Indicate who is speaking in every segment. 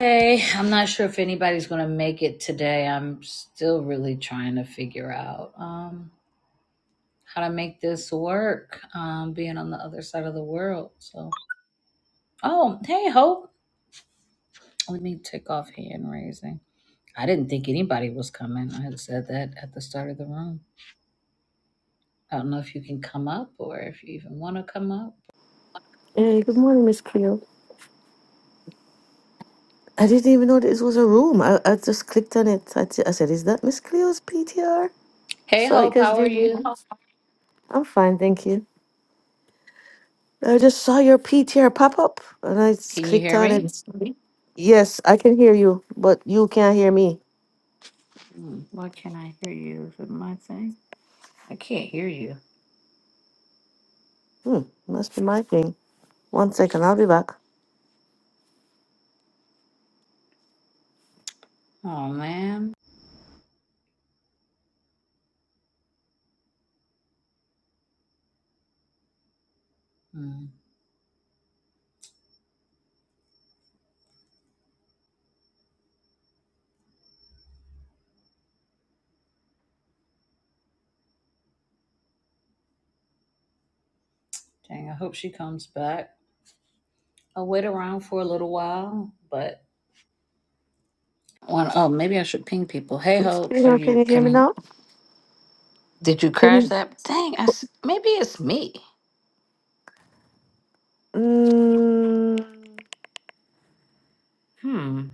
Speaker 1: Hey, I'm not sure if anybody's going to make it today. I'm still really trying to figure out um, how to make this work, um, being on the other side of the world. So, oh, hey, Hope. Let me take off hand raising. I didn't think anybody was coming. I had said that at the start of the room. I don't know if you can come up or if you even want to come up.
Speaker 2: Hey, good morning, Miss Cleo. I didn't even know this was a room. I, I just clicked on it. I, t- I said, "Is that Miss Cleo's PTR?"
Speaker 1: Hey,
Speaker 2: So I
Speaker 1: Hope,
Speaker 2: guess
Speaker 1: how are
Speaker 2: there's me.
Speaker 1: you?
Speaker 2: Oh. I'm fine, thank you. I just saw your PTR pop up, and I just
Speaker 1: Can you
Speaker 2: clicked
Speaker 1: hear
Speaker 2: on it.
Speaker 1: me?
Speaker 2: It's me? Yes, I can hear you, but you can't hear me.
Speaker 1: Hmm, Why can't I hear you? Is it my thing? I can't hear you.
Speaker 2: Hmm, must be my thing. One second, I'll be back.
Speaker 1: Oh, man. Hmm. Dang, I hope she comes back. I'll wait around for a little while, but one oh, maybe I should ping people. Hey,
Speaker 2: Miss
Speaker 1: Hope, are
Speaker 2: Cleo, can
Speaker 1: you?
Speaker 2: you hear me
Speaker 1: Can you?
Speaker 2: now?
Speaker 1: Did you
Speaker 2: Can
Speaker 1: crash
Speaker 2: you?
Speaker 1: that? Dang, I s- maybe it's me.
Speaker 2: Mm,
Speaker 1: Hmm.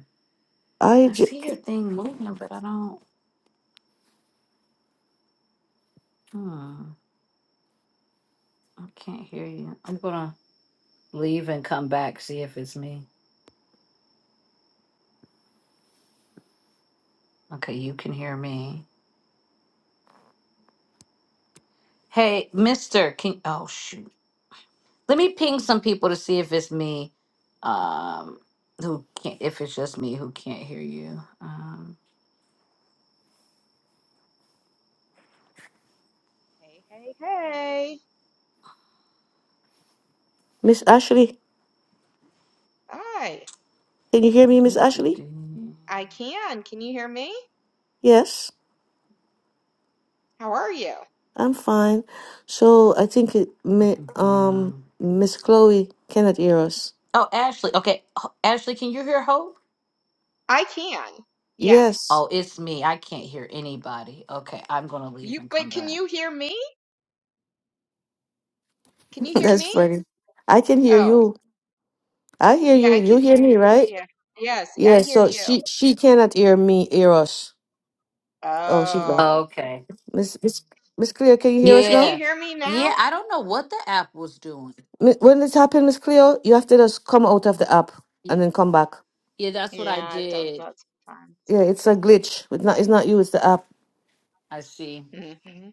Speaker 2: I
Speaker 1: I
Speaker 2: j-
Speaker 1: see your thing moving, but I don't. Hmm. I can't hear you. I'm gonna leave and come back see if it's me. Okay, you can hear me. Hey, Mister, can oh shoot. Let me ping some people to see if it's me. Um, who can't? If it's just me who can't hear you. Um.
Speaker 3: Hey, hey, hey.
Speaker 2: Miss Ashley,
Speaker 3: Hi.
Speaker 2: can you hear me, Miss
Speaker 1: Get to
Speaker 2: Ashley?
Speaker 1: do.
Speaker 3: I can. Can you hear me?
Speaker 2: Yes.
Speaker 3: How are you?
Speaker 2: I'm fine. So I think it, mi- um,
Speaker 1: Mhm.
Speaker 2: Miss Chloe cannot hear us.
Speaker 1: Oh, Ashley. Okay. Ho- Ashley, can you hear Hope?
Speaker 3: I can. Yes.
Speaker 2: Yes,
Speaker 1: Oh, it's me. I can't hear anybody. Okay. I'm going to leave
Speaker 3: You,
Speaker 1: and
Speaker 3: but
Speaker 1: come
Speaker 3: can
Speaker 1: back.
Speaker 3: you hear me? Can you hear
Speaker 2: that's
Speaker 3: me?
Speaker 2: funny. I can hear
Speaker 3: Oh,
Speaker 2: you. I hear
Speaker 3: yeah,
Speaker 2: you.
Speaker 3: I
Speaker 2: You
Speaker 3: can
Speaker 2: hear
Speaker 3: hear
Speaker 2: me,
Speaker 3: you.
Speaker 2: right?
Speaker 3: Yeah. Yes, I
Speaker 2: Yeah.
Speaker 3: hear
Speaker 2: So
Speaker 3: you.
Speaker 2: she she cannot hear me. Hear us. Oh, she's gone.
Speaker 3: Oh.
Speaker 1: Okay.
Speaker 2: Miss Miss Miss Cleo, can you hear us
Speaker 3: Can
Speaker 2: now?
Speaker 3: you
Speaker 1: Yeah.
Speaker 3: hear me
Speaker 1: Yeah.
Speaker 3: now?
Speaker 1: I don't know what the app was doing.
Speaker 2: Mi- When this happened, Miss Cleo, you have to just come out of the app and
Speaker 1: Y-
Speaker 2: then come back.
Speaker 1: Yeah, that's what I
Speaker 3: Yeah, it does
Speaker 1: did.
Speaker 3: that sometimes.
Speaker 2: Yeah, it's a glitch. It's not. It's not you. It's the app.
Speaker 1: I see.
Speaker 3: hmm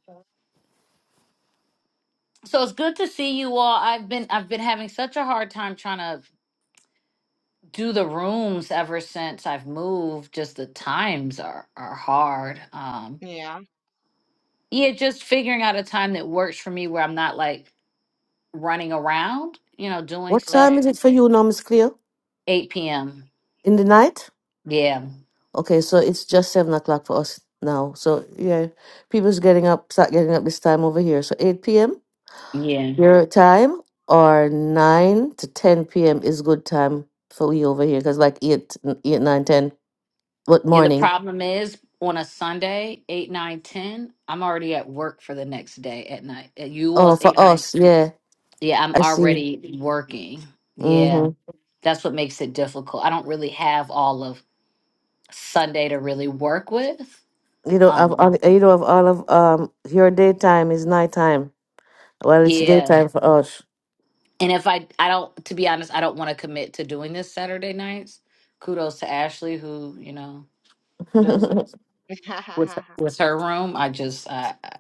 Speaker 1: So it's good to see you all. I've been I've been having such a hard time trying to do the rooms ever since I've moved. Just the times are are hard. Um
Speaker 3: Yeah,
Speaker 1: yeah, just figuring out a time that works for me where I'm not like running around, you know, doing
Speaker 2: What
Speaker 1: stuff.
Speaker 2: time is
Speaker 3: right.
Speaker 2: it for you now, Miss Cleo?
Speaker 1: 8 p.m.
Speaker 2: In the night?
Speaker 1: Yeah.
Speaker 2: Okay, so it's just seven o'clock for us now. So yeah, people's getting up, start getting up this time over here. So eight p.m.
Speaker 1: Yeah.
Speaker 2: your time or nine to ten p.m. is good time for we over here because like eight, eight, nine, ten. What
Speaker 1: Yeah. The
Speaker 2: morning?
Speaker 1: problem is on a Sunday, 8, nine, ten, I'm already at work for the next day at night. At you
Speaker 2: Oh,
Speaker 1: all's
Speaker 2: for
Speaker 1: 8, 9.
Speaker 2: us, yeah.
Speaker 1: Yeah. I'm
Speaker 2: I see.
Speaker 1: already working. Yeah.
Speaker 2: Mhm.
Speaker 1: That's what makes it difficult. I don't really have all of Sunday to really work with.
Speaker 2: You don't have
Speaker 1: Um,
Speaker 2: all. You don't have all of um. Your daytime is nighttime. Well, it's
Speaker 1: yeah.
Speaker 2: daytime for us.
Speaker 1: And if I, I don't, to be honest, I don't want to commit to doing this Saturday nights. Kudos to Ashley, who, you know, does it.
Speaker 2: oh
Speaker 3: I
Speaker 1: with with her room i just i i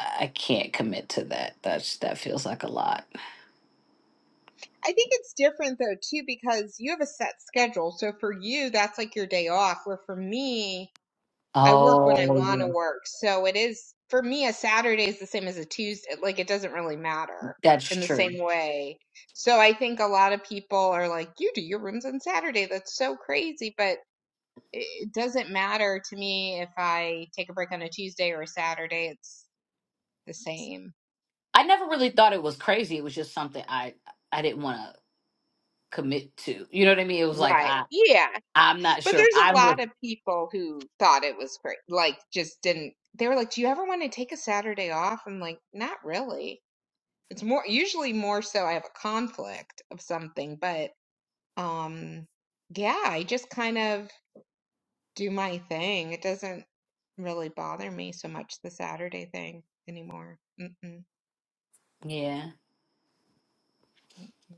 Speaker 1: I can't commit to that that's that feels like a lot
Speaker 3: think it's different though too because you have a set schedule. So for you, that's like your day off, where for me, I work when I
Speaker 1: oh
Speaker 3: want to
Speaker 1: yeah
Speaker 3: work. So it is for me a Saturday is the same as a Tuesday. Like it doesn't really matter
Speaker 1: that's
Speaker 3: in the
Speaker 1: true
Speaker 3: same way. So I think a lot of people are like, "You do your rooms on Saturday. That's so crazy." But it it doesn't matter to me if I take a break on a Tuesday or a Saturday. It's the same.
Speaker 1: i never really thought it was crazy it was just something i i didn't want to commit to you know what i mean it was like
Speaker 3: Right.
Speaker 1: i
Speaker 3: Yeah.
Speaker 1: i'm not
Speaker 3: But
Speaker 1: sure if
Speaker 3: there's a
Speaker 1: i
Speaker 3: lot
Speaker 1: would
Speaker 3: of people who thought it was great. Like just didn't they were like, "Do you ever want to take a Saturday off?" I'm like, "Not really." It's more usually more so I have a conflict of something, but um yeah, I just kind of do my thing. It doesn't really bother me so much the Saturday thing anymore. Mm-mm,
Speaker 1: yeah
Speaker 3: mm-mm.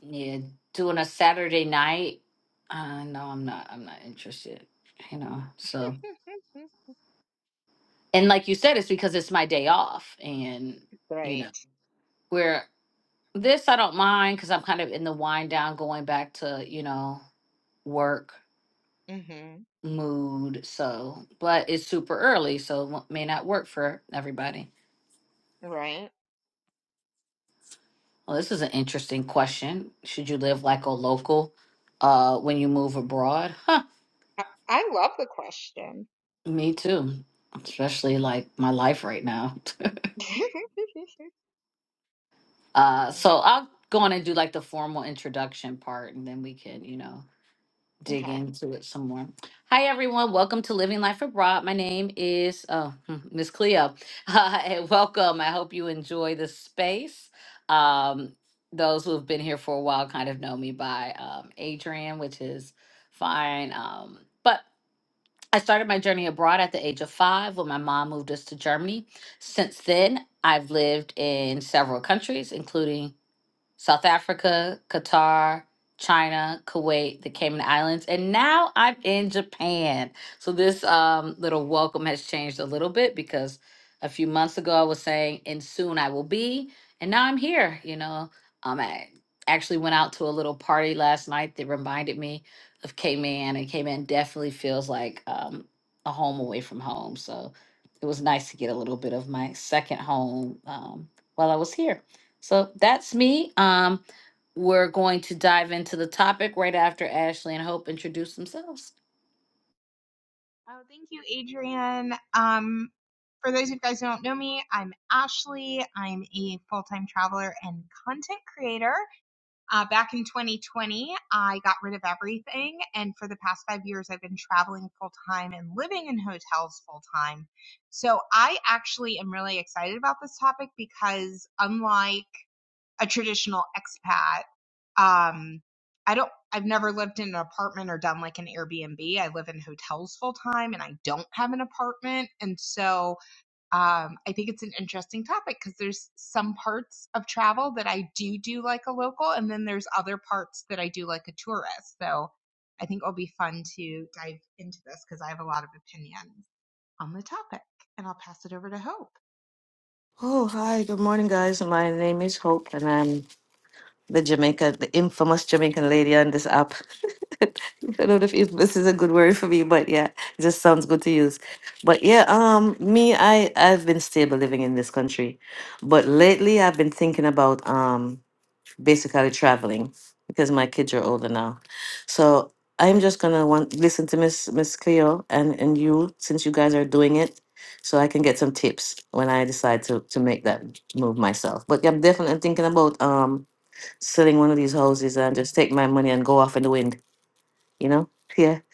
Speaker 1: yeah doing a saturday night uh no i'm not i'm not interested you know so
Speaker 3: Mm,
Speaker 1: and like you said it's because it's my day off and you know
Speaker 3: Right.
Speaker 1: where This I don't mind because I'm kind of in the wind down, going back to, you know, work
Speaker 3: hmm
Speaker 1: mood. So, but it's super early, so w- may not work for everybody.
Speaker 3: Right.
Speaker 1: Well, this is an interesting question. Should you live like a local uh when you move abroad? Huh,
Speaker 3: I, I love the question.
Speaker 1: me too. Especially like my life right now. Uh so I'll go on and do like the formal introduction part and then we can, you know. dig
Speaker 3: okay.
Speaker 1: into it some more. Hi, everyone. Welcome to Living Life Abroad. My name is uh, Miss Cleo, uh, and welcome. I hope you enjoy the space. Um, those who have been here for a while kind of know me by um, Adrian, which is fine. Um, but I started my journey abroad at the age of five when my mom moved us to Germany. Since then, I've lived in several countries, including South Africa, Qatar, China, Kuwait, the Cayman Islands, and now I'm in Japan. So this um, little welcome has changed a little bit because a few months ago I was saying, and soon I will be, and now I'm here. You know, um, I actually went out to a little party last night that reminded me of Cayman, and Cayman definitely feels like um, a home away from home. So it was nice to get a little bit of my second home um, while I was here. So that's me. Um, we're going to dive into the topic right after Ashley and Hope introduce themselves.
Speaker 3: Oh, thank you, Adrian. Um, for those of you guys who don't know me, I'm Ashley. I'm a full time traveler and content creator. Uh, back in 2020, I got rid of everything. And for the past five years, I've been traveling full time and living in hotels full time. So I actually am really excited about this topic because unlike a traditional expat, um, I don't, I've never lived in an apartment or done like an Airbnb. I live in hotels full time and I don't have an apartment. And so, um, I think it's an interesting topic because there's some parts of travel that I do do like a local, and then there's other parts that I do like a tourist. So I think it'll be fun to dive into this because I have a lot of opinions on the topic. And I'll pass it over to Hope.
Speaker 2: hi, good morning, guys. My name is Hope, and I'm the Jamaica, the infamous Jamaican lady on this app. I don't know if it- this is a good word for me, but yeah, it just sounds good to use. But yeah, um, me, I I've been stable living in this country, but lately I've been thinking about um basically traveling because my kids are older now, so I'm just gonna want listen to Miss Miss Cleo and and you since you guys are doing it, so I can get some tips when I decide to to make that move myself. But yeah, I'm definitely thinking about um selling one of these houses and just take my money and go off in the wind, you know? Yeah.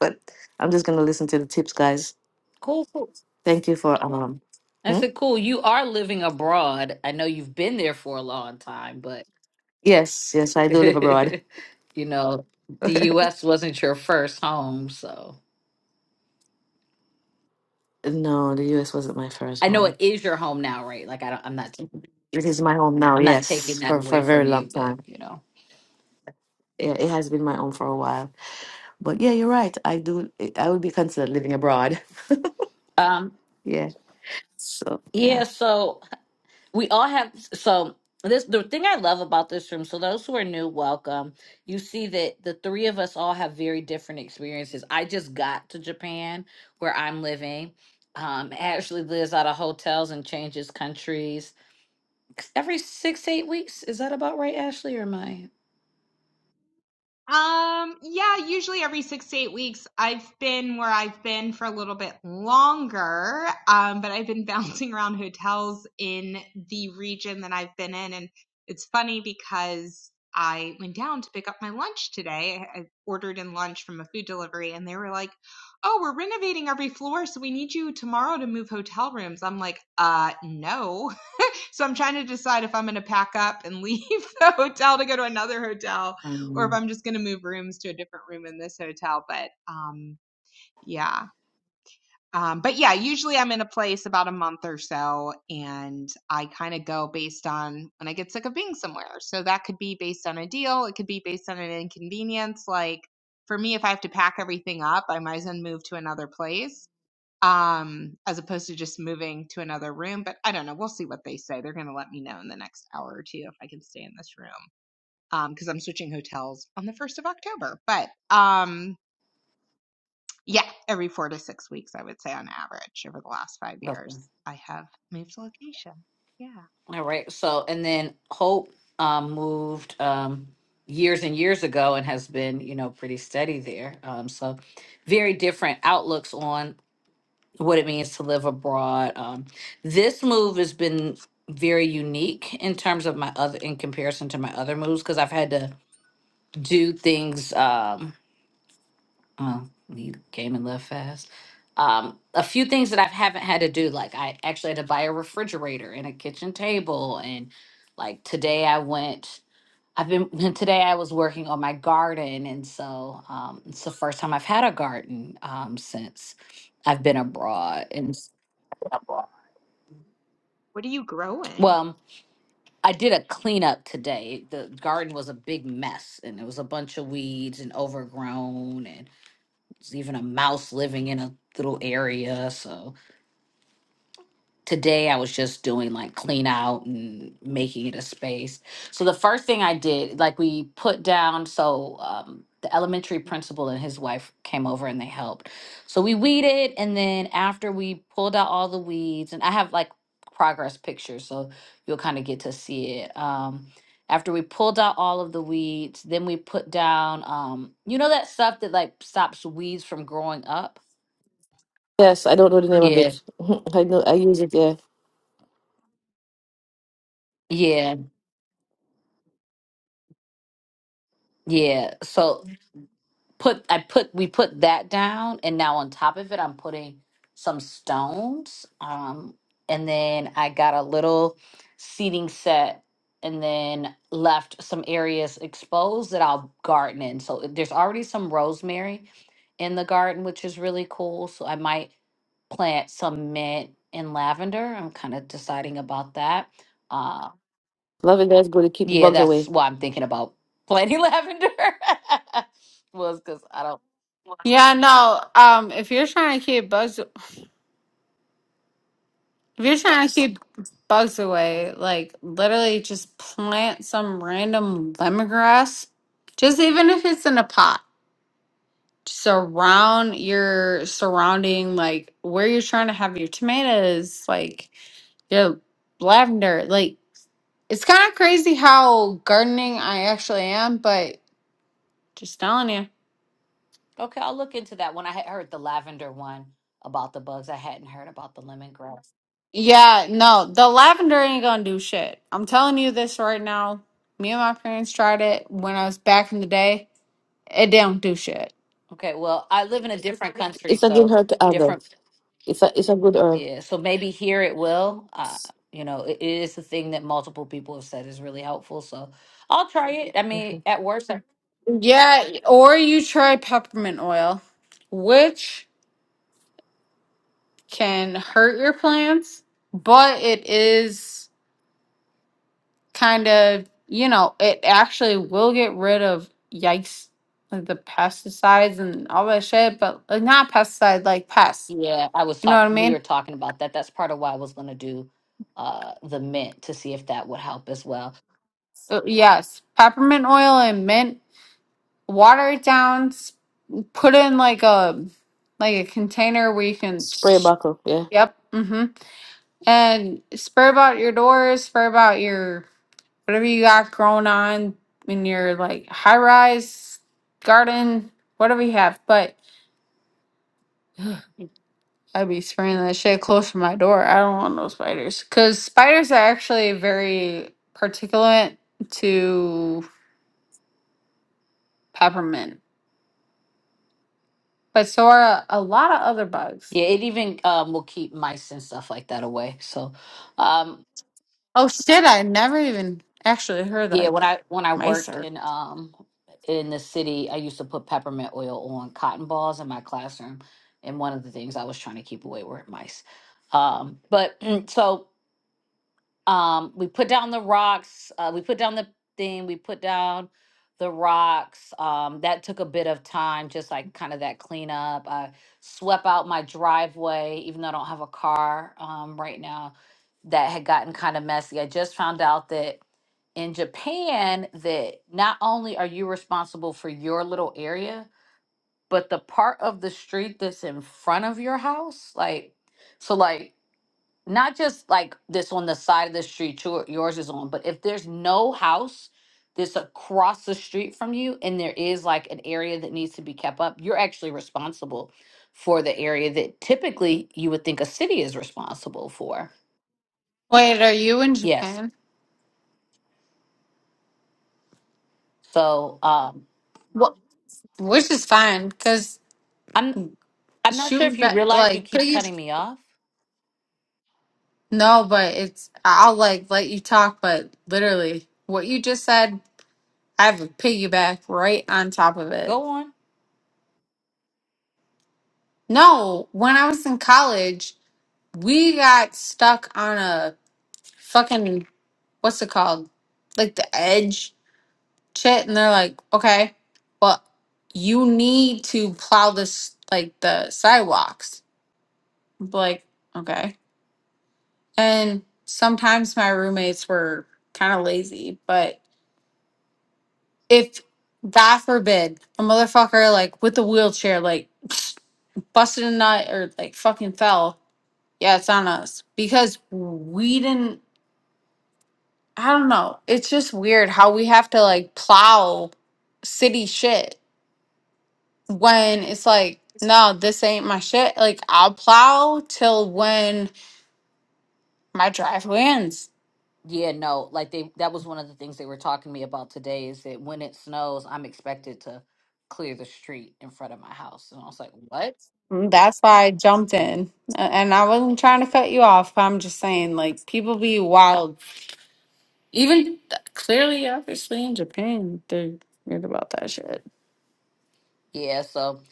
Speaker 2: But I'm just gonna listen to the tips, guys.
Speaker 1: Cool. cool.
Speaker 2: Thank you for um
Speaker 1: I
Speaker 2: hmm?
Speaker 1: said, cool. You are living abroad. I know you've been there for a long time, but
Speaker 2: yes, yes, I do live abroad.
Speaker 1: you know, the U.S. wasn't your first home, so
Speaker 2: no, the US wasn't my first
Speaker 1: I know it
Speaker 2: home.
Speaker 1: is your home now, right? Like I don't, I'm not,
Speaker 2: It is my home now,
Speaker 1: I'm not taking
Speaker 2: yes,
Speaker 1: that
Speaker 2: for, for
Speaker 1: away
Speaker 2: a very
Speaker 1: from
Speaker 2: long
Speaker 1: you, but
Speaker 2: time.
Speaker 1: you know,
Speaker 2: Yeah, it has been my home for a while. But yeah, you're right. I do it- I would be considered living abroad.
Speaker 1: um,
Speaker 2: Yeah. So yeah.
Speaker 1: yeah. So we all have so this the thing i love about this room so those who are new welcome you see that the three of us all have very different experiences i just got to japan where i'm living um ashley lives out of hotels and changes countries every six eight weeks is that about right ashley or am i
Speaker 3: Um, yeah, usually every six to eight weeks. I've been where I've been for a little bit longer, um, but I've been bouncing around hotels in the region that I've been in. And it's funny because I went down to pick up my lunch today. I I ordered in lunch from a food delivery, and they were like, Oh, we're renovating every floor, so we need you tomorrow to move hotel rooms. I'm like, Uh, no. So I'm trying to decide if I'm going to pack up and leave the hotel to go to another hotel or if
Speaker 1: um
Speaker 3: I'm just going to move rooms to a different room in this hotel. But um, yeah. Um, but yeah, usually I'm in a place about a month or so and I kind of go based on when I get sick of being somewhere. So that could be based on a deal, it could be based on an inconvenience. Like for me, if I have to pack everything up, I might as well move to another place um, as opposed to just moving to another room. But I don't know. We'll see what they say. They're going to let me know in the next hour or two if I can stay in this room um, because I'm switching hotels on the 1st of October. But um, yeah, every four to six weeks, I would say on average over the last five
Speaker 1: okay.
Speaker 3: years, I have moved location. Yeah.
Speaker 1: all right so and then hope um moved um years and years ago and has been you know pretty steady there um so very different outlooks on what it means to live abroad. Um, this move has been very unique in terms of my other, in comparison to my other moves, because I've had to do things. Um, oh, you came and left fast. Um, a few things that I haven't had to do, like I actually had to buy a refrigerator and a kitchen table, and like today I went. I've been today. I was working on my garden, and so um, it's the first time I've had a garden um, since I've been abroad, and s-
Speaker 3: What are you growing?
Speaker 1: well. I did a cleanup today. The garden was a big mess and it was a bunch of weeds and overgrown and there's even a mouse living in a little area. So today I was just doing like clean out and making it a space. So the first thing I did, like we put down, so um, the elementary principal and his wife came over and they helped. So we weeded, and then after we pulled out all the weeds, and I have like progress pictures, so you'll kind of get to see it. Um, after we pulled out all of the weeds, then we put down, um, you know, that stuff that like stops weeds from growing up.
Speaker 2: Yes, I don't know the name of
Speaker 1: Yeah,
Speaker 2: it. I know I use it, yeah.
Speaker 1: yeah, yeah. So put I put we put that down and now on top of it I'm putting some stones um and then I got a little seating set and then left some areas exposed that I'll garden in. So there's already some rosemary in the garden which is really cool. So I might plant some mint and lavender. I'm kind of deciding about that. Uh
Speaker 2: Lavender is good to keep the
Speaker 1: yeah,
Speaker 2: bugs
Speaker 1: that's
Speaker 2: away.
Speaker 1: why I'm thinking about planting lavender. was cuz I don't
Speaker 4: Yeah, no. Um, if you're trying to keep bugs, if you're trying to keep bugs away, like literally just plant some random lemongrass. Just even if it's in a pot, surround your surrounding, like where you're trying to have your tomatoes, like your lavender. Like it's kind of crazy how gardening I actually am, but just telling you.
Speaker 1: Okay, I'll look into that one. I had heard the lavender one about the bugs. I hadn't heard about the lemongrass.
Speaker 4: Yeah, no, the lavender ain't gonna do shit. I'm telling you this right now. Me and my parents tried it when I was back in the day. It don't do shit.
Speaker 1: Okay, well, I live in a different country,
Speaker 2: It's again
Speaker 1: so
Speaker 2: hard to handle.
Speaker 1: different.
Speaker 2: It's a it's a good herb.
Speaker 1: Yeah, so maybe here it will. Uh,
Speaker 2: S-
Speaker 1: you know, it it is a thing that multiple people have said is really helpful. So I'll try it. I mean,
Speaker 2: mhm.
Speaker 1: at worst, I-
Speaker 4: Yeah, or you try peppermint oil, which can hurt your plants, but it is kind of, you know, it actually will get rid of yikes, like the pesticides and all that shit, but like, not pesticides, like pests.
Speaker 1: yeah, I was
Speaker 4: You know what I
Speaker 1: talking. We were
Speaker 4: mean?
Speaker 1: talking about that. That's part of why I was going to do uh the mint to see if that would help as well.
Speaker 4: Uh, Yes, peppermint oil and mint water it down, s- put in like a like a container where you can
Speaker 2: Spray bottle, yeah.
Speaker 4: Yep. Mm-hmm. And spray about your doors, spur about your whatever you got growing on in your like high rise garden, whatever you have. But I'd be spraying that shit close to my door. I don't want no spiders. Cause spiders are actually very particulate to peppermint. But so are a lot of other bugs.
Speaker 1: Yeah, it even um will keep mice and stuff like that away. So. Um,
Speaker 4: Oh shit, I never even actually heard
Speaker 1: Yeah, when
Speaker 4: like
Speaker 1: I when I worked
Speaker 4: Mysore.
Speaker 1: in um in the city, I used to put peppermint oil on cotton balls in my classroom, and one of the things I was trying to keep away were mice. Um, but so um we put down the rocks uh, we put down the thing we put down the rocks um that took a bit of time just like kind of that cleanup i swept out my driveway even though i don't have a car um right now that had gotten kind of messy i just found out that in japan that not only are you responsible for your little area but the part of the street that's in front of your house like so like not just like this on the side of the street your, yours is on, but if there's no house that's across the street from you and there is like an area that needs to be kept up, you're actually responsible for the area that typically you would think a city is responsible for.
Speaker 4: Wait, are you in
Speaker 1: Yes.
Speaker 4: Japan?
Speaker 1: So um
Speaker 4: What? Which is fine, cause
Speaker 1: I'm I'm not sure
Speaker 4: shoot,
Speaker 1: if you
Speaker 4: ba-
Speaker 1: realize you
Speaker 4: like
Speaker 1: keep
Speaker 4: piggy.
Speaker 1: cutting me off.
Speaker 4: No, but it's I'll like let you talk, but literally what you just said, I have a piggyback right on top of it.
Speaker 1: Go on.
Speaker 4: No, when I was in college, we got stuck on a fucking what's it called, like the edge shit and they're like okay well you need to plow this like the sidewalks I'm like okay and sometimes my roommates were kind of lazy but if god forbid a motherfucker like with a wheelchair like busted a nut or like fucking fell yeah it's on us because we didn't i don't know it's just weird how we have to like plow city shit when it's like, no, this ain't my shit. Like I'll plow till when my driveway ends.
Speaker 1: Yeah, no, like they that was one of the things they were talking to me about today is that when it snows, I'm expected to clear the street in front of my house. And I was like, "What?"
Speaker 4: And That's why I jumped
Speaker 1: Mhm.
Speaker 4: in, A- and I wasn't trying to cut you off. I'm just saying, like people be wild. Even th- clearly, obviously in Japan, they're weird about that shit.
Speaker 1: Yeah, so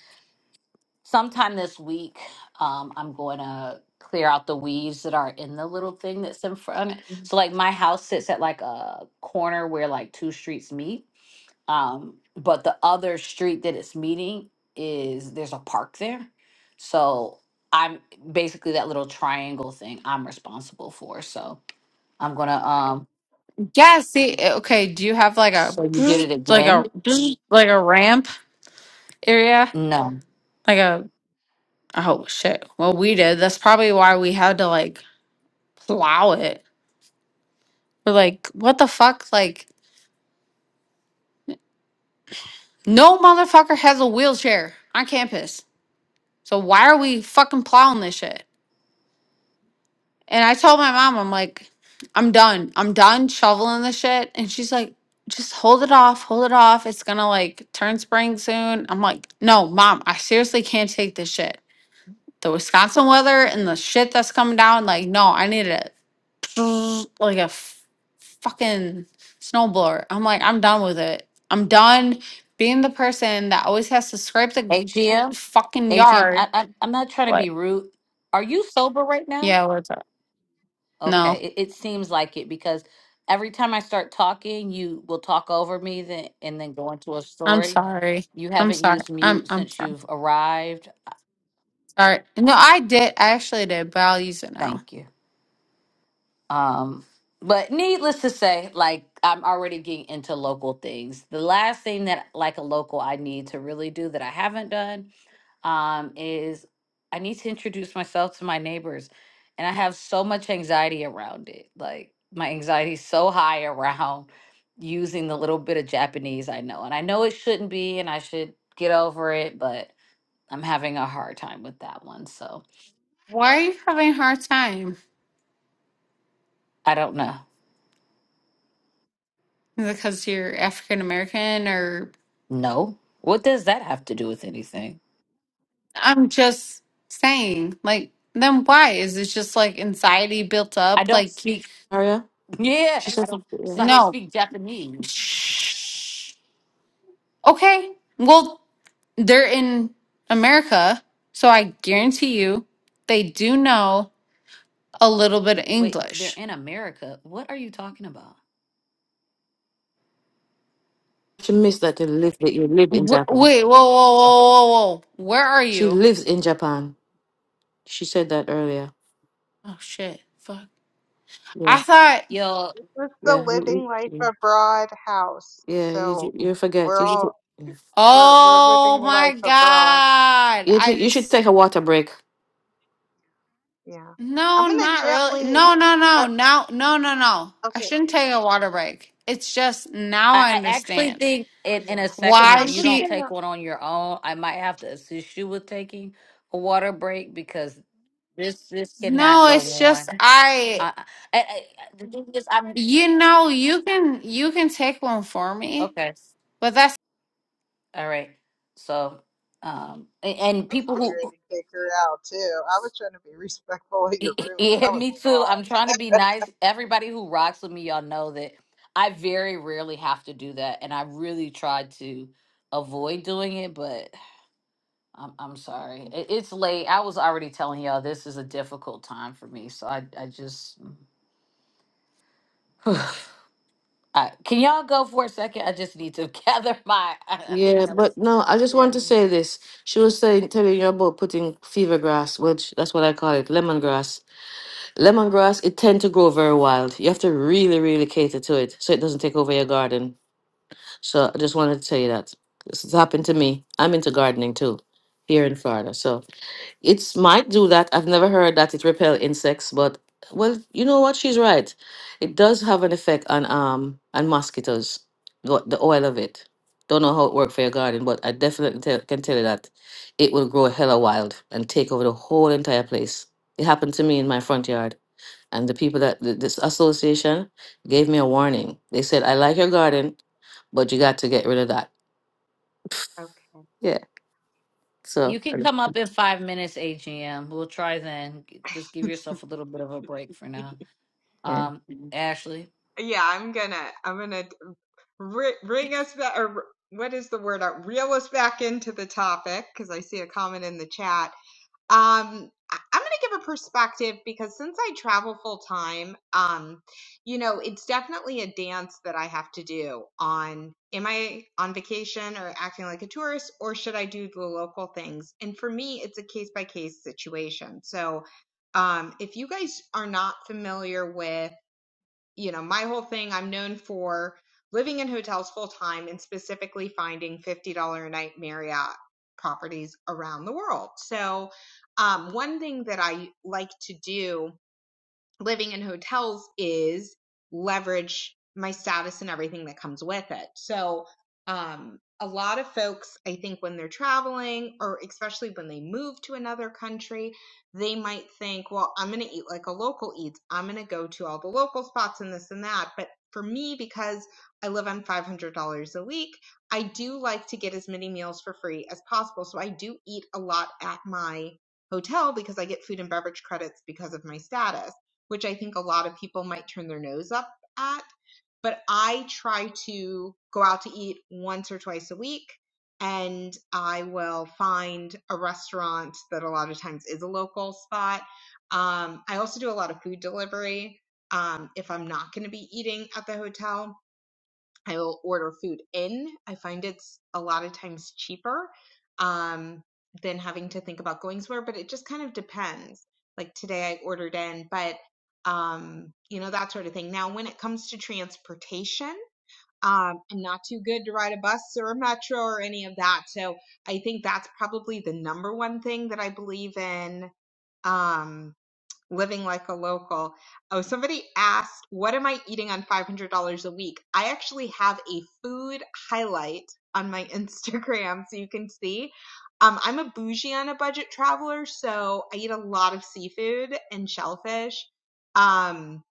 Speaker 1: sometime this week, um, I'm going to clear out the weeds that are in the little thing that's in front. So like my house sits at like a corner where like two streets meet. Um, but the other street that it's meeting is there's a park there. So I'm basically that little triangle thing I'm responsible for. So I'm gonna um
Speaker 4: Yeah. See, eh, okay. Do you have like a
Speaker 1: so you did it
Speaker 4: like
Speaker 1: again?
Speaker 4: a like a ramp area?
Speaker 1: No.
Speaker 4: Like a oh shit. Well, we did. That's probably why we had to like plow it We're like, what the fuck? Like, no motherfucker has a wheelchair on campus. So why are we fucking plowing this shit? And I told my mom, I'm like, I'm done. I'm done shoveling this shit. And she's like, just hold it off, hold it off. It's gonna like turn spring soon. I'm like, no, mom, I seriously can't take this shit. the Wisconsin weather and the shit that's coming down, like no, I need it like a f- fucking snowblower. I'm like, I'm done with it. I'm done being the person that always has to scrape the
Speaker 1: AGM?
Speaker 4: fucking
Speaker 1: AGM,
Speaker 4: yard.
Speaker 1: I, I am not trying to
Speaker 4: What?
Speaker 1: be rude. Are you sober right now?
Speaker 4: Yeah, what's up? No,
Speaker 1: Okay. It, it seems like it because every time I start talking, you will talk over me then and then go into a
Speaker 4: I'm
Speaker 1: story.
Speaker 4: sorry.
Speaker 1: You
Speaker 4: I'm
Speaker 1: haven't
Speaker 4: sorry.
Speaker 1: used
Speaker 4: I'm
Speaker 1: mute
Speaker 4: I'm
Speaker 1: since
Speaker 4: sorry.
Speaker 1: you've arrived.
Speaker 4: Sorry. No, I did. I actually did, but I'll use it now.
Speaker 1: Thank you. Um, but needless to say, like I'm already getting into local things. The last thing that like a local I need to really do that I haven't done um is I need to introduce myself to my neighbors. And I have so much anxiety around it. Like my anxiety is so high around using the little bit of Japanese I know. And I know it shouldn't be and I should get over it, but I'm having a hard time with that one. So
Speaker 4: Why are you having a hard time?
Speaker 1: I don't know.
Speaker 4: Is it Because you're African American or
Speaker 1: No. What does that have to do with anything?
Speaker 4: I'm just saying, like, then why? Is it just like anxiety built
Speaker 1: I
Speaker 4: up?
Speaker 1: don't
Speaker 4: Like,
Speaker 1: speak.
Speaker 2: Maria, she
Speaker 1: Yeah, I
Speaker 2: says
Speaker 1: don't.
Speaker 2: yeah.
Speaker 1: so I don't
Speaker 4: no.
Speaker 1: speak Japanese.
Speaker 4: Shh. Okay. Well, they're in America, so I guarantee you they do know a little bit of
Speaker 1: Wait, they're
Speaker 4: English.
Speaker 1: in America. What are you talking about?
Speaker 2: she missed that you live that you live in
Speaker 4: Wh-
Speaker 2: Japan.
Speaker 4: wait, whoa, whoa, whoa, whoa, whoa. Where are
Speaker 2: She
Speaker 4: you?
Speaker 2: lives in Japan. She said that earlier.
Speaker 4: Oh, shit. Fuck.
Speaker 2: Yeah,
Speaker 4: I thought,
Speaker 1: Yo,
Speaker 3: It's the
Speaker 2: yeah, you, you-
Speaker 3: living life
Speaker 2: you-
Speaker 3: abroad house.
Speaker 2: yeah. You
Speaker 3: So
Speaker 2: ju- you forget.
Speaker 3: we're
Speaker 2: You
Speaker 3: all
Speaker 2: should, yeah.
Speaker 3: we're we're
Speaker 4: oh
Speaker 3: living life
Speaker 4: my
Speaker 3: abroad.
Speaker 4: God.
Speaker 2: you
Speaker 4: I
Speaker 2: ju- you should
Speaker 4: just
Speaker 3: So
Speaker 2: take a water break.
Speaker 3: yeah, I'm
Speaker 4: No,
Speaker 3: gonna
Speaker 4: not really.
Speaker 3: gently.
Speaker 4: No, no, no,
Speaker 3: Uh,
Speaker 4: no, no, no, no. I
Speaker 3: okay.
Speaker 4: shouldn't take a water break. It's just now
Speaker 1: I,
Speaker 4: I
Speaker 1: I actually
Speaker 4: understand
Speaker 1: think in, in a
Speaker 3: Yeah. So
Speaker 1: second, if
Speaker 4: why
Speaker 3: I'm
Speaker 1: you
Speaker 3: just
Speaker 1: don't
Speaker 4: she.
Speaker 3: gonna
Speaker 1: take one on your own, I might have to assist you with taking a water break because this this cannot
Speaker 4: No,
Speaker 1: go
Speaker 4: it's
Speaker 1: on.
Speaker 4: just I.
Speaker 1: I, I, I, I the thing is, I'm
Speaker 4: You know, you can you can take one for me,
Speaker 1: okay.
Speaker 4: but that's
Speaker 1: All right. So, um, a- and
Speaker 3: I was
Speaker 1: people
Speaker 3: getting
Speaker 1: who
Speaker 3: ready to kick her out too. I was trying to be respectful of your room, but
Speaker 1: Yeah,
Speaker 3: that was
Speaker 1: me
Speaker 3: a
Speaker 1: too. I'm
Speaker 3: lot.
Speaker 1: trying to be nice. Everybody who rocks with me, y'all know that I very rarely have to do that, and I really tried to avoid doing it. But I'm I'm sorry, it, it's late. I was already telling y'all this is a difficult time for me, so I I just. I, can y'all go for a second? I just need to gather my. I, I
Speaker 2: Yeah,
Speaker 1: think that
Speaker 2: but
Speaker 1: was.
Speaker 2: no, I just
Speaker 3: Yeah,
Speaker 2: want to say this. She was saying telling you about putting fever grass, which that's what I call it, lemongrass. Lemongrass, it tend to grow very wild. You have to really, really cater to it so it doesn't take over your garden So I just wanted to tell you that this has happened to me. I'm into gardening too, here in Florida. So it's might do that. I've never heard that it repel insects, but well, you know what? She's right. It does have an effect on um on mosquitoes. The the oil of it. Don't know how it works for your garden, but I definitely tell, can tell you that it will grow hella wild and take over the whole entire place. It happened to me in my front yard and the people that th- this association gave me a warning. They said, "I like your garden, but you got to get rid of that."
Speaker 3: okay.
Speaker 2: Yeah. So
Speaker 1: You
Speaker 2: I
Speaker 1: can come up in five minutes, AGM. We'll try then. G- Just give yourself a little bit of a break for now.
Speaker 2: yeah,
Speaker 1: Um, Ashley.
Speaker 3: Yeah, I'm gonna I'm gonna ri bring us back or what is the word? Uh, Reel us back into the topic because I see a comment in the chat. Um, I- I'm going to give a perspective because since I travel full time, um, you know, it's definitely a dance that I have to do on am I on vacation or acting like a tourist or should I do the local things? And for me, it's a case by case situation. So, um, if you guys are not familiar with you know, my whole thing, I'm known for living in hotels full time and specifically finding $50 a night Marriott properties around the world. So, um, one thing that I like to do living in hotels is leverage my status and everything that comes with it. So, um, a lot of folks, I think, when they're traveling or especially when they move to another country, they might think, well, I'm going to eat like a local eats. I'm going to go to all the local spots and this and that. But for me, because I live on $500 a week, I do like to get as many meals for free as possible. So I do eat a lot at my hotel because I get food and beverage credits because of my status which I think a lot of people might turn their nose up at. But I try to go out to eat once or twice a week, and I will find a restaurant that a lot of times is a local spot. Um, I also do a lot of food delivery um, if I'm not going to be eating at the hotel I will order food in. I find it's a lot of times cheaper um, than having to think about going somewhere, but it just kind of depends. Like today, I ordered in, but um, you know that sort of thing. Now, when it comes to transportation, um, I'm not too good to ride a bus or a metro or any of that. So I think that's probably the number one thing that I believe in. Um, living like a local. Oh, somebody asked, what am I eating on $500 a week? I actually have a food highlight on my Instagram so you can see. Um, I'm a bougie on a budget traveler, so I eat a lot of seafood and shellfish. Um,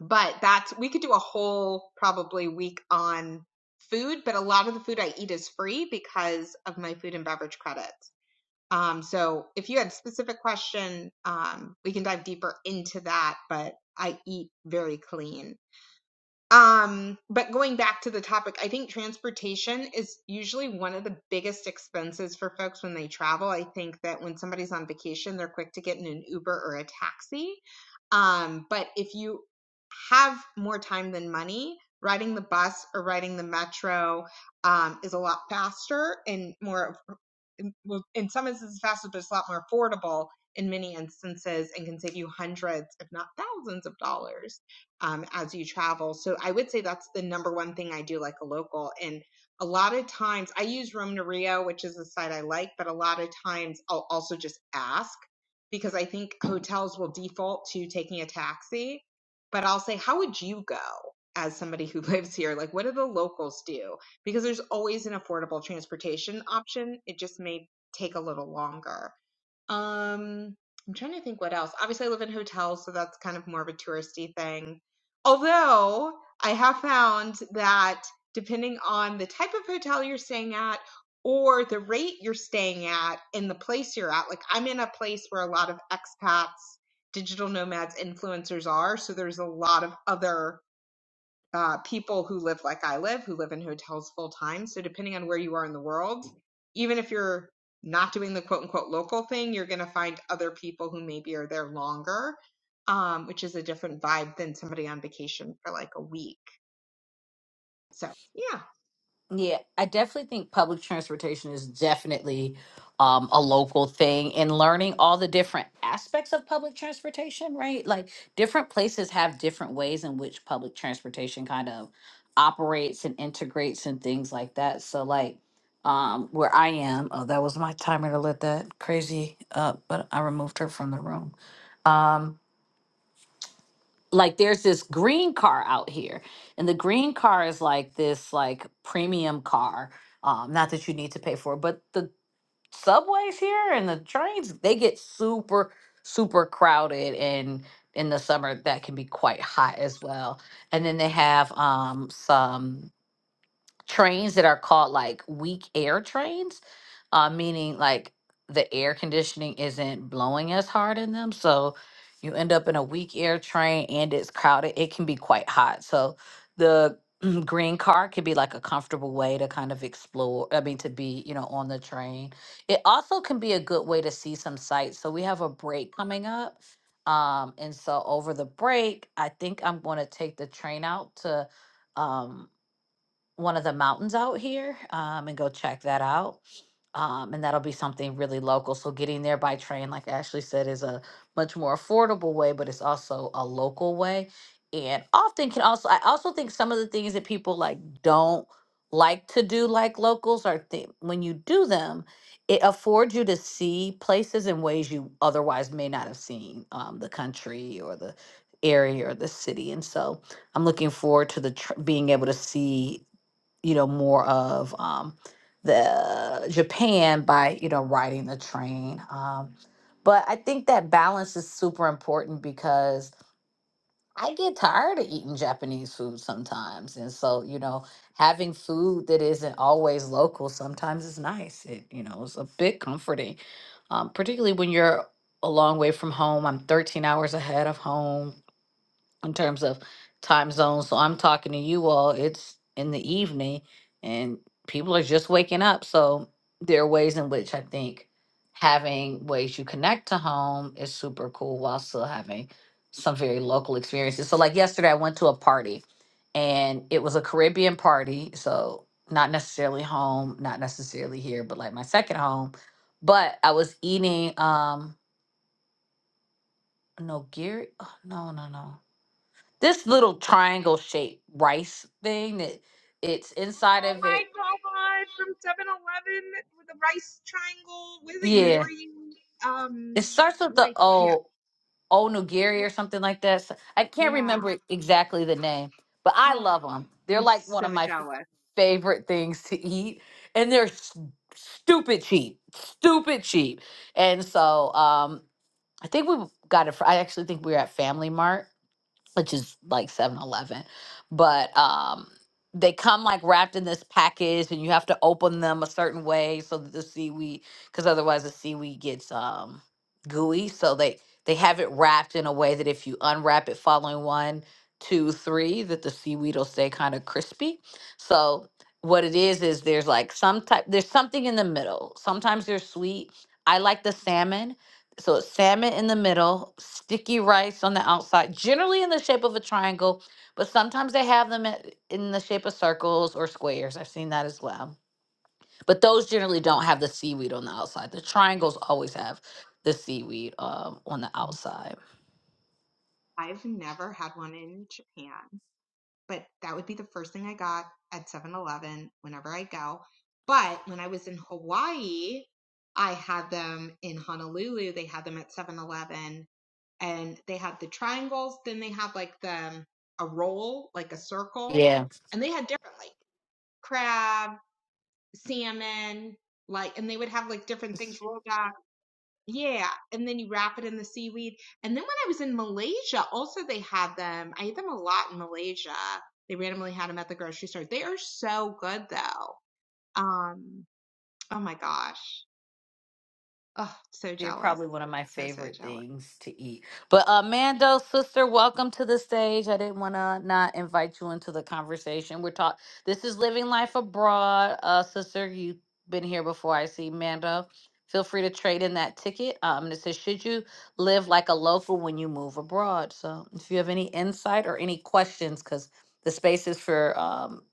Speaker 3: but that's, we could do a whole probably week on food, but a lot of the food I eat is free because of my food and beverage credits. Um, so if you had a specific question, um, we can dive deeper into that, but I eat very clean. Um, but going back to the topic, I think transportation is usually one of the biggest expenses for folks when they travel. I think that when somebody's on vacation, they're quick to get in an Uber or a taxi. Um, but if you have more time than money, riding the bus or riding the metro um, is a lot faster and more, in well, in some instances faster, but it's a lot more affordable in many instances and can save you hundreds, if not thousands of dollars um, as you travel. So I would say that's the number one thing I do like a local. And a lot of times I use Rome to Rio, which is the site I like, but a lot of times I'll also just ask because I think hotels will default to taking a taxi. But I'll say, how would you go as somebody who lives here? Like, what do the locals do? Because there's always an affordable transportation option. It just may take a little longer. Um, I'm trying to think what else. Obviously, I live in hotels, so that's kind of more of a touristy thing. Although I have found that depending on the type of hotel you're staying at or the rate you're staying at and the place you're at, like I'm in a place where a lot of expats, digital nomads, influencers are. So there's a lot of other uh, people who live like I live, who live in hotels full time. So depending on where you are in the world, even if you're not doing the quote unquote local thing, you're going to find other people who maybe are there longer, um, which is a different vibe than somebody on vacation for like a week. So yeah.
Speaker 1: Yeah, I definitely think public transportation is definitely um, a local thing and learning all the different aspects of public transportation, right? Like different places have different ways in which public transportation kind of operates and integrates and things like that. So, like um, where I am, oh, that was my timer to let that crazy up, but I removed her from the room. Um, like there's this green car out here and the green car is like this like premium car um not that you need to pay for it, but the subways here and the trains they get super super crowded and in the summer that can be quite hot as well and then they have um some trains that are called like weak air trains, uh, meaning like the air conditioning isn't blowing as hard in them. So you end up in a weak air train and it's crowded. It can be quite hot. So the green car could be like a comfortable way to kind of explore. I mean, to be, you know, on the train. It also can be a good way to see some sights. So we have a break coming up. Um, and so over the break, I think I'm going to take the train out to, um one of the mountains out here um, and go check that out. Um, and that'll be something really local. So getting there by train, like Ashley said, is a much more affordable way, but it's also a local way. And often can also, I also think some of the things that people like don't like to do, like locals, are th- when you do them, it affords you to see places in ways you otherwise may not have seen um, the country or the area or the city. And so, I'm looking forward to the tr- being able to see you know more of um, the Japan by you know riding the train. Um, but I think that balance is super important because I get tired of eating Japanese food sometimes, and so you know having food that isn't always local sometimes is nice. It you know is a bit comforting, um, particularly when you're a long way from home. I'm 13 hours ahead of home in terms of time zones. So I'm talking to you all. It's in the evening and people are just waking up. So there are ways in which I think having ways you connect to home is super cool while still having some very local experiences. So, like yesterday, I went to a party and it was a Caribbean party. So, not necessarily home, not necessarily here, but like my second home. But I was eating, um, no, Gary, oh, no, no, no this little triangle shaped rice thing that it's inside
Speaker 3: Oh
Speaker 1: of it.
Speaker 3: my god, from Seven Eleven with a rice triangle with a
Speaker 1: Yeah,
Speaker 3: nori
Speaker 1: it
Speaker 3: um tr-
Speaker 1: starts with the
Speaker 3: like yeah.
Speaker 1: O Onigiri or something like that. So- I can't
Speaker 3: Yeah.
Speaker 1: remember exactly the name, but I
Speaker 3: Oh,
Speaker 1: love them. They're
Speaker 3: I'm
Speaker 1: like one
Speaker 3: so
Speaker 1: of my f-
Speaker 3: jealous.
Speaker 1: favorite things to eat, and they're s- stupid cheap, stupid cheap. And so um, I think we got it. fr- I actually think we were at Family Mart which is like Seven Eleven, But um they come like wrapped in this package and you have to open them a certain way so that the seaweed because otherwise the seaweed gets um gooey. So they they have it wrapped in a way that if you unwrap it following one, two, three, that the seaweed will stay kind of crispy. So what it is is there's like some type there's something in the middle. Sometimes they're sweet. I like the salmon so it's salmon in the middle, sticky rice on the outside, generally in the shape of a triangle, but sometimes they have them at- in the shape of circles or squares. I've seen that as well. But those generally don't have the seaweed on the outside. The triangles always have the seaweed um, on the outside.
Speaker 3: I've never had one in Japan. but that would be the first thing I got at Seven Eleven whenever I go. But when I was in Hawaii, I had them in Honolulu, they had them at Seven Eleven, and they had the triangles, then they had like the a roll, like a circle,
Speaker 1: Yeah.
Speaker 3: and they had different like crab, salmon, like and they would have like different things rolled up. Yeah, and then you wrap it in the seaweed. And then when I was in Malaysia, also they had them. I ate them a lot in Malaysia. They randomly had them at the grocery store. They are so good though. Um, oh my gosh. Oh, so
Speaker 1: They're
Speaker 3: jealous.
Speaker 1: probably one of my
Speaker 3: So, so
Speaker 1: favorite
Speaker 3: jealous.
Speaker 1: things to eat. But uh, Mando, sister, welcome to the stage. I didn't want to not invite you into the conversation. We're talk. This is living life abroad, uh, sister. You've been here before. I see Mando. Feel free to trade in that ticket. Um, and it says, should you live like a local when you move abroad? So, if you have any insight or any questions, because the space is for um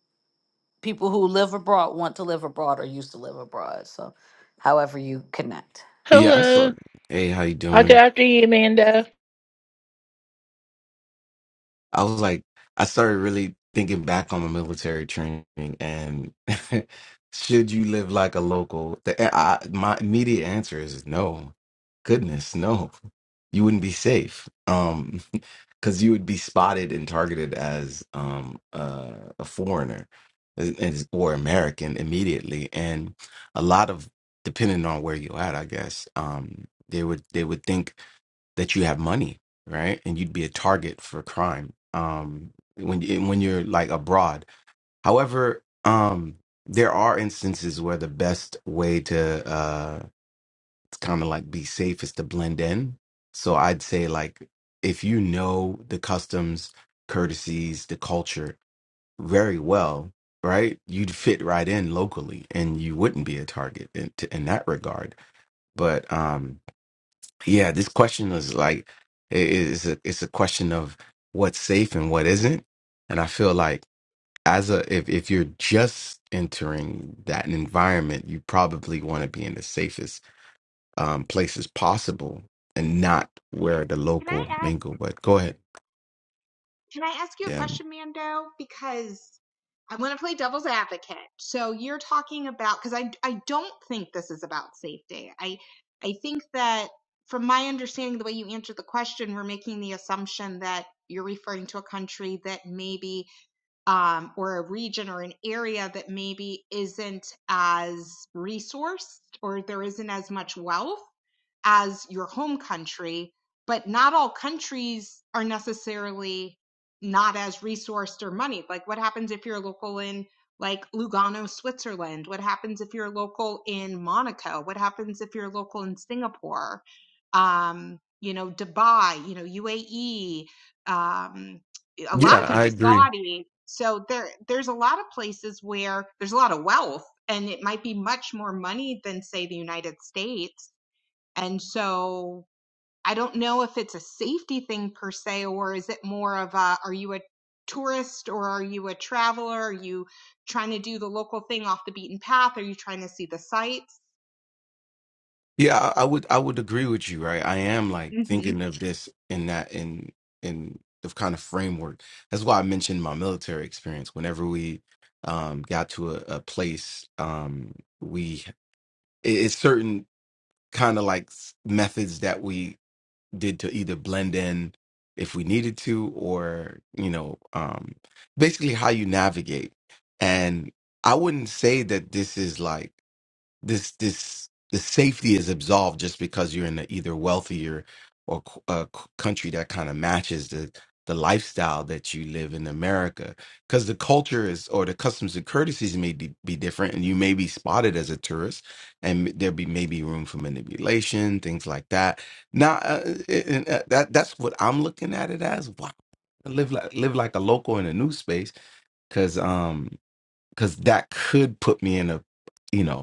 Speaker 1: people who live abroad, want to live abroad, or used to live abroad. So, however you connect.
Speaker 5: Yeah, I saw.
Speaker 6: Hello.
Speaker 5: Hey, how you
Speaker 6: I'll go
Speaker 5: doing?
Speaker 6: after you, Amanda.
Speaker 5: I was like, I started really thinking back on my military training, and should you live like a local? The, I, my immediate answer is no. Goodness, no. You wouldn't be safe, um, because you would be spotted and targeted as um uh, a foreigner and- and- or American immediately, and a lot of depending on where you at, I guess, um, they would they would think. that you have money, right? And you'd be a target for crime um, when when you're like abroad. However, um, there are instances where the best way to uh, kind of like be safe is to blend in. So I'd say like if you know the customs, courtesies, the culture very well, right? You'd fit right in locally, and you wouldn't be a target in, in that regard. But um, yeah, this question is like it is a it's a question of what's safe and what isn't. And I feel like as a if if you're just entering that environment, you probably want to be in the safest um places possible and not where the
Speaker 3: Can I
Speaker 5: local
Speaker 3: ask?
Speaker 5: mingle. But go ahead.
Speaker 3: Can I ask you a
Speaker 5: Yeah.
Speaker 3: question, Mando? Because I want to play devil's advocate. So you're talking about because I I don't think this is about safety. I I think that from my understanding, the way you answered the question, we're making the assumption that you're referring to a country that maybe um, or a region or an area that maybe isn't as resourced or there isn't as much wealth as your home country, but not all countries are necessarily not as resourced or moneyed. Like, what happens if you're local in like Lugano, Switzerland? What happens if you're local in Monaco? What happens if you're local in Singapore? Um, you know, Dubai, you know, UAE, um, a lot
Speaker 5: Yeah,
Speaker 3: of
Speaker 5: I
Speaker 3: countries,
Speaker 5: agree.
Speaker 3: Saudi. So there, there's a lot of places where there's a lot of wealth, and it might be much more money than say the United States and so I don't know if it's a safety thing per se, or is it more of a are you a tourist or are you a traveler? Are you trying to do the local thing off the beaten path? Are you trying to see the sights?
Speaker 5: Yeah, I I would I would agree with you, right? I am like
Speaker 3: hmm
Speaker 5: thinking of this in that in in the kind of framework. That's why I mentioned my military experience. Whenever we um got to a, a place, um we it- it's certain kind of like s- methods that we did to either blend in if we needed to or, you know, um basically how you navigate. And I wouldn't say that this is like this this the safety is absolved just because you're in a either wealthier or c- a c- country that kind of matches the the lifestyle that you live in America because the culture is or the customs and courtesies may be, be different and you may be spotted as a tourist and there be maybe room for manipulation things like that now uh, and, uh, that that's what I'm looking at it as wow live like live like a local in a new space because um because that could put me in a you know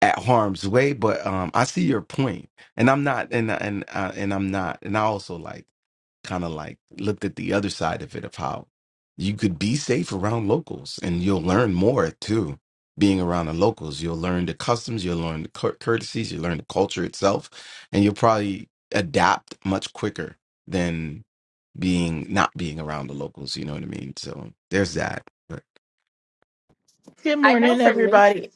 Speaker 5: at harm's way but um i see your point and i'm not and and uh, and i'm not and i also like kind of like looked at the other side of it of how you could be safe around locals and you'll learn more too being around the locals you'll learn the customs you'll learn the cour- courtesies you'll learn the culture itself and you'll probably adapt much quicker than being not being around the locals you know what i mean so there's that
Speaker 6: Good
Speaker 1: I know
Speaker 6: morning,
Speaker 1: for me.
Speaker 6: everybody.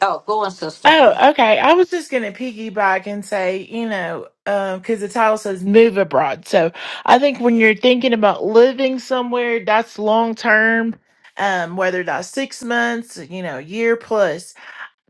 Speaker 1: Oh, go on, sister.
Speaker 6: Oh, okay. I was just going to piggyback and say, you know, because the title says move abroad. So I think when you're thinking about living somewhere, that's long term, um, whether that's six months, you know, a year plus.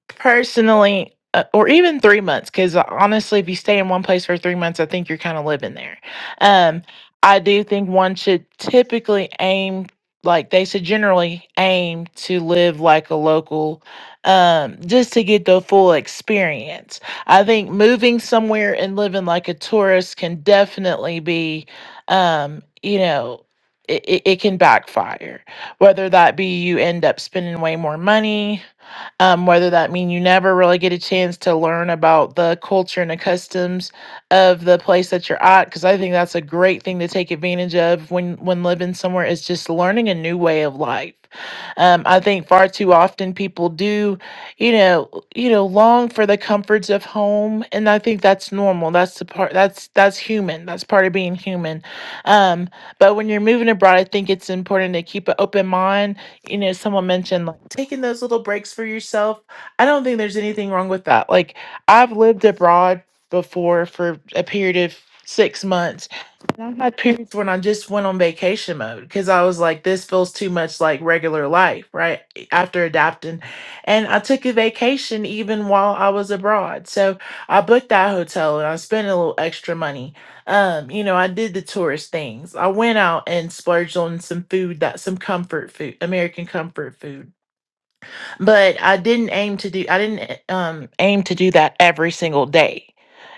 Speaker 6: personally uh, or even three months because honestly if you stay in one place for three months i think you're kind of living there um i do think one should typically aim like they should generally aim to live like a local um just to get the full experience i think moving somewhere and living like a tourist can definitely be um you know it, it it can backfire whether that be you end up spending way more money um, whether that mean you never really get a chance to learn about the culture and the customs of the place that you're at because i think that's a great thing to take advantage of when when living somewhere is just learning a new way of life um, i think far too often people do you know you know long for the comforts of home and i think that's normal that's the part that's that's human that's part of being human um, but when you're moving abroad i think it's important to keep an open mind you know, someone mentioned like taking those little breaks for yourself. I don't think there's anything wrong with that. Like I've lived abroad before for a period of 6 months I had periods when I just went on vacation mode because I was like, this feels too much like regular life, right? e, After adapting. And I took a vacation even while I was abroad. So I booked that hotel and I spent a little extra money. Um, you know, I did the tourist things. I went out and splurged on some food that some comfort food, American comfort food. But I didn't aim to do I didn't eh, um aim to do that every single day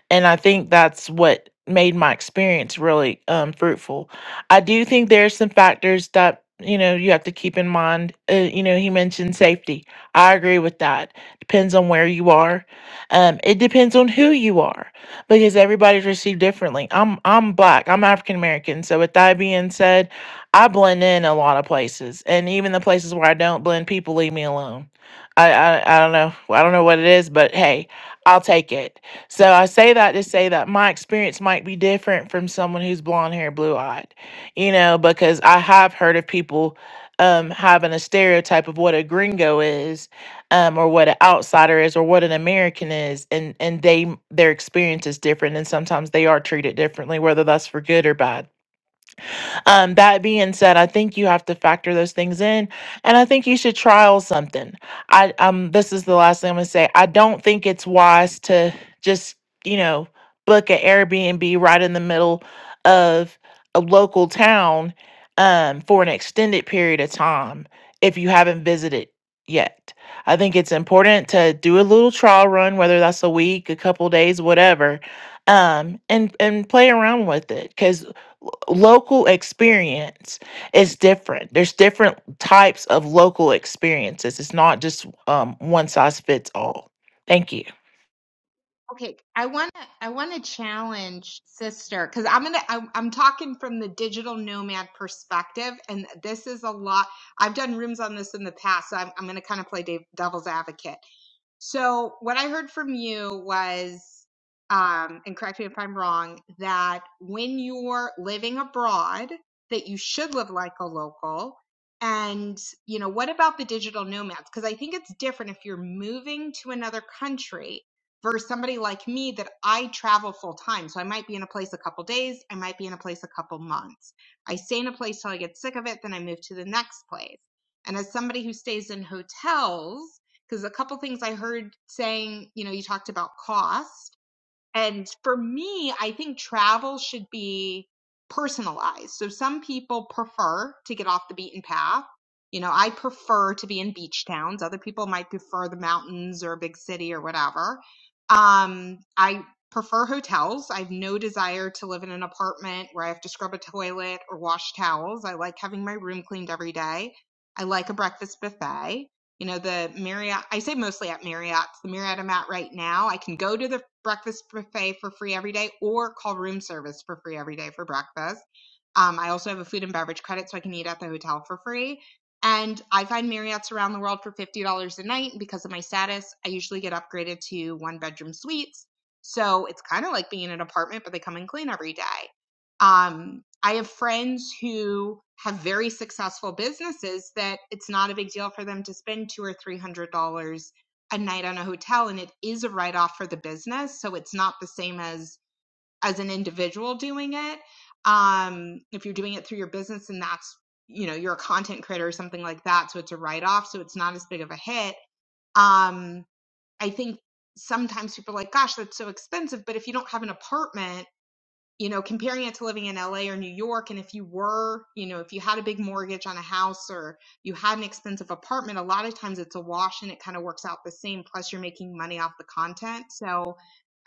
Speaker 6: and I think that's what made my experience really um, fruitful. I do think there are some factors that you know you have to keep in mind. Uh, you know, he mentioned safety. I agree with that. Depends on where you are. Um, it depends on who you are because everybody's received differently. I'm I'm black. I'm African American. So with that being said, I blend in a lot of places, and even the places where I don't blend, people leave me alone. I I, I don't know. I don't know what it is, but hey, I'll take it so I say that to say that my experience might be different from someone who's blonde hair, blue eyed, you know, because I have heard of people um, having a stereotype of what a gringo is, um, or what an outsider is, or what an American is, and and they their experience is different, and sometimes they are treated differently, whether that's for good or bad. Um, that being said, I think you have to factor those things in, and I think you should trial something. I um, this is the last thing I'm gonna say. I don't think it's wise to just you know book an Airbnb right in the middle of a local town um, for an extended period of time if you haven't visited yet. I think it's important to do a little trial run, whether that's a week, a couple days, whatever, um, and and play around with it. Because local experience is different. There's different types of local experiences. It's not just um, one size fits all. Thank you.
Speaker 3: Okay, I want to I want to challenge sister because I'm gonna I, I'm talking from the digital nomad perspective, and this is a lot. I've done rooms on this in the past, so I'm I'm gonna kind of play dev- devil's advocate So what I heard from you was, um, and correct me if I'm wrong, that when you're living abroad, that you should live like a local. And, you know, what about the digital nomads? Because I think it's different if you're moving to another country versus somebody like me that I travel full time. So I might be in a place a couple days, I might be in a place a couple months. I stay in a place till I get sick of it, then I move to the next place. And as somebody who stays in hotels, because a couple things I heard saying, you know, you talked about cost. And for me, I think travel should be personalized. So some people prefer to get off the beaten path. You know, I prefer to be in beach towns. Other people might prefer the mountains or a big city or whatever. Um, I prefer hotels. I have no desire to live in an apartment where I have to scrub a toilet or wash towels. I like having my room cleaned every day. I like a breakfast buffet you know the marriott i say mostly at marriott's the marriott i'm at right now i can go to the breakfast buffet for free every day or call room service for free every day for breakfast um, i also have a food and beverage credit so i can eat at the hotel for free and i find marriott's around the world for $50 a night because of my status i usually get upgraded to one bedroom suites so it's kind of like being in an apartment but they come and clean every day um, I have friends who have very successful businesses that it's not a big deal for them to spend two or three hundred dollars a night on a hotel, and it is a write off for the business, so it's not the same as as an individual doing it. Um, if you're doing it through your business, and that's you know you're a content creator or something like that, so it's a write off, so it's not as big of a hit. Um, I think sometimes people are like, "Gosh, that's so expensive," but if you don't have an apartment you know, comparing it to living in LA or New York, and if you were, you know, if you had a big mortgage on a house or you had an expensive apartment, a lot of times it's a wash and it kind of works out the same. Plus, you're making money off the content. So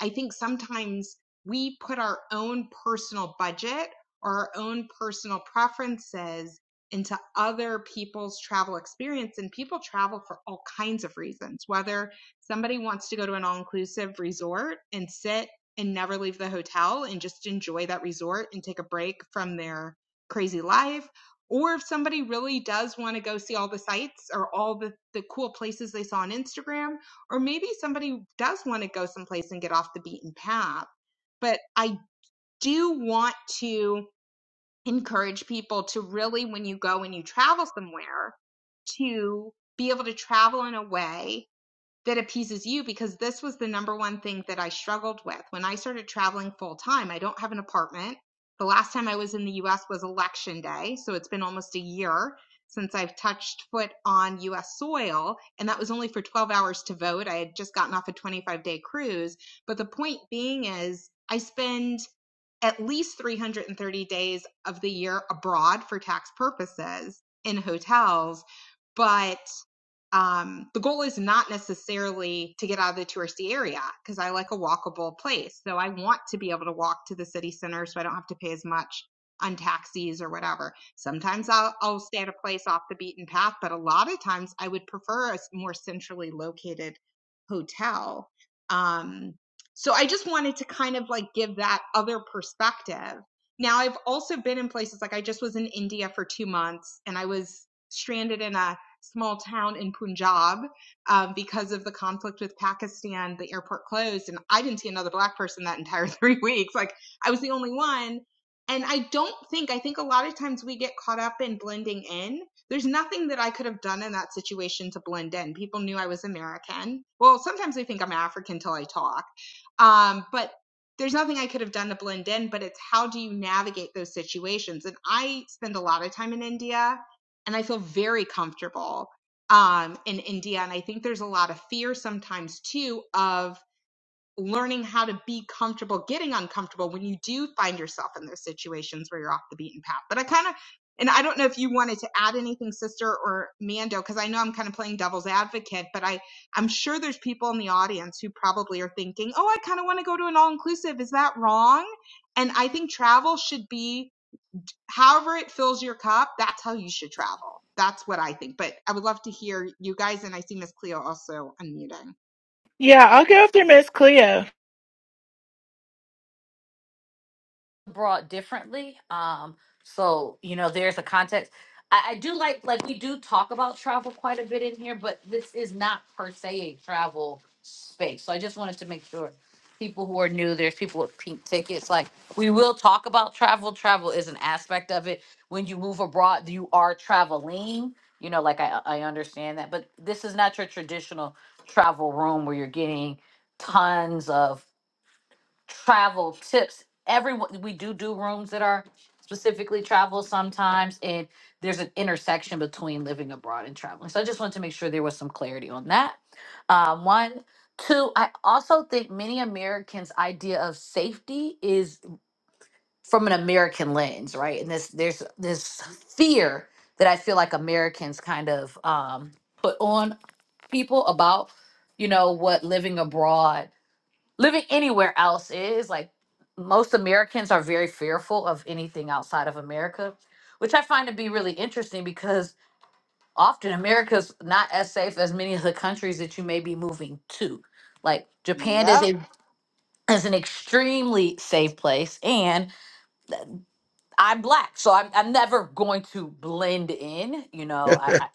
Speaker 3: I think sometimes we put our own personal budget or our own personal preferences into other people's travel experience and people travel for all kinds of reasons whether somebody wants to go to an all-inclusive resort and sit and never leave the hotel and just enjoy that resort and take a break from their crazy life. Or if somebody really does want to go see all the sights or all the, the cool places they saw on Instagram, or maybe somebody does want to go someplace and get off the beaten path. But I do want to encourage people to really, when you go and you travel somewhere, to be able to travel in a way that appeases you because this was the number one thing that I struggled with. When I started traveling full time, I don't have an apartment. The last time I was in the US was election day. So it's been almost a year since I've touched foot on US soil. And that was only for 12 hours to vote. I had just gotten off a 25 day cruise. But the point being is, I spend at least 330 days of the year abroad for tax purposes in hotels. But um, the goal is not necessarily to get out of the touristy area because I like a walkable place. So I want to be able to walk to the city center so I don't have to pay as much on taxis or whatever. Sometimes I'll, I'll stay at a place off the beaten path, but a lot of times I would prefer a more centrally located hotel. Um, so I just wanted to kind of like give that other perspective. Now I've also been in places like I just was in India for two months and I was stranded in a small town in Punjab um, because of the conflict with Pakistan. The airport closed, and I didn't see another black person that entire three weeks. Like I was the only one. And I don't think, I think a lot of times we get caught up in blending in. There's nothing that I could have done in that situation to blend in. People knew I was American. Well, sometimes they think I'm African till I talk. Um, but there's nothing I could have done to blend in, but it's how do you navigate those situations? And I spend a lot of time in India and I feel very comfortable um, in India. And I think there's a lot of fear sometimes too of learning how to be comfortable, getting uncomfortable when you do find yourself in those situations where you're off the beaten path. But I kind of, and I don't know if you wanted to add anything, sister or Mando, because I know I'm kind of playing devil's advocate, but I, I'm sure there's people in the audience who probably are thinking, oh, I kind of want to go to an all inclusive. Is that wrong? And I think travel should be however it fills your cup, that's how you should travel. That's what I think. But I would love to hear you guys, and I see Miss Cleo also unmuting.
Speaker 6: Yeah, I'll go after Miss Cleo.
Speaker 1: brought differently. Um, so you know, there's a context. I, I do like like we do talk about travel quite a bit in here, but this is not per se a travel space. So I just wanted to make sure people who are new, there's people with pink tickets. Like we will talk about travel. Travel is an aspect of it. When you move abroad, you are traveling. You know, like I I understand that, but this is not your traditional travel room where you're getting tons of travel tips. Everyone, we do do rooms that are specifically travel sometimes, and there's an intersection between living abroad and traveling. So I just wanted to make sure there was some clarity on that. Um, one, two. I also think many Americans' idea of safety is from an American lens, right? And this there's this fear that I feel like Americans kind of um, put on people about you know what living abroad living anywhere else is like most Americans are very fearful of anything outside of America, which I find to be really interesting because often America's not as safe as many of the countries that you may be moving to. Like Japan is
Speaker 3: Yep.
Speaker 1: a is an extremely safe place, and I'm black, so I'm I'm never going to blend in. You know, I, I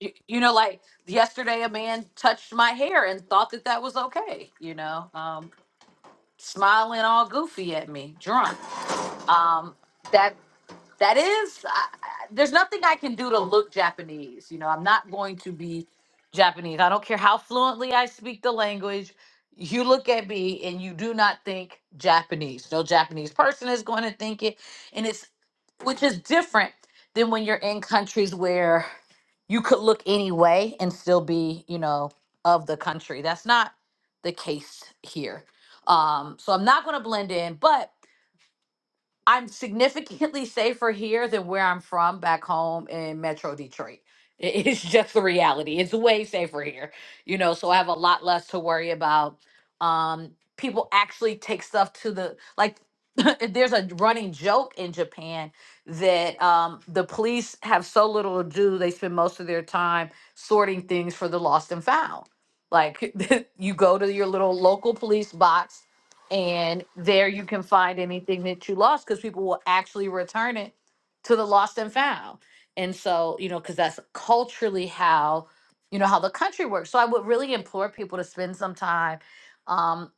Speaker 1: you you know like yesterday a man touched my hair and thought that that was okay. You know, um, smiling all goofy at me, drunk. um, that that is I, I- there's nothing i can do to look japanese you know i'm not going to be japanese i don't care how fluently i speak the language you look at me and you do not think japanese no japanese person is going to think it and it's which is different than when you're in countries where you could look any way and still be you know of the country that's not the case here um so i'm not going to blend in but I'm significantly safer here than where I'm from back home in Metro Detroit. I- It's just the reality. It's way safer here, you know, so I have a lot less to worry about. Um, people actually take stuff to the, like, there's a running joke in Japan that um, the police have so little to do, they spend most of their time sorting things for the lost and found. Like, you go to your little local police box and there you can find anything that you lost because people will actually return it to the lost and found and so you know because that's culturally how you know how the country works so i would really implore people to spend some time um,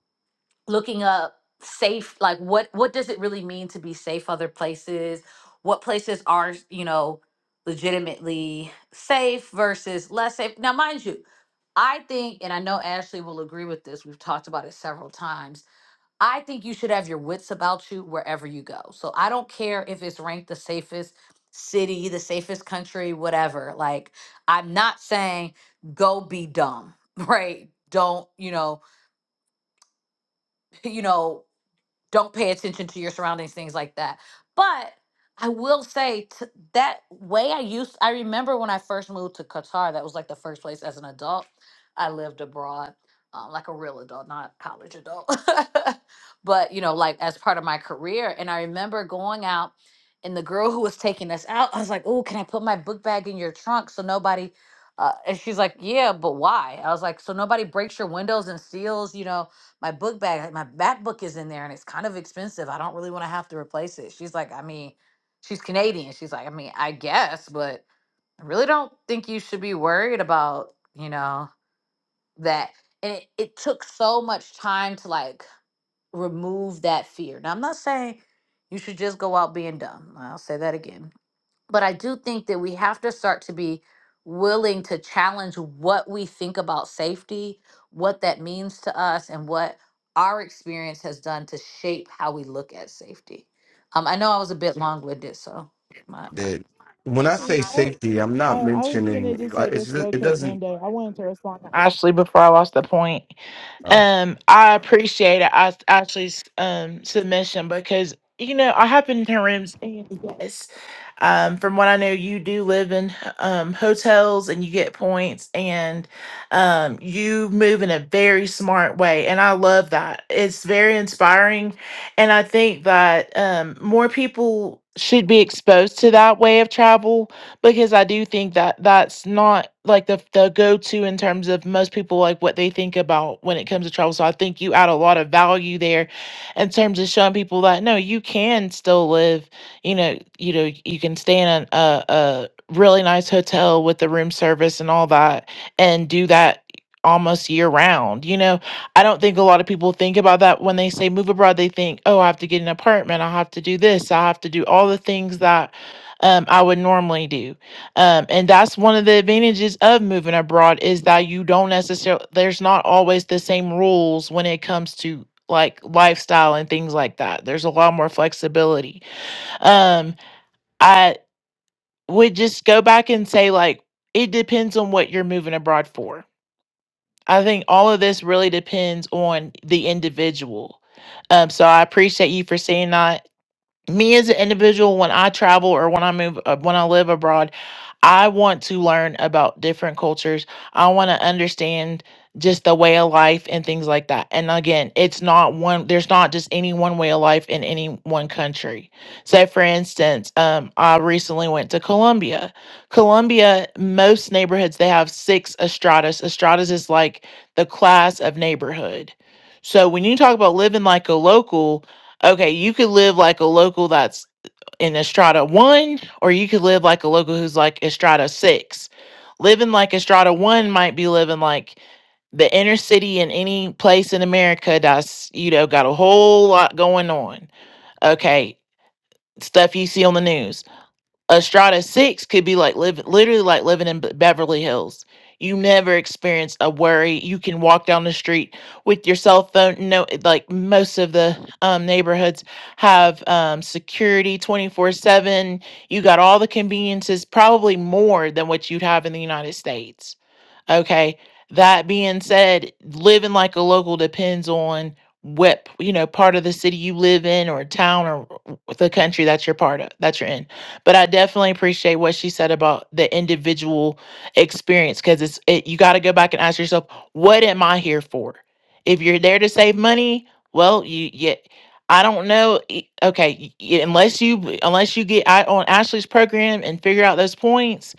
Speaker 1: looking up safe like what what does it really mean to be safe other places what places are you know legitimately safe versus less safe now mind you I think, and I know Ashley will agree with this, we've talked about it several times. I think you should have your wits about you wherever you go. So I don't care if it's ranked the safest city, the safest country, whatever. Like, I'm not saying go be dumb, right? Don't, you know, you know, don't pay attention to your surroundings things like that but i will say t- that way i used i remember when i first moved to qatar that was like the first place as an adult i lived abroad um, like a real adult not college adult but you know like as part of my career and i remember going out and the girl who was taking us out i was like oh can i put my book bag in your trunk so nobody uh, and she's like yeah but why i was like so nobody breaks your windows and seals you know my book bag, like, my MacBook is in there and it's kind of expensive. I don't really want to have to replace it. She's like, I mean, she's Canadian. She's like, I mean, I guess, but I really don't think you should be worried about, you know, that. And it, it took so much time to like remove that fear. Now, I'm not saying you should just go out being dumb. I'll say that again but I do think that we have to start to be willing to challenge what we think about safety, what that means to us, and what our experience has done to shape how we look at safety. Um, I know I was a bit long winded, so my, my.
Speaker 5: that when I
Speaker 3: Yeah.
Speaker 6: I,
Speaker 5: say safety, I'm not
Speaker 6: I was gonna
Speaker 5: mentioning
Speaker 6: just
Speaker 5: like
Speaker 6: say
Speaker 5: it's
Speaker 6: this
Speaker 5: ju-
Speaker 6: real
Speaker 5: it
Speaker 6: quick,
Speaker 5: doesn't.
Speaker 6: Mando. I wanted to respond to Ashley, before I lost the point.
Speaker 5: Um,
Speaker 6: Um, I appreciate it. I actually's um submission because you know I have been to rooms and yes, um, from what I know, you do live in um hotels and you get points and um you move in a very smart way and I love that. It's very inspiring, and I think that um more people should be exposed to that way of travel because I do think that that's not like the the go-to in terms of most people like what they think about when it comes to travel. So I think you add a lot of value there in terms of showing people that no, you can still live, you know, you know, you can stay in a a, a really nice hotel with the room service and all that and do that almost year round. You know, I don't think a lot of people think about that when they say move abroad, they think, "Oh, I have to get an apartment, I have to do this, I have to do all the things that um, I would normally do. Um, and that's one of the advantages of moving abroad is that you don't necessarily, there's not always the same rules when it comes to like lifestyle and things like that. There's a lot more flexibility. Um, I would just go back and say, like, it depends on what you're moving abroad for. I think all of this really depends on the individual. Um, so I appreciate you for saying that me as an individual when i travel or when i move uh, when i live abroad i want to learn about different cultures i want to understand just the way of life and things like that and again it's not one there's not just any one way of life in any one country so for instance um, i recently went to colombia colombia most neighborhoods they have six estradas estradas is like the class of neighborhood so when you talk about living like a local okay, you could live like a local that's in Estrada one, or you could live like a local who's like Estrada six. Living like Estrada one might be living like the inner city in any place in America that's, you know, got a whole lot going on. Okay. Stuff you see on the news a strata six could be like living literally like living in Be- beverly hills you never experience a worry you can walk down the street with your cell phone no like most of the um, neighborhoods have um, security 24 7 you got all the conveniences probably more than what you'd have in the united states Okay. That being said, living like a local depends on what, you know, part of the city you live in or town or the country that you're part of, that you're in. But I definitely appreciate what she said about the individual experience because it's, it, you got to go back and ask yourself, what am I here for? If you're there to save money, well, you, yeah, I don't know. e- Okay. y- y- Unless you, unless you get out on Ashley's program and figure out those points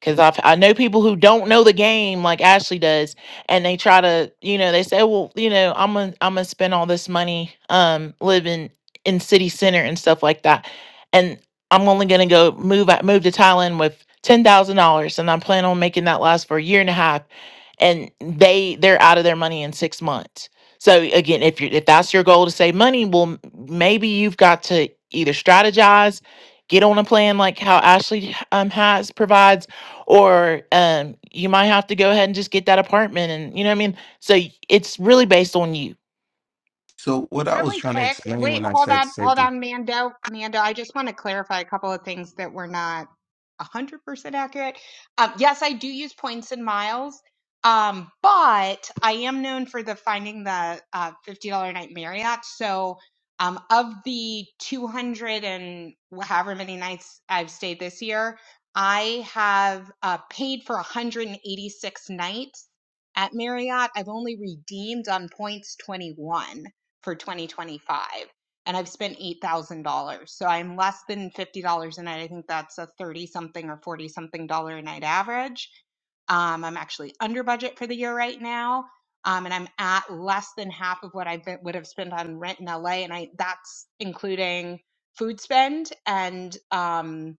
Speaker 6: Cause I I know people who don't know the game like Ashley does, and they try to, you know, they say, well, you know, I'm gonna I'm gonna spend all this money um living in city center and stuff like that, and I'm only gonna go move out move to Thailand with ten thousand dollars, and I plan on making that last for a year and a half, and they they're out of their money in six months. So again, if you if that's your goal to save money, well, m- maybe you've got to either strategize, get on a plan like how Ashley um has provides or um, you might have to go ahead and just get that apartment and you know what i mean so y- it's really based on you
Speaker 5: so what I was
Speaker 3: Really
Speaker 5: trying to
Speaker 3: quick.
Speaker 5: explain
Speaker 3: Wait,
Speaker 5: when I
Speaker 3: hold
Speaker 5: said
Speaker 3: on, hold
Speaker 5: safety,
Speaker 3: on, Mando. Mando, I just want to clarify a couple of things that were not. 100% accurate. Um, yes, I do use points and miles, um, but I am known for the finding the uh, $50 night Marriott. So um, of the 200 and however many nights I've stayed this year, I have uh, paid for 186 nights at Marriott. I've only redeemed on points 21 for 2025 and I've spent $8,000. So I'm less than $50 a night. I think that's a 30 something or 40 something dollar a night average. Um, I'm actually under budget for the year right now. Um, and I'm at less than half of what I been- would have spent on rent in LA. And I, that's including food spend and, um,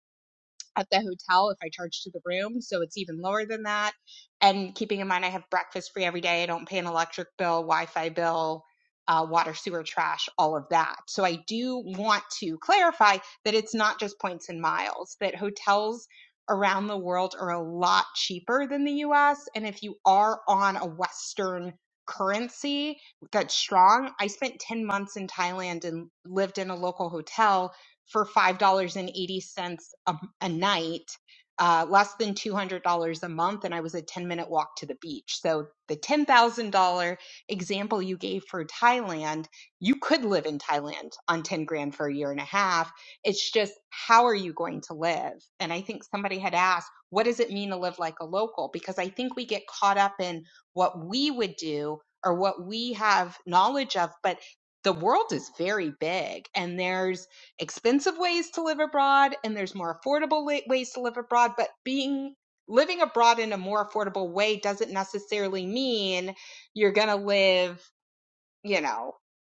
Speaker 3: at the hotel if I charge to the room. So it's even lower than that. And keeping in mind, I have breakfast free every day. I don't pay an electric bill, Wi Fi bill, uh, water, sewer, trash, all of that. So I do want to clarify that it's not just points and miles, that hotels around the world are a lot cheaper than the US. And if you are on a Western currency that's strong, I spent 10 months in Thailand and lived in a local hotel for $5.80 a, a night, uh, less than $200 a month, and I was a 10 minute walk to the beach. So, the $10,000 example you gave for Thailand, you could live in Thailand on 10 grand for a year and a half. It's just, how are you going to live? And I think somebody had asked, what does it mean to live like a local? Because I think we get caught up in what we would do or what we have knowledge of, but the world is very big and there's expensive ways to live abroad and there's more affordable ways to live abroad but being living abroad in a more affordable way doesn't necessarily mean you're going to live you know,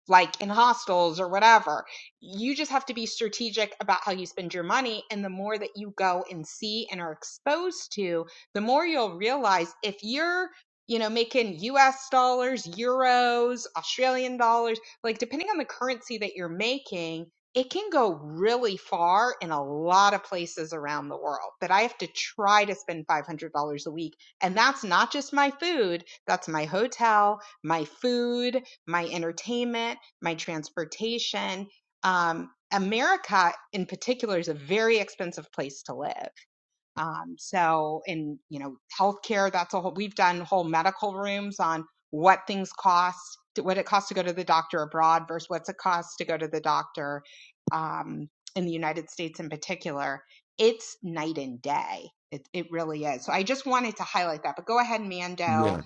Speaker 3: like in hostels or whatever. You just have to be strategic about how you spend your money. And the more that you go and see and are exposed to, the more you'll realize if you're, you know, making US dollars, euros, Australian dollars, like depending on the currency that you're making, it can go really far in a lot of places around the world that I have to try to spend $500 a week. And that's not just my food, that's my hotel, my food, my entertainment, my transportation. Um, America, in particular, is a very expensive place to live. Um, so, in you know, healthcare, that's a whole. We've done whole medical rooms on what things cost, what it costs to go to the doctor abroad versus what's it costs to go to the doctor um, in the United States, in particular. It's night and day. It it really is. So, I just wanted to highlight that. But go ahead, Mando.
Speaker 5: yeah,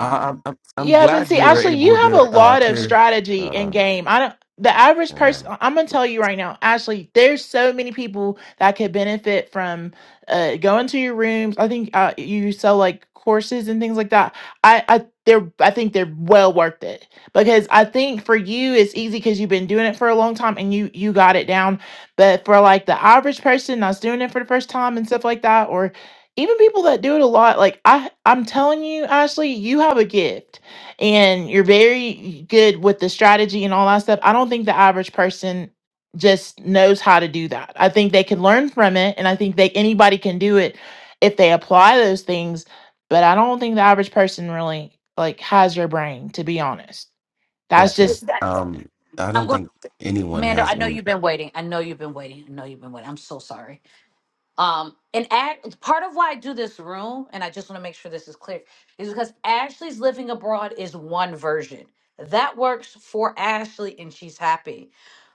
Speaker 5: I, I'm I'm I'm
Speaker 6: Yeah,
Speaker 3: yeah.
Speaker 6: but
Speaker 5: glad
Speaker 6: see,
Speaker 5: you were
Speaker 6: Ashley, you
Speaker 5: able
Speaker 6: have a
Speaker 5: to uh,
Speaker 6: lot of
Speaker 5: clear.
Speaker 6: strategy in
Speaker 5: Uh,
Speaker 6: game. I don't. The average
Speaker 5: uh,
Speaker 6: person, I'm gonna tell you right now, Ashley. There's so many people that could benefit from uh, going to your rooms. I think uh, you sell like courses and things like that. I, I, they're, I think they're well worth it because I think for you it's easy because you've been doing it for a long time and you, you got it down. But for like the average person that's doing it for the first time and stuff like that, or even people that do it a lot, like I, I'm telling you, Ashley, you have a gift and you're very good with the strategy and all that stuff, I don't think the average person just knows how to do that. I think they can learn from it, and I think they anybody can do it if they apply those things. But I don't think the average person really like has your brain, to be honest. That's
Speaker 5: okay,
Speaker 6: just
Speaker 5: um, I
Speaker 1: I'm
Speaker 5: don't
Speaker 1: going,
Speaker 5: think anyone
Speaker 1: Amanda.
Speaker 5: has
Speaker 1: I know
Speaker 5: any.
Speaker 1: you've been waiting. I know you've been waiting. I know you've been waiting. I'm so sorry. Um, and Ag- part of why I do this room, and I just want to make sure this is clear, is because Ashley's living abroad is one version that works for Ashley and she's happy.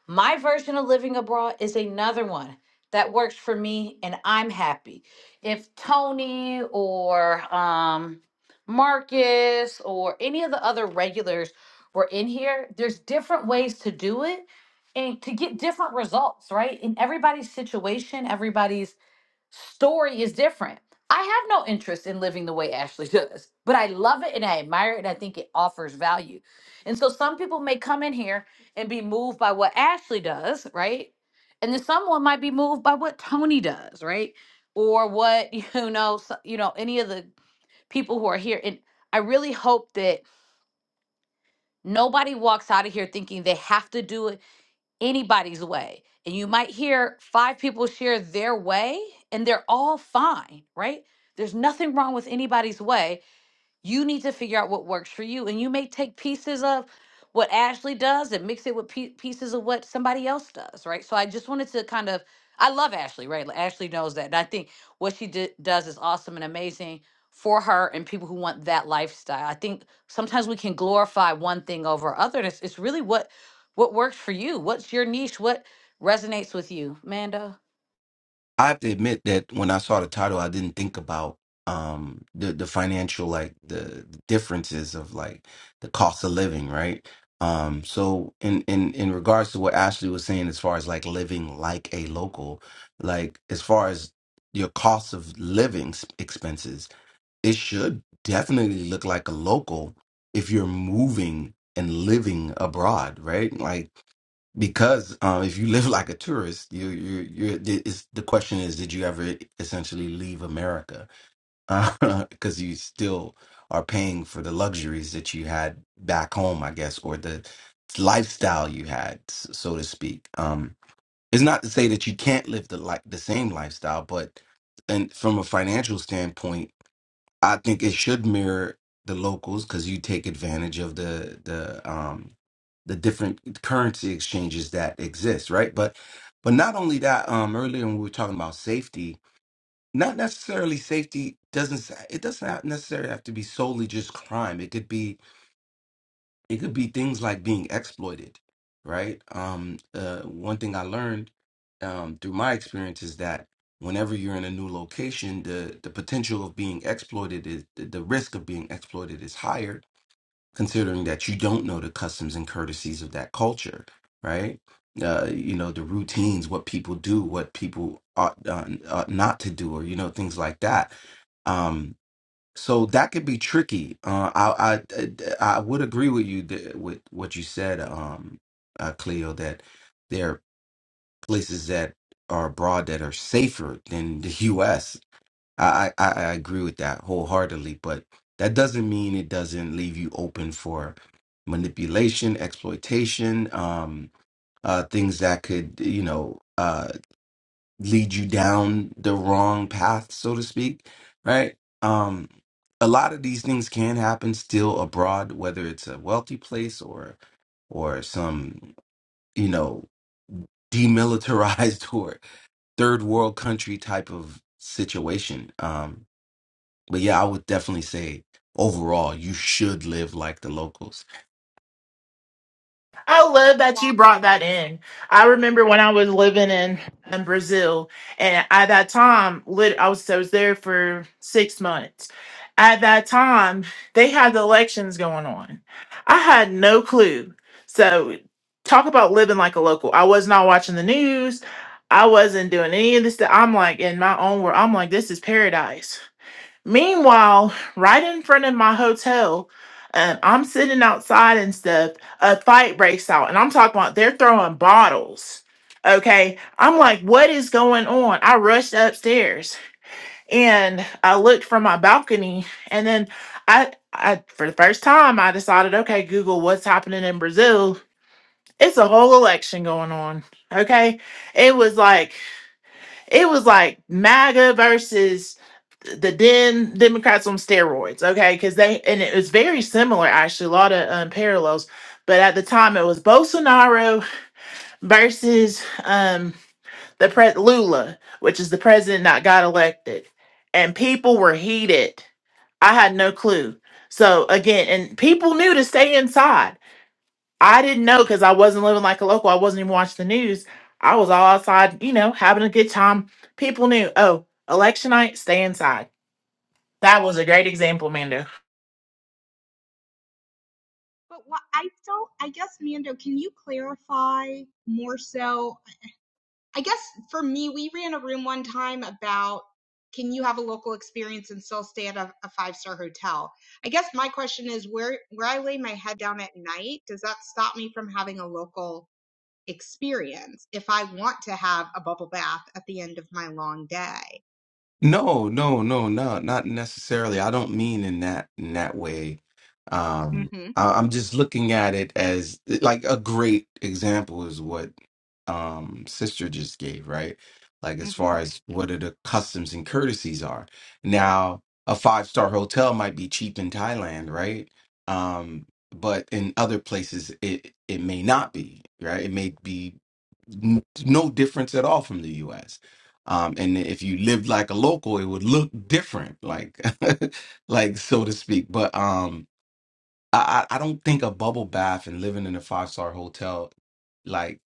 Speaker 1: My version of living abroad is another one that works for me and I'm happy. If Tony or um, Marcus or any of the other regulars were in here, there's different ways to do it and to get different results, right? In everybody's situation, everybody's story is different. I have no interest in living the way Ashley does, but I love it and I admire it and I think it offers value. And so some people may come in here and be moved by what Ashley does, right? And then someone might be moved by what Tony does, right? Or what you know, s- you know, any of the people who are here. And I really hope that nobody walks out of here thinking they have to do it anybody's way. And you might hear five people share their way, and they're all fine, right? There's nothing wrong with anybody's way you need to figure out what works for you. And you may take pieces of what Ashley does and mix it with pie- pieces of what somebody else does, right? So I just wanted to kind of, I love Ashley, right? Like, Ashley knows that. And I think what she di- does is awesome and amazing for her and people who want that lifestyle. I think sometimes we can glorify one thing over other. And it's, it's really what what works for you. What's your niche? What resonates with you, Mando?
Speaker 5: I have to admit that when I saw the title, I didn't think about um the the financial like the the differences of like the cost of living, right? Um, so in in in regards to what Ashley was saying, as far as like living like a local, like as far as your cost of living s- expenses, it should definitely look like a local if you're moving and living abroad, right? Like because uh, if you live like a tourist, you you you. It's, the question is, did you ever essentially leave America? Uh, Because you still are paying for the luxuries that you had back home, I guess, or the lifestyle you had, s- so to speak. Um, it's not to say that you can't live the like the same lifestyle, but and from a financial standpoint I think it should mirror the locals because you take advantage of the the um the different currency exchanges that exist, right? But but not only that, um earlier when we were talking about safety, not necessarily safety doesn't s- it doesn't have- necessarily have to be solely just crime. It could be it could be things like being exploited, right? Um, uh, one thing I learned um, through my experience is that whenever you're in a new location, the the potential of being exploited is the the risk of being exploited is higher, considering that you don't know the customs and courtesies of that culture, right? Uh, you know the routines, what people do, what people ought, uh, ought not to do, or you know things like that. Um, so that could be tricky. Uh, I, I uh, I would agree with you that, with what you said, um, uh, Cleo, that there are places that are abroad that are safer than the U.S. I, I I agree with that wholeheartedly, but that doesn't mean it doesn't leave you open for manipulation, exploitation, um, uh, things that could you know. uh, lead you down the wrong path, so to speak, right? Um, a lot of these things can happen still abroad, whether it's a wealthy place or or some you know demilitarized or third world country type of situation. Um, but yeah, I would definitely say overall you should live like the locals
Speaker 6: I love that you
Speaker 3: Long
Speaker 6: brought that in. I remember when I was living in, in Brazil, and at that time, lit, I was I was there for six months. At that time, they had the elections going on. I had no clue. So, talk about living like a local. I was not watching the news. I wasn't doing any of this. Stuff. I'm like in my own world. I'm like, this is paradise. Meanwhile, right in front of my hotel, um, I'm sitting outside and stuff. A fight breaks out, and I'm talking about they're throwing bottles. Okay, I'm like, what is going on? I rushed upstairs and I looked from my balcony, and then I, I for the first time, I decided, okay, Google, what's happening in Brazil? It's a whole election going on. Okay, it was like it was like MAGA versus the then Democrats on steroids, okay? Because they, and it was very similar, actually, a lot of um, parallels. But at the time, it was Bolsonaro versus um, the pre- Lula, which is the president that got elected. And people were heated. I had no clue. So again, and people knew to stay inside I didn't know because I wasn't living like a local. I wasn't even watching the news. I was all outside, you know, having a good time. People knew, oh, election night, stay inside. That was a great example, Mando.
Speaker 3: But what I don't, I guess, Mando, can you clarify more so? I guess for me, we ran a room one time about can you have a local experience and still stay at a, a five star hotel? I guess my question is where where I lay my head down at night, does that stop me from having a local experience if I want to have a bubble bath at the end of my long day?
Speaker 5: No, no, no, no, not necessarily. I don't mean in that in that way. Um,
Speaker 3: Mm-hmm.
Speaker 5: I, I'm just looking at it as eh, like a great example is what um sister just gave, right? Like as
Speaker 3: Mm-hmm.
Speaker 5: far as what are the customs and courtesies are. Now, a five-star hotel might be cheap in Thailand, right? Um, but in other places it it may not be, right? It may be n- no difference at all from the US um, and if you lived like a local, it would look different, like, like so to speak. But um, I I I don't think a bubble bath and living in a five star hotel, like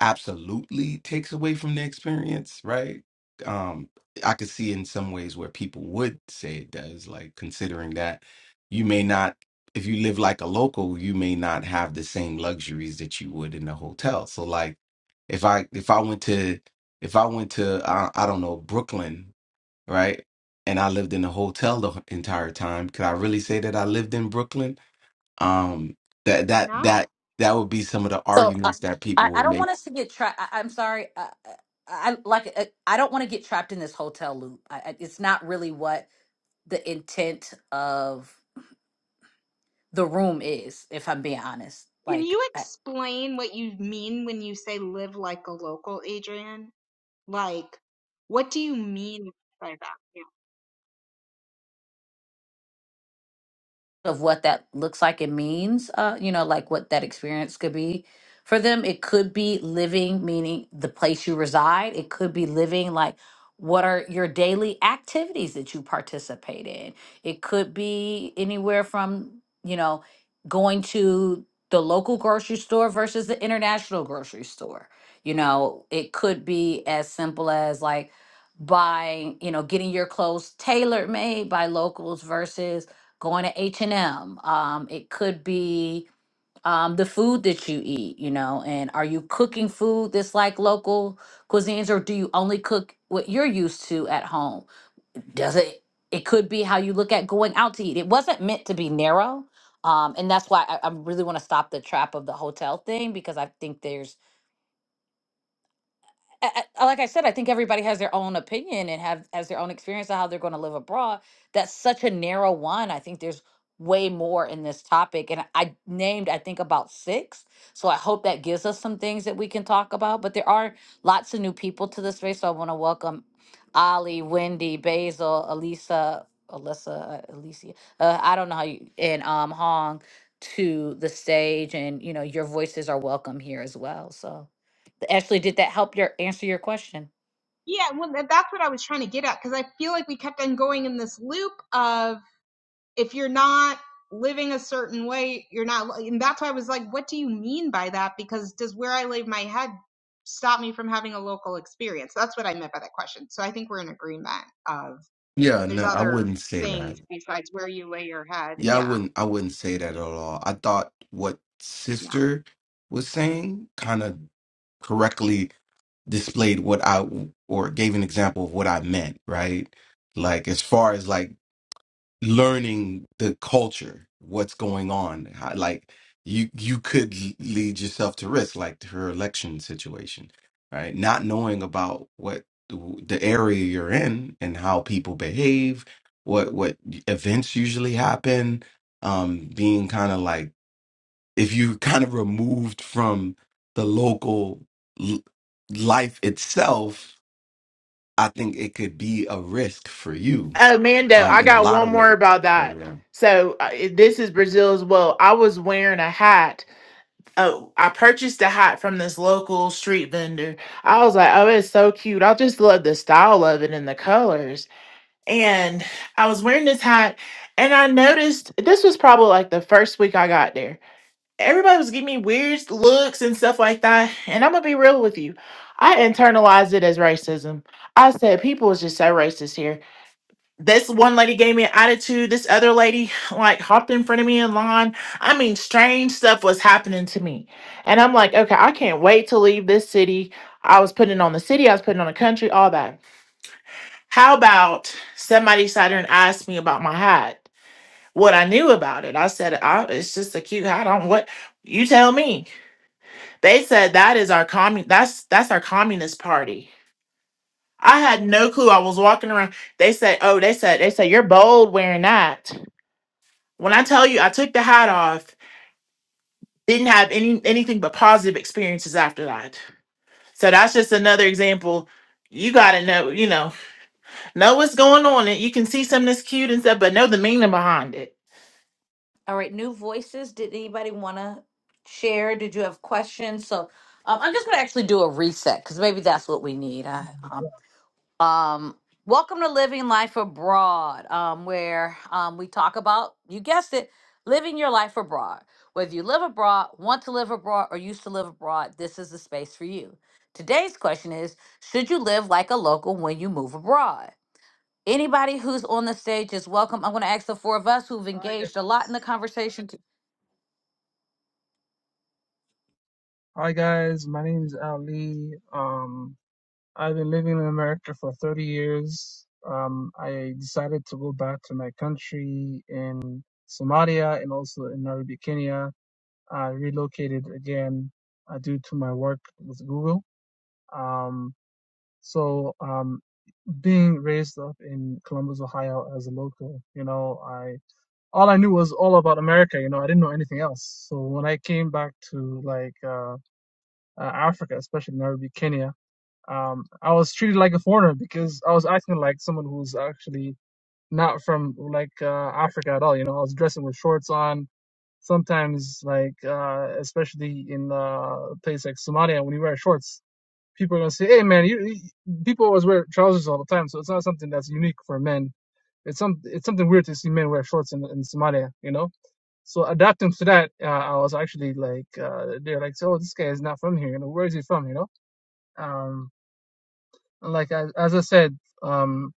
Speaker 5: absolutely takes away from the experience, right? Um, I could see in some ways where people would say it does, like considering that you may not, if you live like a local, you may not have the same luxuries that you would in a hotel. So, like, if I if I went to if I went to I, I don't know Brooklyn, right? And I lived in a hotel the h- entire time. Could I really say that I lived in Brooklyn? Um, that
Speaker 3: Why
Speaker 5: that
Speaker 3: not?
Speaker 5: that that would be some of the
Speaker 1: So uh,
Speaker 5: arguments that people
Speaker 1: I, I
Speaker 5: would
Speaker 1: don't
Speaker 5: make
Speaker 1: want us to get trapped. I, I'm sorry. I, I I- like uh, I don't want to get trapped in this hotel loop. I, I- it's not really what the intent of the room is, if I'm being honest.
Speaker 3: Can
Speaker 1: Like.
Speaker 3: you explain what you mean when you say live like a local, Adrian? Like, what do you mean by that?
Speaker 1: of what that looks like and means, uh, you know, like what that experience could be for them. It could be living, meaning the place you reside. It could be living, like what are your daily activities that you participate in. It could be anywhere from, you know, going to the local grocery store versus the international grocery store. You know, it could be as simple as like buying, you know, getting your clothes tailor made by locals versus going to H&M. Um, it could be um, the food that you eat, you know, and are you cooking food that's like local cuisines or do you only cook what you're used to at home? Does it, it could be how you look at going out to eat. It wasn't meant to be narrow. Um, and that's why I, I really want to stop the trap of the hotel thing because I think there's I, I- like I said, I think everybody has their own opinion and have has their own experience of how they're going to live abroad. That's such a narrow one. I think there's way more in this topic, and I named I think about six. So I hope that gives us some things that we can talk about. But there are lots of new people to this space, so I want to welcome Ali, Wendy, Basil, Elisa, Alyssa, uh, Alicia. Uh, I don't know how you and um Hong to the stage, and you know your voices are welcome here as well. So. Ashley, did that help your answer your question?
Speaker 3: Yeah, yeah. Well, tha- that's what I was trying to get at because I feel like we kept on going in this loop of if you're not living a certain way, you're not. li- And that's why I was like, what do you mean by that? Because does where I lay my head stop me from having a local experience? That's what I meant by that question. So I think we're in agreement of
Speaker 5: Yeah,
Speaker 3: there's
Speaker 5: no, I
Speaker 3: other
Speaker 5: wouldn't say that.
Speaker 3: things besides where you lay your head.
Speaker 5: Yeah, I
Speaker 3: Yeah.
Speaker 5: wouldn't I wouldn't say that at
Speaker 3: Mhm.
Speaker 5: all. I thought what
Speaker 3: Yeah.
Speaker 5: sister was saying kind of correctly displayed what I or gave an example of what I meant, right? Like as far as like learning the culture, what's going on. How, like you you could l- lead yourself to risk, like her election situation, right? Not knowing about what the, the area you're in and how people behave, what what events usually happen, um, being kind of like if you kind of removed from the local l- life itself, I think it could be a risk for you
Speaker 6: Oh, Mando,
Speaker 5: um,
Speaker 6: I
Speaker 5: in a
Speaker 6: got
Speaker 5: lot
Speaker 6: one
Speaker 5: of
Speaker 6: more
Speaker 5: ways.
Speaker 6: about
Speaker 5: So,
Speaker 6: that.
Speaker 5: yeah.
Speaker 6: So uh, it- this is Brazil as well. I was wearing a hat. Oh, I purchased a hat from this local street vendor. I was like, oh, it's so cute. I just love the style of it and the colors. And I was wearing this hat, and I noticed this was probably like the first week I got there everybody was giving me weird looks and stuff like that. And I'm gonna be real with you. I internalized it as racism. I said people is just so racist here. This one lady gave me an attitude. This other lady like hopped in front of me in line. I mean, strange stuff was happening to me. And I'm like, okay, I can't wait to leave this city. I was putting on the city, I was putting on the country, all that. How about somebody sat there and asked me about my hat? What I knew about it. I said, I, it's just a cute hat. I don't what you tell me. They said that is our commun that's that's our communist party. I had no clue. I was walking around. They said, "Oh, they said they said you're bold wearing that." When I tell you, I took the hat off. Didn't have any anything but positive experiences after that. So that's just another example. You gotta know, you know, know what's going on. And you can see something that's cute and stuff, but know the meaning behind it.
Speaker 1: All right, new voices. Did anybody want to share? Did you have questions? So um, I'm just going to actually do a reset because maybe that's what we need. I, um, um, welcome to Living Life Abroad, um, where um, we talk about, you guessed it, living your life abroad. Whether you live abroad, want to live abroad, or used to live abroad, this is the space for you. Today's question is Should you live like a local when you move abroad? Anybody who's on the stage is welcome. I'm going to ask the four of us who've
Speaker 7: Hi
Speaker 1: engaged a lot in the
Speaker 7: guys.
Speaker 1: conversation to,
Speaker 7: Hi guys. My name is Ali. Um, I've been living in America for 30 years. Um, I decided to go back to my country in Somalia and also in Nairobi, Kenya. I relocated again uh, due to my work with Google. Um, so um, being raised up in Columbus, Ohio as a local, you know, I all I knew was all about America. You know, I didn't know anything else. So when I came back to like uh, uh, Africa, especially Nairobi, Kenya, um, I was treated like a foreigner because I was acting like someone who's actually not from like uh, Africa at all. You know, I was dressing with shorts on. Sometimes, like uh, especially in uh, place like Somalia, when you wear shorts, people are gonna say, "Hey, man, you." you- People always wear trousers all the time, so it's not something that's unique for men. It's some it's something weird to see men wear shorts in in Somalia. You know. So adapting to that, uh, I was actually like, uh, they're like, "Oh, this guy is not from here. You know, where is he from? You know." um like as, as i said um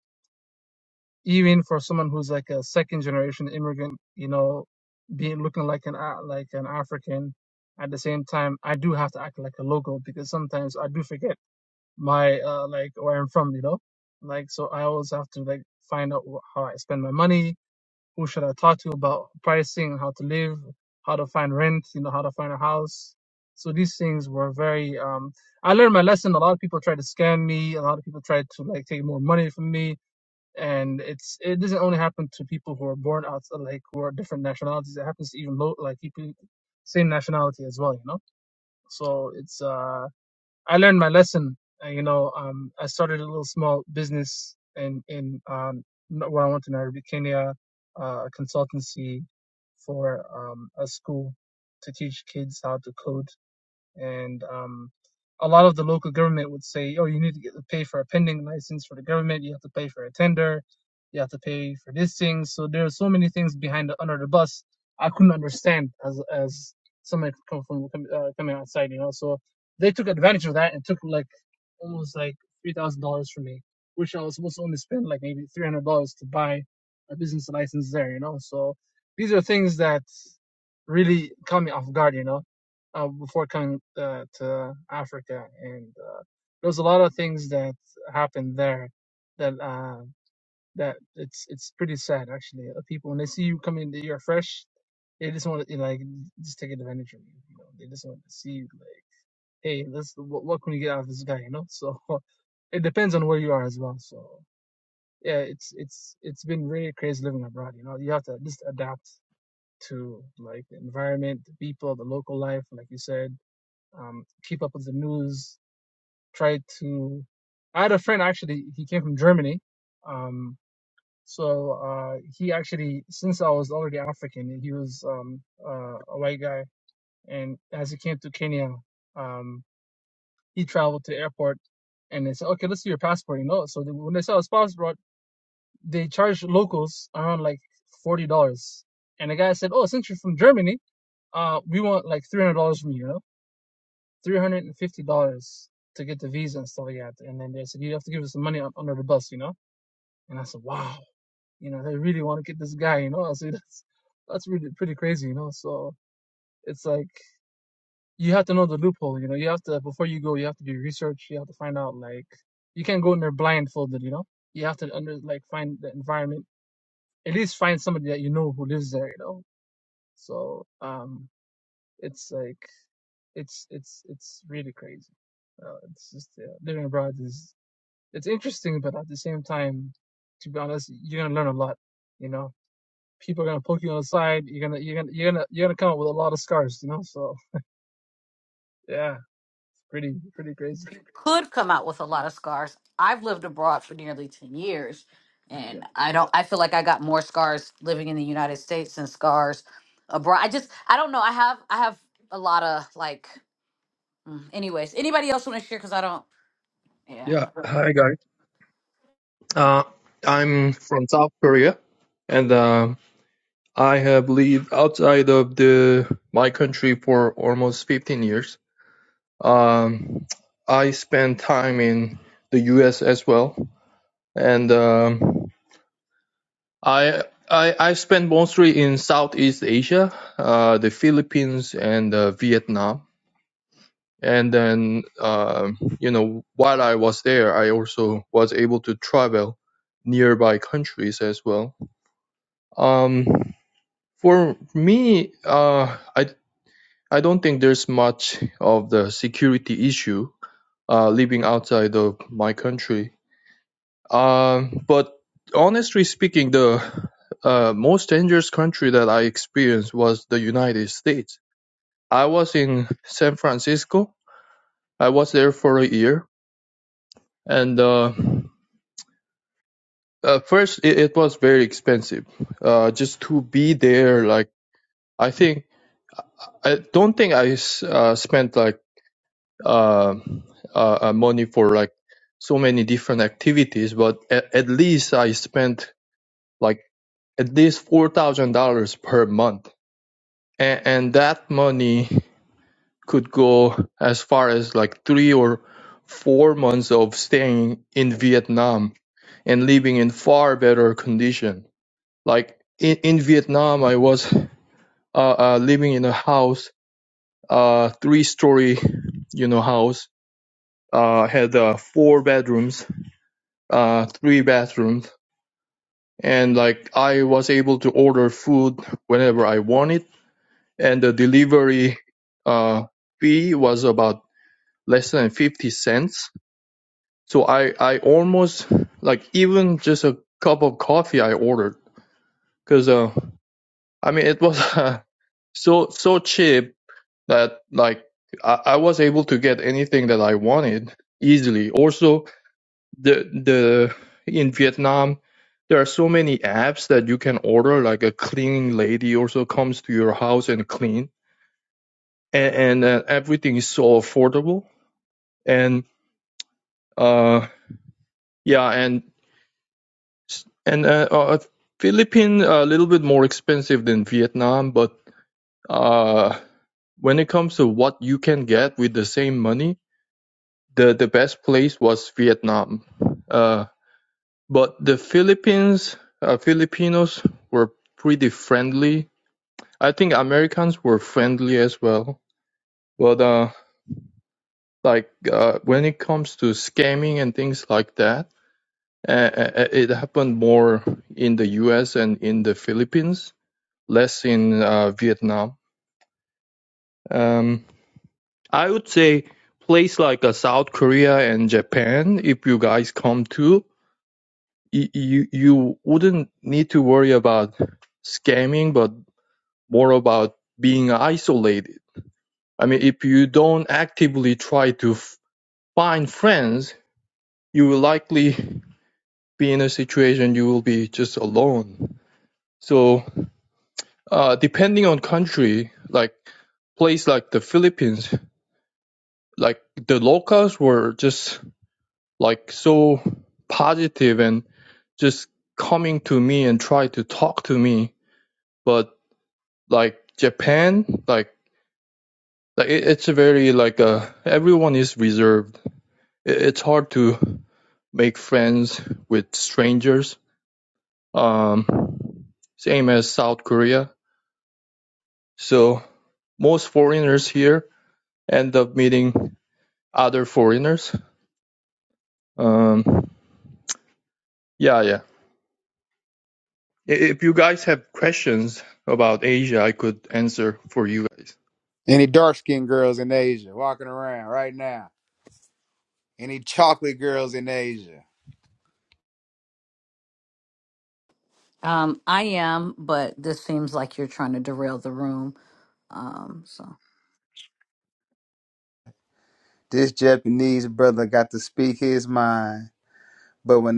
Speaker 7: even for someone who's like a second generation immigrant you know being looking like an Af- like an african at the same time i do have to act like a local because sometimes i do forget my uh like where i'm from you know like so i always have to like find out wh- how i spend my money who should I talk to about pricing, how to live, how to find rent, you know, how to find a house. So these things were very. Um, I learned my lesson. A lot of people tried to scam me. A lot of people tried to like take more money from me, and it's it doesn't only happen to people who are born out like who are different nationalities. It happens to even low, like people same nationality as well. You know, so it's uh I learned my lesson. uh, You know, um, I started a little small business in in um, n- when I went to Nairobi, Kenya, uh, a consultancy for um, a school to teach kids how to code and um, a lot of the local government would say, "Oh, you need to get to pay for a pending license for the government. You have to pay for a tender. You have to pay for this thing." So there are so many things behind the under the bus. I couldn't understand as as somebody come from uh, coming outside, you know. So they took advantage of that and took like almost like three thousand dollars for me, which I was supposed to only spend like maybe three hundred dollars to buy a business license there, you know. So these are things that really caught me off guard, you know, uh, before coming uh, to Africa, and uh, there was a lot of things that happened there that uh, that it's it's pretty sad actually. Uh, People when they see you coming, you're fresh. They just want to like just take advantage of you. You know, they just want to see you. like hey, this what, what can we get out of this guy? You know, so it depends on where you are as well. So yeah, it's it's it's been really crazy living abroad. You know, you have to at least adapt to like the environment, the people, the local life, like you said. Um, keep up with the news. Try to. I had a friend actually. He came from Germany. Um, so uh, he actually, since I was already African, he was um, uh, a white guy, and as he came to Kenya. Um, he traveled to the airport and they said, okay, let's see your passport You know, So they, when they saw his passport, they charged locals around like $40. And the guy said, oh, since you're from Germany, uh, we want like $300 from you, you know, $350 to get the visa and stuff like that. And then they said, you have to give us some money un- under the bus, you know? And I said, wow, you know, they really want to get this guy, you know? I said, that's, that's really pretty crazy, you know? So it's like, you have to know the loophole. You know, you have to before you go, you have to do research. You have to find out like you can't go in there blindfolded. You know, you have to under like find the environment. At least find somebody that you know who lives there. You know, so um, it's like it's it's it's really crazy. Uh, it's just yeah, living abroad is it's interesting, but at the same time, to be honest, you're gonna learn a lot. You know, people are gonna poke you on the side. You're gonna you're gonna you're gonna you're gonna come up with a lot of scars. You know, so yeah, it's pretty pretty crazy.
Speaker 1: could come out with a lot of scars. I've lived abroad for nearly 10 years
Speaker 7: Yeah.
Speaker 1: and I don't I feel like I got more scars living in the United States than scars abroad. I just I don't know. I have I have a lot of like mm, anyways. Anybody else want to share cuz I don't yeah.
Speaker 8: Yeah, hi guys. Uh, I'm from South Korea, and um I have lived outside of the my country for almost 15 years. Um, I spent time in the U.S. as well, and um, I I I spent mostly in Southeast Asia, uh, the Philippines and uh, Vietnam. And then, um, you know, while I was there, I also was able to travel nearby countries as well Um, for me, uh, I I don't think there's much of the security issue uh, living outside of my country. Um, but honestly speaking, the uh, most dangerous country that I experienced was the United States. I was in San Francisco. I was there for a year, and uh, uh, first it, it was very expensive. Uh, just to be there, like I think I don't think I s- uh, spent like uh, uh, uh, money for like so many different activities, but at, at least I spent like at least four thousand dollars per month, and, and that money could go as far as like three or four months of staying in Vietnam and living in far better condition. Like in, in Vietnam, I was uh, uh, living in a house, uh, three story, you know, house, uh, had uh, four bedrooms uh, three bathrooms, and like I was able to order food whenever I wanted, and the delivery uh, fee was about less than fifty cents. So I I almost like even just a cup of coffee I ordered because uh, I mean it was uh, so so cheap that like I, I was able to get anything that I wanted easily. Also, the the in Vietnam there are so many apps that you can order like a cleaning lady also comes to your house and clean and, and uh, everything is so affordable and uh yeah and and uh, uh uh, Philippine uh, a little bit more expensive than Vietnam but uh when it comes to what you can get with the same money the the best place was Vietnam uh. But the Philippines, uh, Filipinos were pretty friendly. I think Americans were friendly as well. But uh, like uh, when it comes to scamming and things like that, uh, uh, it happened more in the U.S. and in the Philippines, less in uh, Vietnam. Um, I would say place like uh, South Korea and Japan, if you guys come to, y- you you wouldn't need to worry about scamming, but more about being isolated. I mean, if you don't actively try to f- find friends, you will likely be in a situation you will be just alone. So, uh, depending on country, like place like the Philippines, like the locals were just like so positive and just coming to me and try to talk to me. But like Japan, like like it, it's a very like uh everyone is reserved it's hard to make friends with strangers, um, same as South Korea. So most foreigners here end up meeting other foreigners. Um, yeah, yeah. If you guys have questions about Asia, I could answer for you guys.
Speaker 9: Any dark skinned girls in Asia walking around right now? Any chocolate girls in Asia?
Speaker 1: Um I am, but this seems like you're trying to derail the room. Um so
Speaker 9: This Japanese brother got to speak his mind. But when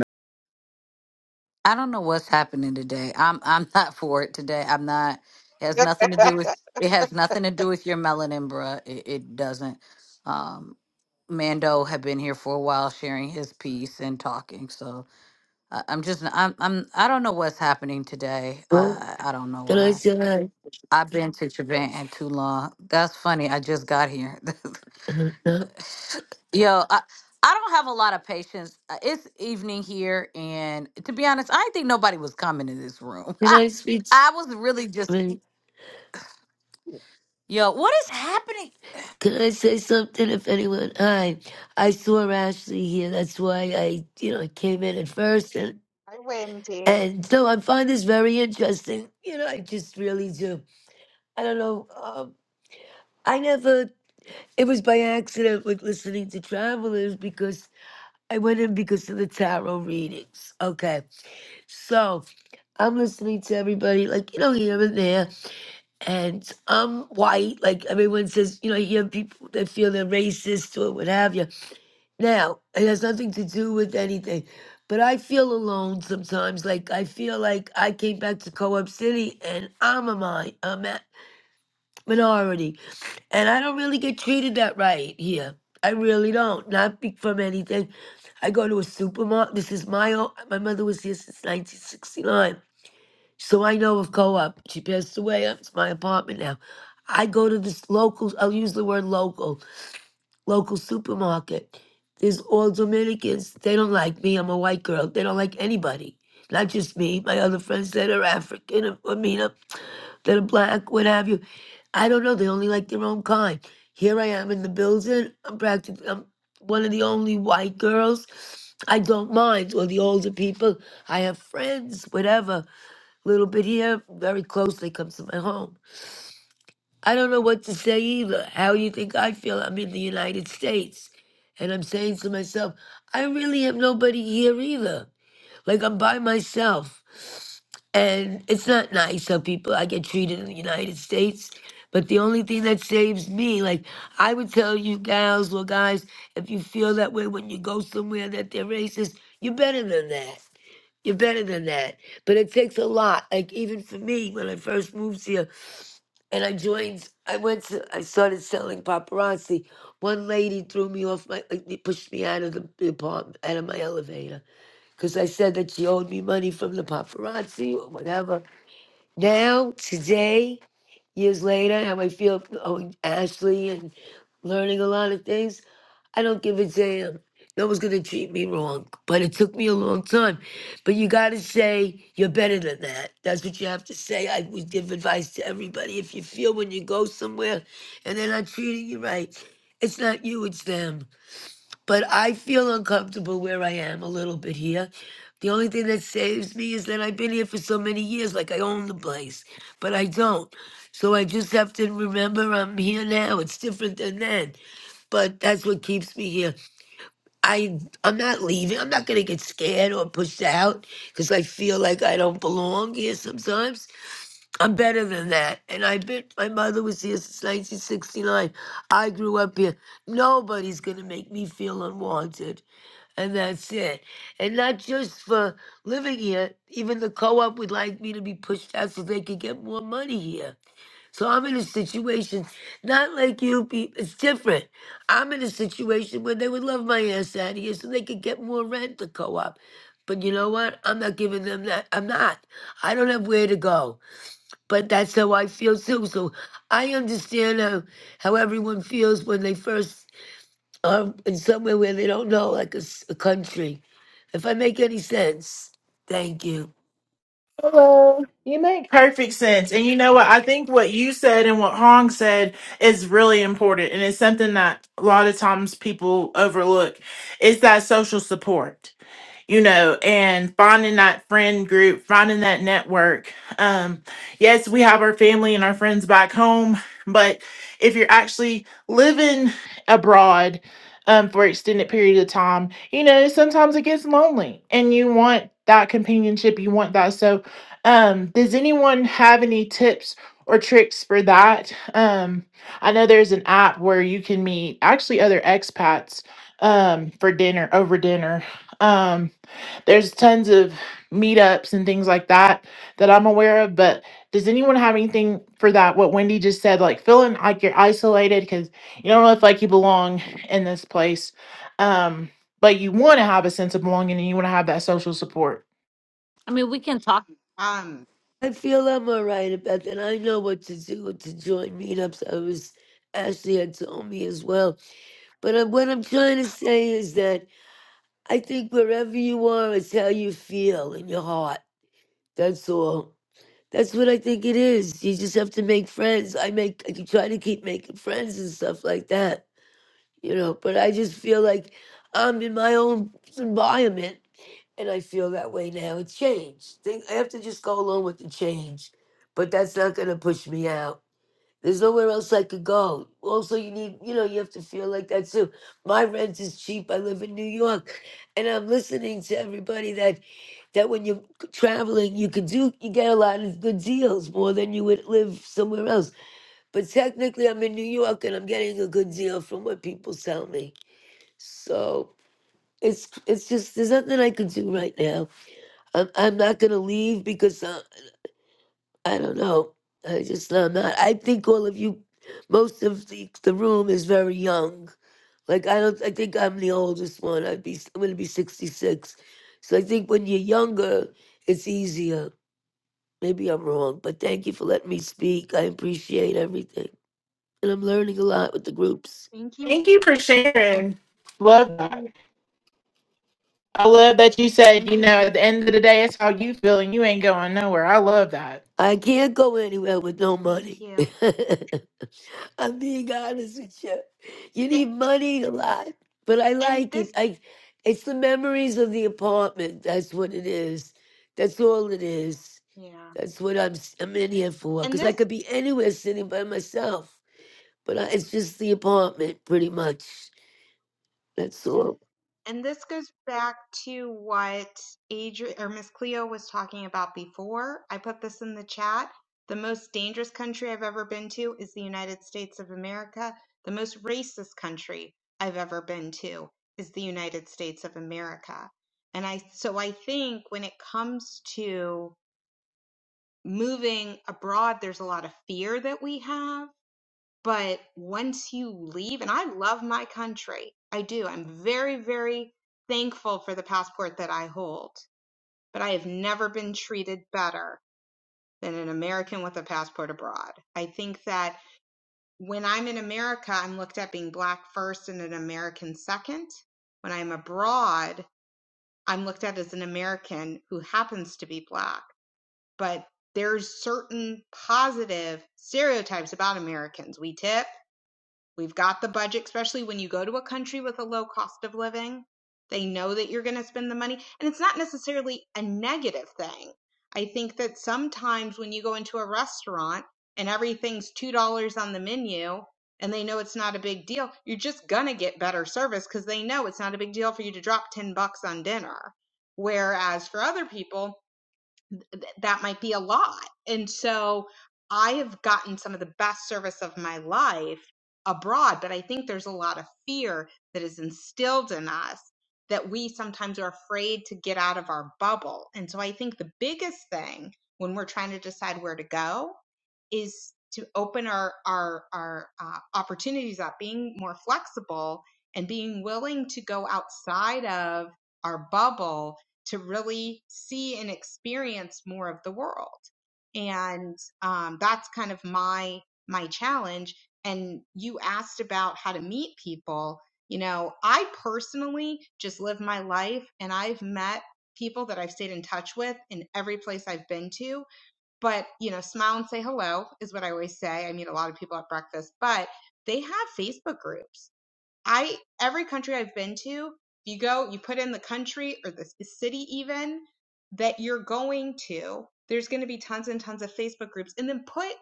Speaker 1: I don't know what's happening today. I'm I'm not for it today. I'm not. It has nothing to do with. It has nothing to do with your melanin, bruh. It, it doesn't. Um, Mando had been here for a while, sharing his piece and talking. So I, I'm just. I'm. I'm. I don't know what's happening today.
Speaker 10: Well,
Speaker 1: I I don't know
Speaker 10: can I
Speaker 1: why.
Speaker 10: say hi?
Speaker 1: I've been to Japan too long. That's funny. I just got here.
Speaker 10: Uh, no.
Speaker 1: Yo, I, I don't have a lot of patience. Uh, It's evening here, and to be honest, I didn't think nobody was coming in this room.
Speaker 10: Can I speak?
Speaker 1: I was really
Speaker 10: I
Speaker 1: just,
Speaker 10: mean,
Speaker 1: yo, what is happening?
Speaker 10: can I say something? If anyone, hi, I saw Ashley here. That's why I, you know, I came in at first, and
Speaker 3: I win, Dee.
Speaker 10: and so I find this very interesting. You know, I just really do. I don't know. Um, I never. It was by accident with listening to travelers because I went in because of the tarot readings. Okay, so I'm listening to everybody, like you know, here and there and I'm white. Like everyone says, you know, you have people that feel they're racist or what have you. Now, it has nothing to do with anything, but I feel alone sometimes. Like I feel like I came back to Co-op City and I'm a mi- a minority, and I don't really get treated that right here. I really don't. Not be- from anything. I go to a supermarket. This is my own. My mother was here since 1969. So I know of co-op. She passed away. It's my apartment now. I go to this local. I'll use the word local. Local supermarket. There's all Dominicans. They don't like me. I'm a white girl. They don't like anybody. Not just me. My other friends that are African. or, I mean, that are black, what have you. I don't know. They only like their own kind. Here I am in the building. I'm practically I'm one of the only white girls. I don't mind. Or the older people. I have friends, whatever. Little bit here, very close. They come to my home. I don't know what to say either. How you think I feel? I'm in the United States. And I'm saying to myself, I really have nobody here either. Like I'm by myself. And it's not nice how people I get treated in the United States. But the only thing that saves me, like I would tell you gals or guys, if you feel that way when you go somewhere that they're racist, you're better than that. You're better than that. But it takes a lot. Like even for me, when I first moved here and I joined I went to I started selling paparazzi. One lady threw me off my like, pushed me out of the the apartment out of my elevator because I said that she owed me money from the paparazzi or whatever now, today, years later, how I feel from owing Ashley and learning a lot of things, I don't give a damn. No one's gonna treat me wrong, but it took me a long time. But you gotta say you're better than that. That's what you have to say. I would give advice to everybody. If you feel when you go somewhere and they're not treating you right, it's not you, it's them but I feel uncomfortable where I am a little bit here. The only thing that saves me is that I've been here for so many years, like I own the place, but I don't. So I just have to remember I'm here now. It's different than then, but that's what keeps me here. I I'm not leaving. I'm not gonna get scared or pushed out because I feel like I don't belong here. Sometimes I'm better than that, and I bet my mother was here since 1969. I grew up here. Nobody's gonna make me feel unwanted and that's it. And not just for living here, even the co op would like me to be pushed out so they could get more money here. So I'm in a situation, not like you, pe- it's different. I'm in a situation where they would love my ass out of here so they could get more rent, the co op. But you know what? I'm not giving them that. I'm not. I don't have where to go. But that's how I feel too. So I understand how, how everyone feels when they first or in somewhere where they don't know, like a, s- a country. If I make any sense, thank you.
Speaker 6: Hello. You make perfect sense. And you know what? I think what you said and what Hong said is really important. And it's something that a lot of times people overlook. It's that social support you know, and finding that friend group, finding that network. Um, yes, we have our family and our friends back home, but if you're actually living abroad um, for extended period of time, you know, sometimes it gets lonely and you want that companionship, you want that. So, um, does anyone have any tips or tricks for that? Um, I know there's an app where you can meet actually other expats um, for dinner over dinner. Um, there's tons of meetups and things like that that I'm aware of. But does anyone have anything for that? What Wendy just said, like feeling like you're isolated because you don't know if like you belong in this place, um, but you want to have a sense of belonging and you want to have that social support.
Speaker 1: I mean, we can talk.
Speaker 3: Um,
Speaker 10: I feel I'm all right about that. I know what to do to join meetups. I was Ashley had told me as well. But I, what I'm trying to say is that I think wherever you are, it's how you feel in your heart. That's all. That's what I think it is. You just have to make friends. I make. I try to keep making friends and stuff like that you know, but I just feel like I'm in my own environment and I feel that way now. It's changed. Think I have to just go along with the change. But that's not gonna push me out. There's nowhere else I could go. Also, you need, you know, you have to feel like that too. My rent is cheap. I live in New York, and I'm listening to everybody that that when you're traveling, you could do, you get a lot of good deals more than you would live somewhere else. But technically, I'm in New York, and I'm getting a good deal from what people tell me. So it's it's just there's nothing I can do right now. I'm I'm not gonna leave because uh, I don't know. I just I'm not. I think all of you, most of the the room is very young. Like I don't. I think I'm the oldest one. I'd be I'm gonna be 66. So I think when you're younger, it's easier. Maybe I'm wrong, but thank you for letting me speak. I appreciate everything, and I'm learning a lot with the groups.
Speaker 3: thank you.
Speaker 6: Thank you for sharing. Love that. I love that you said, you
Speaker 3: Thank you,
Speaker 6: know, at the end of the
Speaker 3: Wendy.
Speaker 6: day, it's how you feel and you ain't going nowhere. I love that.
Speaker 10: I can't go anywhere with no
Speaker 3: Thank
Speaker 10: money.
Speaker 3: you.
Speaker 10: I'm being honest with you. You need
Speaker 3: A-
Speaker 10: money a lot, but I
Speaker 3: And
Speaker 10: like
Speaker 3: this,
Speaker 10: it. I, it's the memories of the apartment. That's what it is. That's all it is.
Speaker 3: yeah,
Speaker 10: That's what I'm s- I'm in here for.
Speaker 3: and
Speaker 10: Because I
Speaker 3: this,
Speaker 10: could be anywhere sitting by myself, but I, it's just the apartment, pretty much. That's all.
Speaker 3: and this goes back to what Adri or Miss Cleo was talking about before. I put this in the chat. The most dangerous country I've ever been to is the United States of America. The most racist country I've ever been to is the United States of America. And I, so I think when it comes to moving abroad, there's a lot of fear that we have But once you leave, and I love my country, I do. I'm very, very thankful for the passport that I hold, but I have never been treated better than an American with a passport abroad. I think that when I'm in America, I'm looked at being black first and an American second. When I'm abroad, I'm looked at as an American who happens to be black, but there's certain positive stereotypes about Americans. We tip, We've got the budget, especially when you go to a country with a low cost of living. They know that you're going to spend the money. And it's not necessarily a negative thing. I think that sometimes when you go into a restaurant and everything's $2 on the menu and they know it's not a big deal, you're just going to get better service because they know it's not a big deal for you to drop 10 bucks on dinner. Whereas for other people, th- that might be a lot. And so I have gotten some of the best service of my life abroad, but I think there's a lot of fear that is instilled in us that we sometimes are afraid to get out of our bubble. And so I think the biggest thing when we're trying to decide where to go is to open our our our uh, opportunities up, being more flexible and being willing to go outside of our bubble to really see and experience more of the world. And um, that's kind of my my challenge. And you asked about how to meet people. You know, I personally just live my life, and I've met people that I've stayed in touch with in every place I've been to. But you know, smile and say hello is what I always say. I meet a lot of people at breakfast, but they have Facebook groups I every country I've been to, you go, you put in the country or the city even that you're going to. There's going to be tons and tons of Facebook groups, and then put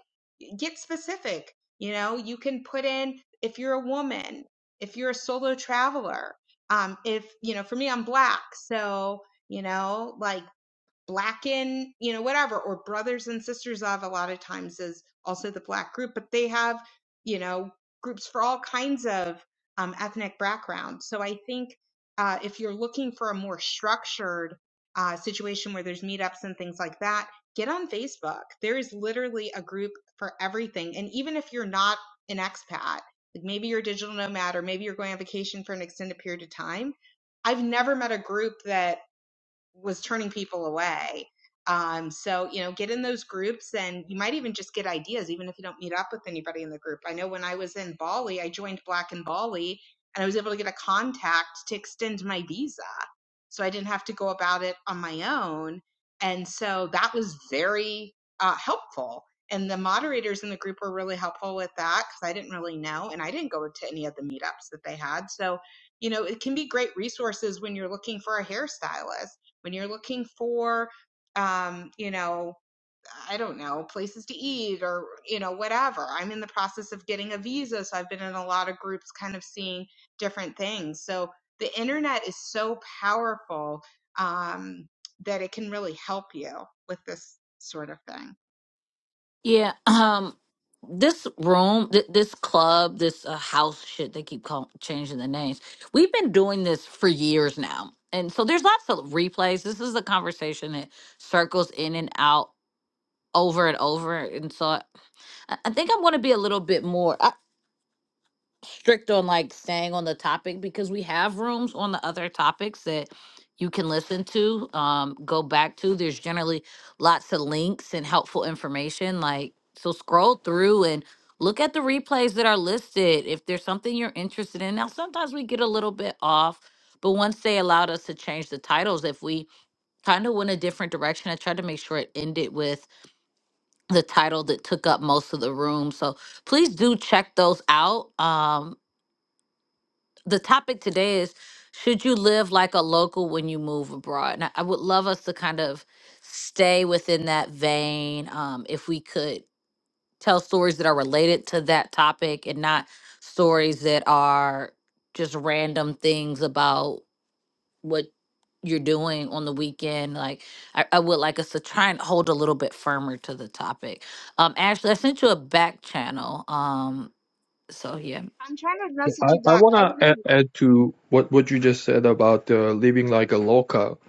Speaker 3: get specific. You know, you can put in if you're a woman, if you're a solo traveler, um, if you know, for me, I'm black, so you know, like blacken you know whatever or brothers and sisters of a lot of times is also the black group but they have you know groups for all kinds of um, ethnic backgrounds so i think uh, if you're looking for a more structured uh, situation where there's meetups and things like that get on facebook there is literally a group for everything and even if you're not an expat like maybe you're a digital nomad or maybe you're going on vacation for an extended period of time i've never met a group that was turning people away. Um, so you know, get in those groups, and you might even just get ideas, even if you don't meet up with anybody in the group. I know when I was in Bali, I joined Black in Bali, and I was able to get a contact to extend my visa, so I didn't have to go about it on my own. And so that was very uh, helpful. And the moderators in the group were really helpful with that because I didn't really know, and I didn't go to any of the meetups that they had. So you know, it can be great resources when you're looking for a hairstylist when you're looking for um, you know i don't know places to eat or you know whatever i'm in the process of getting a visa so i've been in a lot of groups kind of seeing different things so the internet is so powerful um, that it can really help you with this sort of thing
Speaker 1: Yeah, um, this room, th- this club, this uh, house shit, they keep call- changing the names. We've been doing this for years now. And so there's lots of replays. This is a conversation that circles in and out over and over. And so I, I think I'm going to be a little bit more. strict on like staying on the topic because we have rooms on the other topics that you can listen to um go back to there's generally lots of links and helpful information like so scroll through and look at the replays that are listed if there's something you're interested in now sometimes we get a little bit off but once they allowed us to change the titles if we kind of went a different direction i tried to make sure it ended with the title that took up most of the room so please do check those out. Um, the topic today is should you live like a local when you move abroad and i, I would love us to kind of stay within that vein um, if we could tell stories that are related to that topic and not stories that are just random things about what you're doing on the weekend like i, I would like us to try and hold a little bit firmer to the topic um ashley i sent you a back channel um so yeah
Speaker 3: i'm trying to message
Speaker 8: I,
Speaker 3: you
Speaker 8: I
Speaker 3: back
Speaker 8: want
Speaker 3: i
Speaker 8: to
Speaker 3: didn't even
Speaker 8: add add to what, what you just said about uh, living like a local.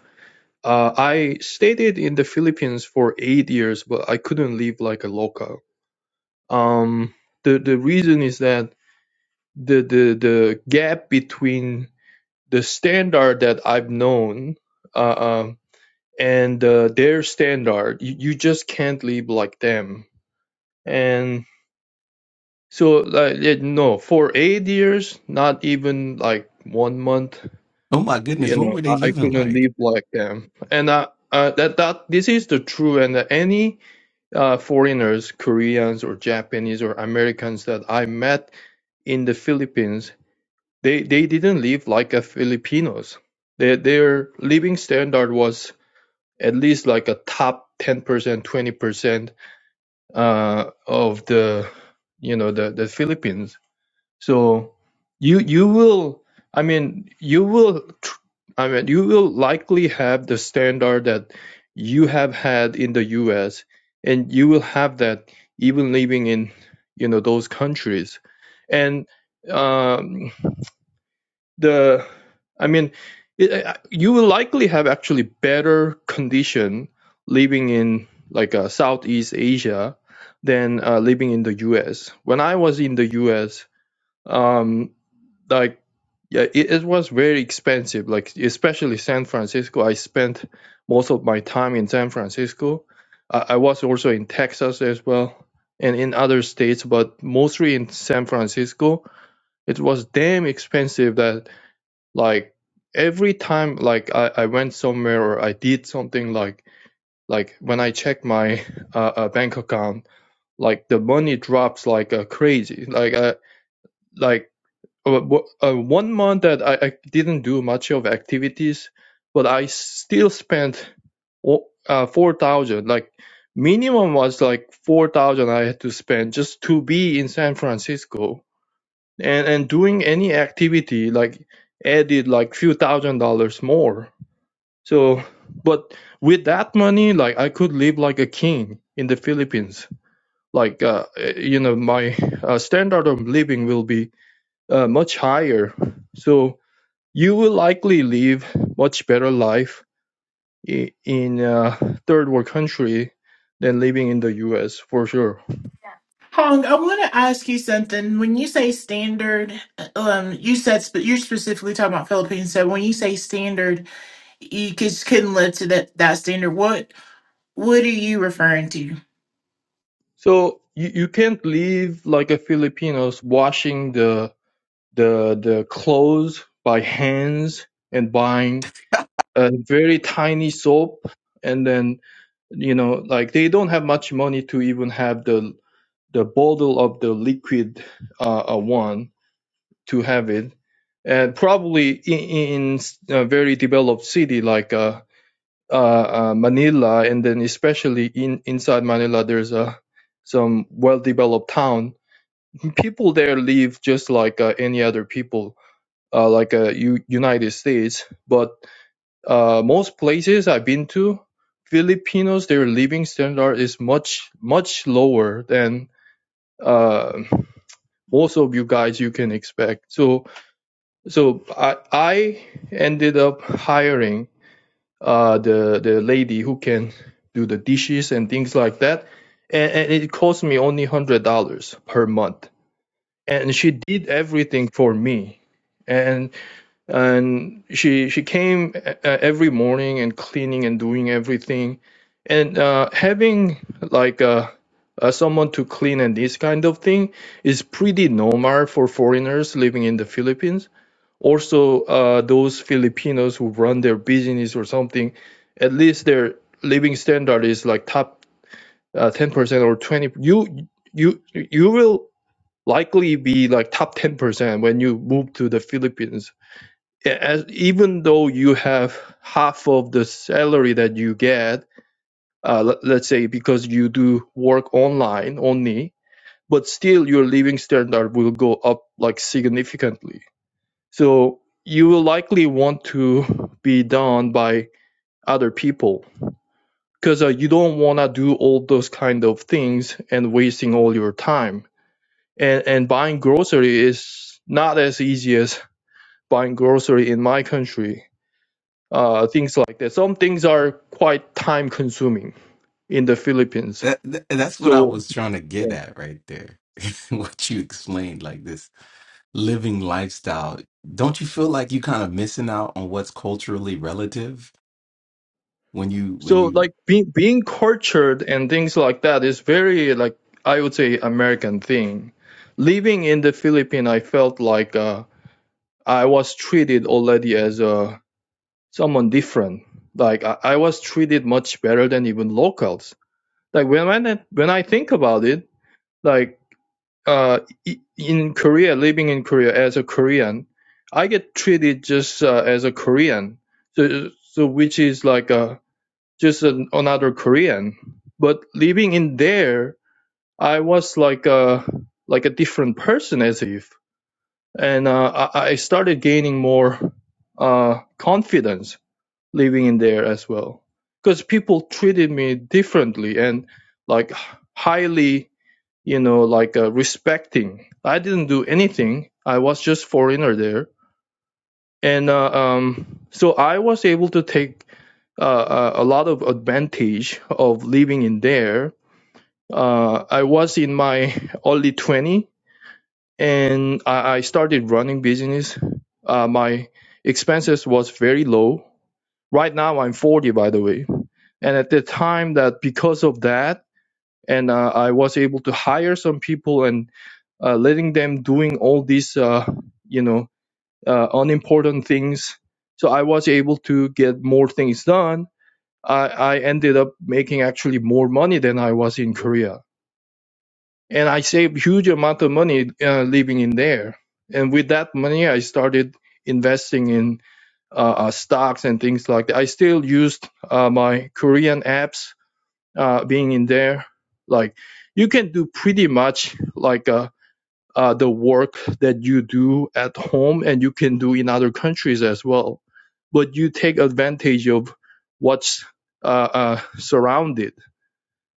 Speaker 8: Uh, I stayed in the Philippines for eight years, but I couldn't live like a local. Um, the the reason is that the the the gap between the standard that I've known uh, um, and uh, their standard, you, you just can't live like them. And so, like, yeah, no, for eight years, not even like one month,
Speaker 5: Oh my goodness,
Speaker 8: you
Speaker 5: what
Speaker 8: know,
Speaker 5: were they
Speaker 8: I, I
Speaker 5: living
Speaker 8: couldn't
Speaker 5: like?
Speaker 8: live like them. And I, uh, that that this is the true. And any uh, foreigners, Koreans or Japanese or Americans that I met in the Philippines They they didn't live like a Filipinos. Their their living standard was at least like a top 10%, 20% uh, of the you know the, the Philippines. So you you will I mean you will tr- I mean you will likely have the standard that you have had in the US and you will have that even living in you know those countries and um, the i mean it, you will likely have actually better condition living in like uh, southeast asia than uh, living in the us when i was in the us um like yeah it, it was very expensive like especially san francisco i spent most of my time in san francisco i, I was also in texas as well and in other states but mostly in san francisco it was damn expensive that like every time like I, I went somewhere or I did something like like when I check my uh, uh, bank account, like the money drops like uh, crazy. Like uh, like uh, uh, one month that I, I didn't do much of activities, but I still spent uh, four thousand. Like minimum was like four thousand I had to spend just to be in San Francisco and and doing any activity like added like few thousand dollars more so, but with that money, like I could live like a king in the Philippines. Like, uh, you know, my uh, standard of living will be uh, much higher. So you will likely live much better life i- in a third world country than living in the U.S. for sure.
Speaker 6: Hong, I want to ask you something. When you say standard, um, you said sp- you're specifically talking about Philippines. So when you say standard, you just couldn't live to that that standard. What what are you referring to?
Speaker 8: So you, you can't live like a Filipinos washing the the the clothes by hands and buying a very tiny soap and then you know like they don't have much money to even have the the bottle of the liquid uh, uh, one to have it and probably in, in a very developed city like uh, uh, uh, Manila and then especially in inside Manila there's a some well developed town people there live just like uh, any other people uh, like uh, U- United States but uh, most places I've been to, Filipinos, their living standard is much, much lower than uh, most of you guys you can expect. So, so I, I ended up hiring uh, the the lady who can do the dishes and things like that, and, and it cost me only one hundred dollars per month, and she did everything for me, and and she she came uh, every morning and cleaning and doing everything and uh, having like uh, uh, someone to clean and this kind of thing is pretty normal for foreigners living in the Philippines. Also, uh, those Filipinos who run their business or something, at least their living standard is like top uh, 10% or 20. You you you will likely be like top 10% when you move to the Philippines yeah, as even though you have half of the salary that you get, uh, let, let's say because you do work online only, but still your living standard will go up like significantly. So you will likely want to be done by other people because uh, you don't want to do all those kind of things and wasting all your time. And and buying grocery is not as easy as buying grocery in my country uh, things like that. Some things are quite time consuming in the Philippines.
Speaker 5: That, that that's what I
Speaker 8: So
Speaker 5: was trying to get
Speaker 8: yeah.
Speaker 5: at right there. what you explained, like this living lifestyle. Don't you feel like you kind of missing out on what's culturally relative? when you when
Speaker 8: so
Speaker 5: you
Speaker 8: like being being cultured and things like that is very like I would say American thing. Living in the Philippines, I felt like uh, I was treated already as uh, someone different. Like I, I was treated much better than even locals. Like when I when I think about it, like uh, in Korea, living in Korea as a Korean, I get treated just uh, as a Korean, so, so which is like a just an, another Korean. But living in there, I was like a like a different person as if, and uh, I, I started gaining more uh, confidence living in there as well, because people treated me differently and like highly you know, like uh, respecting. I didn't do anything. I was just foreigner there, and uh, um, so I was able to take uh, uh, a lot of advantage of living in there. Uh, I was in my early twenty, and I, I started running business. Uh, my expenses was very low. Right now, I'm forty, by the way, and at the time that because of that. and uh, I was able to hire some people and uh, letting them doing all these uh, you know uh, unimportant things. So I was able to get more things done. I, I ended up making actually more money than I was in Korea, and I saved huge amount of money uh, living in there. And with that money, I started investing in uh, uh, stocks and things like that. I still used uh, my Korean apps uh, being in there. Like you can do pretty much like uh, uh, the work that you do at home and you can do in other countries as well. But you take advantage of what's uh, uh, surrounded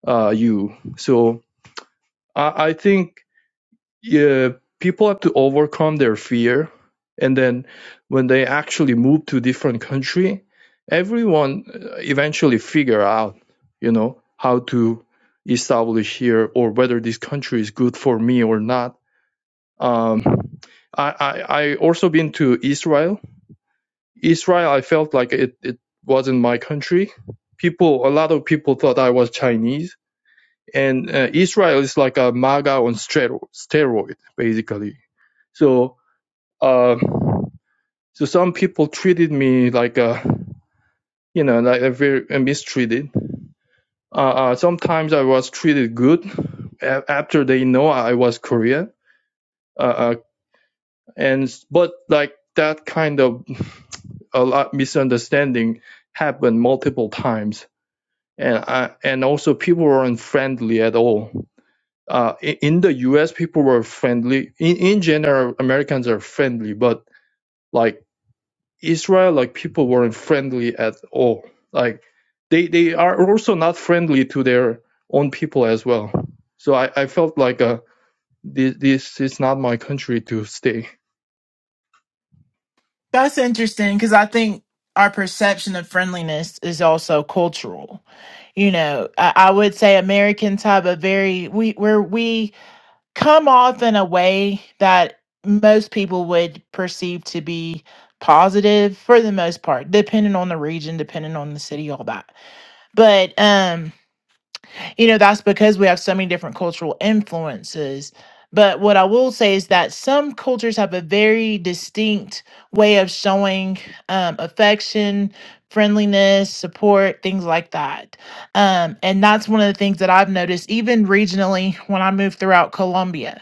Speaker 8: uh, you. So I, I think yeah people have to overcome their fear and then when they actually move to different country everyone uh, eventually figure out you know how to establish here or whether this country is good for me or not um i i, I also been to israel israel i felt like it, it wasn't my country people a lot of people thought i was chinese and uh, Israel is like a MAGA on steroid, steroid basically. So, uh, so some people treated me like a, you know, like a very uh, mistreated. Uh, uh, sometimes I was treated good after they know I was Korean. Uh, uh, and but like that kind of a lot misunderstanding happened multiple times, and I, and also people weren't friendly at all uh, i- in the U.S., people were friendly. In, in general, Americans are friendly, but like Israel, like people weren't friendly at all. Like they they are also not friendly to their own people as well. So I, I felt like uh, this this is not my country to stay.
Speaker 6: That's interesting because I think our perception of friendliness is also cultural. You know, I, I would say Americans have a very we where we come off in a way that most people would perceive to be positive for the most part depending on the region depending on the city all that but um you know that's because we have so many different cultural influences but what i will say is that some cultures have a very distinct way of showing um, affection friendliness support things like that um, and that's one of the things that i've noticed even regionally when i moved throughout colombia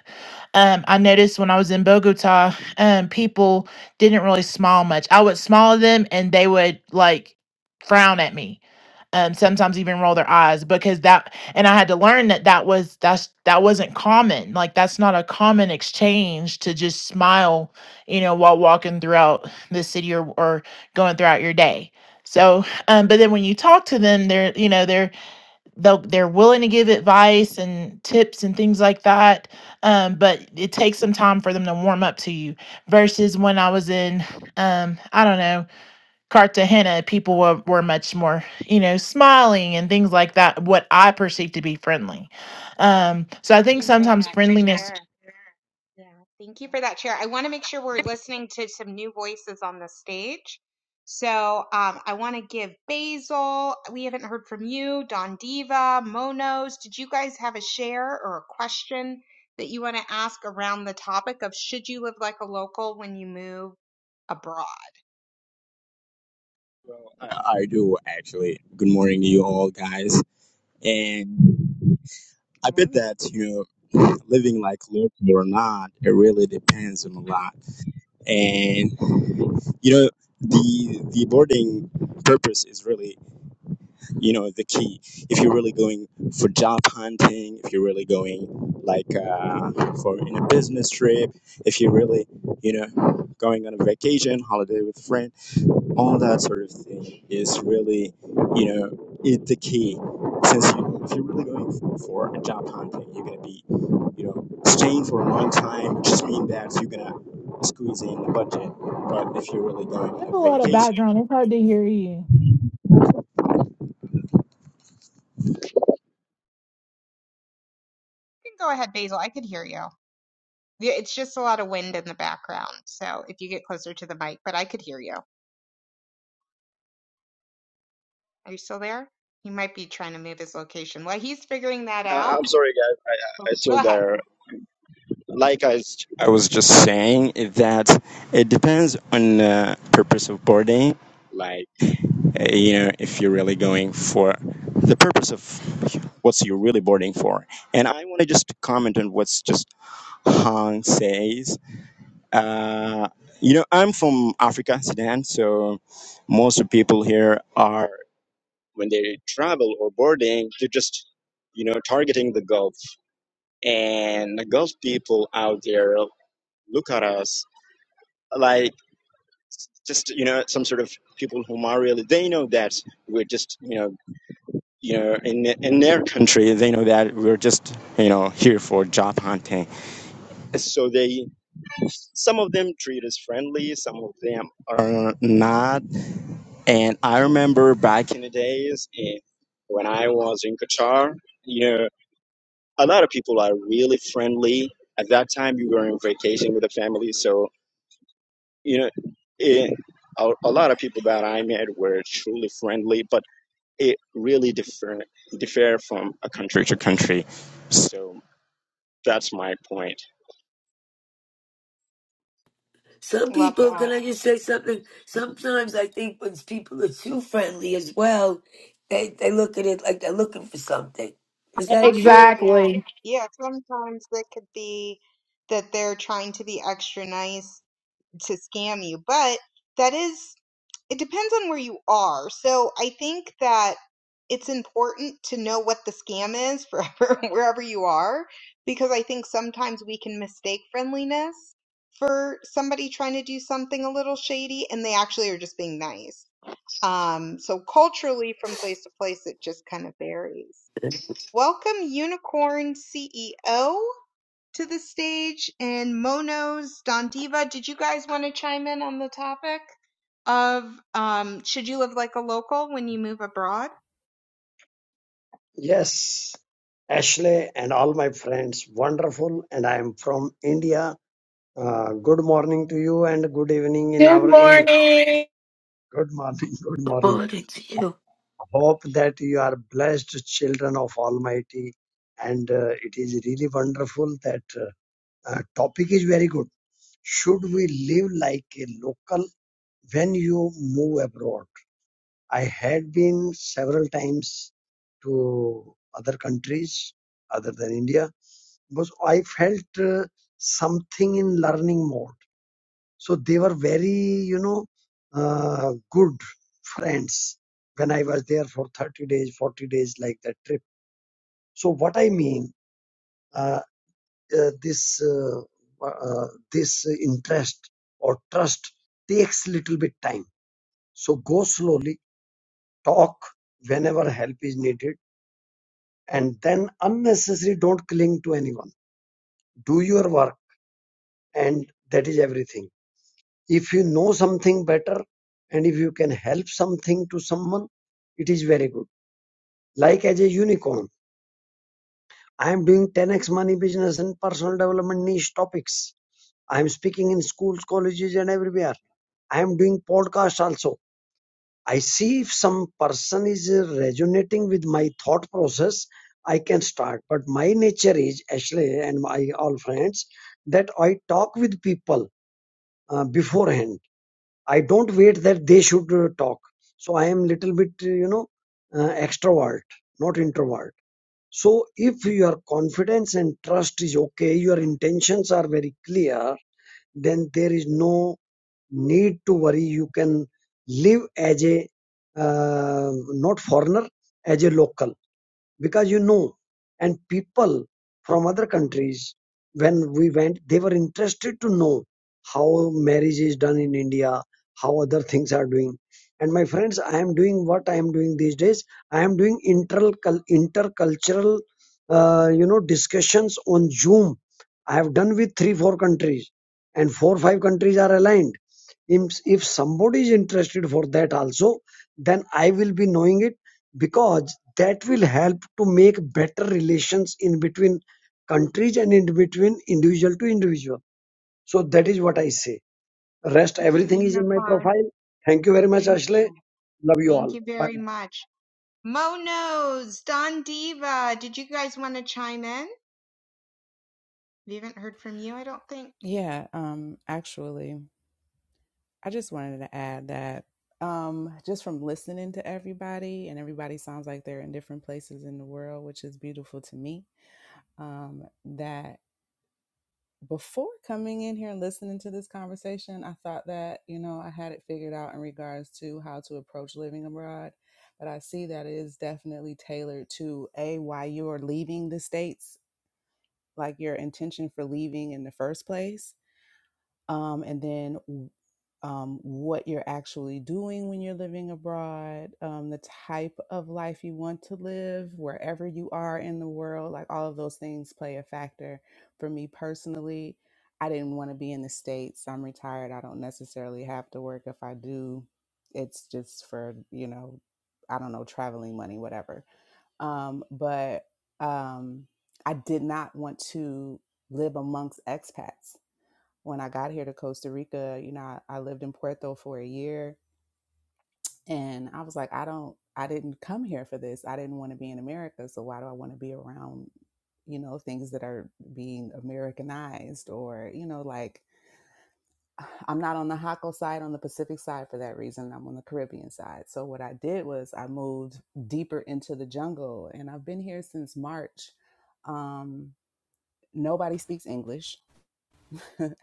Speaker 6: um, I noticed when I was in Bogota, um, people didn't really smile much. I would smile at them and they would like frown at me. Um, sometimes even roll their eyes because that, and I had to learn that that was that's that wasn't common. Like that's not a common exchange to just smile, you know, while walking throughout the city or or going throughout your day. So, um, but then when you talk to them, they're you know they're they'll, they're willing to give advice and tips and things like that um, but it takes some time for them to warm up to you versus when i was in um, i don't know cartagena people were, were much more you know smiling and things like that what i perceive to be friendly um, so i
Speaker 3: see
Speaker 6: think
Speaker 3: you for
Speaker 6: sometimes
Speaker 3: that
Speaker 6: friendliness
Speaker 3: share. Yeah, thank you for that share. I want to make sure we're listening to some new voices on the stage. So um, I want to give Basil, we haven't heard from you, Don Diva, Monos. Did you guys have a share or a question that you want to ask around the topic of should you live like a local when you move abroad?
Speaker 11: I I do actually. Good morning to you all, guys. And
Speaker 3: Good
Speaker 11: I bet
Speaker 3: morning.
Speaker 11: that you know, living like local or not, it really depends on a lot. And you know, the the boarding purpose is really you know the key. If you're really going for job hunting, if you're really going like uh, for in a business trip, if you're really you know going on a vacation, holiday with friends all that sort of thing is really, you know, it, the key. Since you, if you're really going for a job hunting, you're going to be, you know, staying for a long time, which just means that you're going to squeeze in the budget. But if you're really going
Speaker 6: you
Speaker 11: on a
Speaker 6: have a lot of
Speaker 11: vacation,
Speaker 6: background it's hard to hear you
Speaker 3: You can go ahead, Basil. I could hear you. Yeah, It's just a lot of wind in the background. So if you get closer to the mic, but I could hear you. Are you still there? He might be trying to move his location. Well, he's figuring that
Speaker 11: uh,
Speaker 3: out.
Speaker 11: I'm sorry, guys, I,
Speaker 3: Oh,
Speaker 11: I, I
Speaker 3: Go
Speaker 11: still
Speaker 3: ahead.
Speaker 11: there. Like I, s- I was just saying, that it depends on the purpose of boarding. uh, you know, if you're really going for the purpose of what you're really boarding for. And I want to just comment on what's just Han says. Uh, you know, I'm from Africa, Sudan, so most of people here are, when they travel or boarding, they're just, you know, targeting the Gulf. And the Gulf people out there look at us like just, you know, some sort of people whom are really, they know that we're just, you know, you know, in in their country, they know that we're just you know here for job hunting. So they, some of them treat us friendly, some of them are not. And I remember back in the days eh, when I was in Qatar, you know, a lot of people are really friendly. At that time, you were on vacation with the family, so you know, eh, a, a lot of people that I met were truly friendly. But it really differ differ from a country to country. So that's my point.
Speaker 10: Some
Speaker 3: Love
Speaker 10: people,
Speaker 3: that.
Speaker 10: can I just say something? Sometimes I think when people are too friendly as well, they they look at it like they're looking for something. Is that
Speaker 3: Sometimes,
Speaker 10: true?
Speaker 3: yeah.
Speaker 6: Exactly.
Speaker 3: Yeah, sometimes it could be that they're trying to be extra nice to scam you. But that is, it depends on where you are. So I think that it's important to know what the scam is for wherever you are, because I think sometimes we can mistake friendliness for somebody trying to do something a little shady and they actually are just being nice. Um, so culturally, from place to place, it just kind of varies. Welcome, Unicorn CEO to the stage and Monos, Don Diva. Did you guys want to chime in on the topic of um, should you live like a local when you move abroad?
Speaker 12: Yes, Ashley and all my friends, wonderful. And I am from India. Uh, good morning to you and good evening in our India. Good morning, good
Speaker 10: Good
Speaker 12: morning.
Speaker 10: morning to you.
Speaker 12: Hope that you are blessed children of Almighty. And uh, it is really wonderful that uh, uh, topic is very good. Should we live like a local when you move abroad? I had been several times to other countries other than India was I felt uh, something in learning mode. So they were very, you know, uh, good friends when I was there for 30 days, 40 days, like that trip. So what I mean, uh, uh, this uh, uh, this interest or trust takes little bit time. So go slowly, talk whenever help is needed, and then unnecessary don't cling to anyone. Do your work, and that is everything if you know something better and if you can help something to someone it is very good like as a unicorn i am doing 10x money business and personal development niche topics i am speaking in schools colleges and everywhere i am doing podcast also i see if some person is resonating with my thought process i can start but my nature is actually and my all friends that i talk with people uh, beforehand I don't wait that they should uh, talk. So I am little bit, uh, you know, uh, extrovert, not introvert. So if your confidence and trust is okay, your intentions are very clear, then there is no need to worry. You can live as a uh, not foreigner, as a local because you know and people from other countries when we went they were interested to know how marriage is done in india how other things are doing and my friends i am doing what i am doing these days i am doing inter intercultural uh, you know discussions on zoom i have done with three four countries and four five countries are aligned if, if somebody is interested for that also then i will be knowing it because that will help to make better relations in between countries and in between individual to individual. So that is what I say. Rest
Speaker 3: Thank you,
Speaker 12: everything is in my
Speaker 3: Unicorn.
Speaker 12: profile. Thank you very much,
Speaker 3: Thank
Speaker 12: Ashley.
Speaker 3: you.
Speaker 12: Love you
Speaker 3: Thank
Speaker 12: all.
Speaker 3: you
Speaker 12: Bye.
Speaker 3: very much. Monos, Don Diva, did you guys want to chime in? We haven't heard from you, I don't think.
Speaker 13: Yeah, um, actually, I just wanted to add that um, just from listening to everybody, and everybody sounds like they're in different places in the world, which is beautiful to me. Um, that before coming in here and listening to this conversation, I thought that, you know, I had it figured out in regards to how to approach living abroad. But I see that it is definitely tailored to A, why you are leaving the States, like your intention for leaving in the first place um, and then um, what you're actually doing when you're living abroad, um, the type of life you want to live, wherever you are in the world, like all of those things play a factor. For me personally, I didn't want to be in the States. I'm retired. I don't necessarily have to work. If I do, it's just for, you know, I don't know, traveling money, whatever. Um, but um, I did not want to live amongst expats when I got here to Costa Rica, you know, I, I lived in Puerto for a year and I was like, I don't, I didn't come here for this. I didn't want to be in America. So why do I want to be around, you know, things that are being Americanized or, you know, like I'm not on the Hako side, on the Pacific side for that reason. I'm on the Caribbean side. So what I did was I moved deeper into the jungle and I've been here since March. Um, nobody speaks English.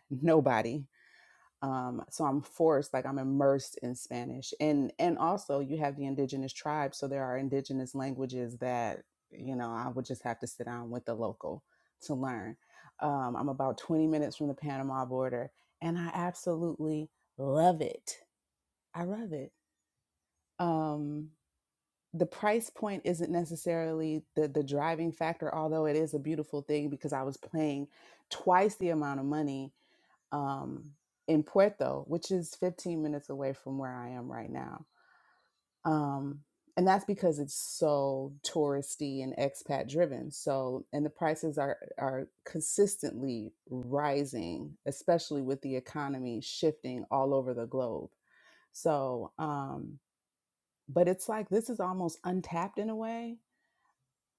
Speaker 13: Nobody. um, so i'm forced like i'm immersed in spanish and and also you have the indigenous tribes so there are indigenous languages that you know i would just have to sit down with the local to learn um, i'm about 20 minutes from the panama border and i absolutely love it i love it um, the price point isn't necessarily the the driving factor although it is a beautiful thing because i was playing twice the amount of money um, in Puerto, which is 15 minutes away from where I am right now. Um, and that's because it's so touristy and expat driven. So, and the prices are are consistently rising, especially with the economy shifting all over the globe. So, um, but it's like this is almost untapped in a way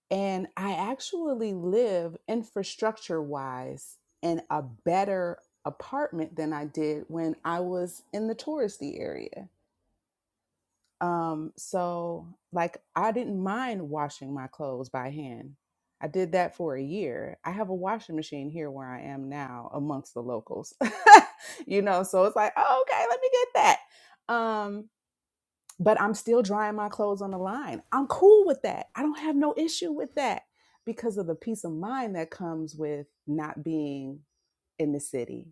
Speaker 13: and I actually live infrastructure wise in a better apartment than I did when I was in the touristy area. Um, so, like, I didn't mind washing my clothes by hand. I did that for a year. I have a washing machine here where I am now amongst the locals, you know, so it's like, oh, okay, let me get that. Um, but I'm still drying my clothes on the line. I'm cool with that. I don't have no issue with that because of the peace of mind that comes with not being in the city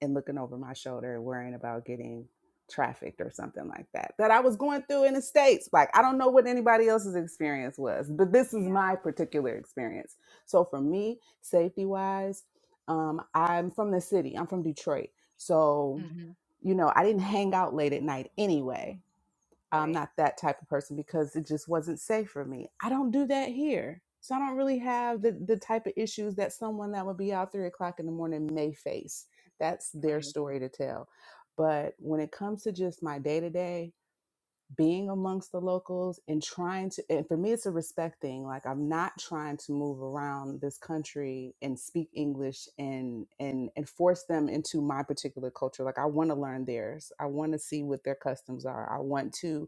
Speaker 13: and looking over my shoulder and worrying about getting trafficked or something like that that I was going through in the states like I don't know what anybody else's experience was but this is
Speaker 3: Yeah.
Speaker 13: my particular experience so for me safety wise um I'm from the city I'm from Detroit so
Speaker 3: hmm
Speaker 13: you know I didn't hang out late at night anyway I'm
Speaker 3: Right.
Speaker 13: not that type of person because it just wasn't safe for me. I don't do that here. So I don't really have the, the type of issues that someone that would be out three o'clock in the morning may face. That's their
Speaker 3: Right.
Speaker 13: story to tell. But when it comes to just my day to day, being amongst the locals and trying to, and for me, it's a respect thing. Like I'm not trying to move around this country and speak English and and and force them into my particular culture. Like I want to learn theirs. I want to see what their customs are. I want to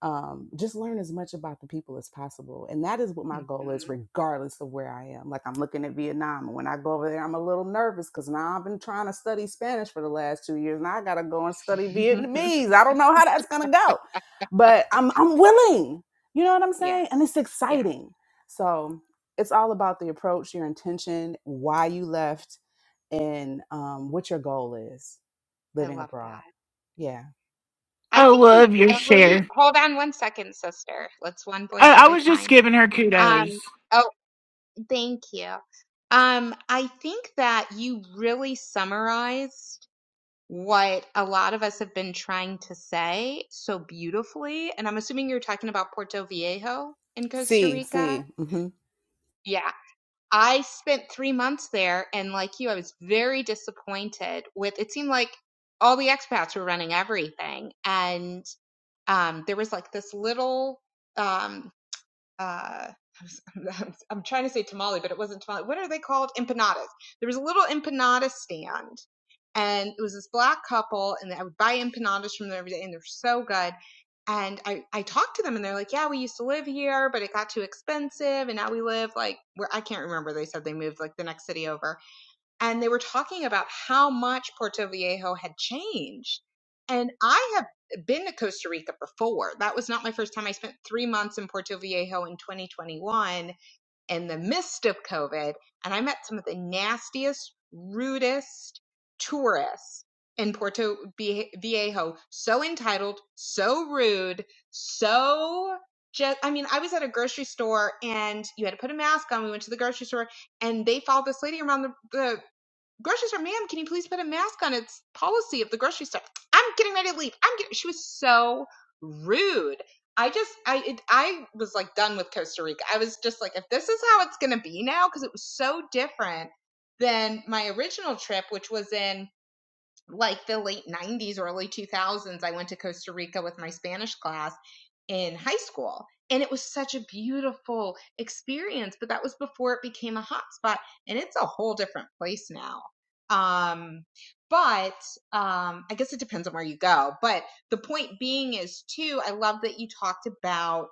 Speaker 13: um, just learn as much about the people as possible. And that is what my goal is,
Speaker 3: hmm
Speaker 13: regardless of where I am. Like I'm looking at Vietnam, and when I go over there, I'm a little nervous because now I've been trying to study Spanish for the last two years, and I gotta go and study Vietnamese. I don't know how that's gonna go, but I'm I'm willing. You know what I'm saying? And
Speaker 3: yes.
Speaker 13: it's
Speaker 3: Yes.
Speaker 13: exciting. So it's all about the approach, your intention, why you left, and um, what your goal is
Speaker 3: I
Speaker 13: living
Speaker 3: love that.
Speaker 13: abroad. Yeah.
Speaker 3: I
Speaker 6: I
Speaker 3: think you
Speaker 6: love your
Speaker 3: really
Speaker 6: share.
Speaker 3: hold on one second, sister. Let's one voice
Speaker 6: I, I
Speaker 3: at a
Speaker 6: was just
Speaker 3: time.
Speaker 6: giving her
Speaker 3: Um,
Speaker 6: kudos.
Speaker 3: oh, thank you. Um, I think that you really summarized what a lot of us have been trying to say so beautifully. And I'm assuming you're talking about Puerto Viejo in Costa
Speaker 13: See,
Speaker 3: Rica.
Speaker 13: see. mm-hmm.
Speaker 3: Yeah. I spent three months there, and like you, I was very disappointed with it seemed like all the expats were running everything. And um, there was like this little um, uh, I'm, trying to say tamale, but it wasn't tamale. What are they called? Empanadas. There was a little empanada stand, and it was this black couple, and I would buy empanadas from them every day, and they're so good. And I, I talked to them, and they're like, "Yeah, we used to live here, but it got too expensive, and now we live like where I can't remember." They said they moved like the next city over, and they were talking about how much Puerto Viejo had changed. And I have been to Costa Rica before. That was not my first time. I spent three months in Puerto Viejo in 2021 in the midst of COVID, and I met some of the nastiest, rudest tourists in Puerto Vie- Viejo. So entitled, so rude, so just, I mean, I was at a grocery store and you had to put a mask on. We went to the grocery store and they followed this lady around the, the grocery store, ma'am, can you please put a mask on? It's policy of the grocery store. I'm getting ready to leave. I'm getting. She was so rude. I just, I, it, I was like done with Costa Rica. I was just like, if this is how it's gonna be now, because it was so different than my original trip, which was in like the late 90s, early 2000s, I went to Costa Rica with my Spanish class in high school. And it was such a beautiful experience, but that was before it became a hotspot. And it's a whole different place now. Um, but um, I guess it depends on where you go. But the point being is, too, I love that you talked about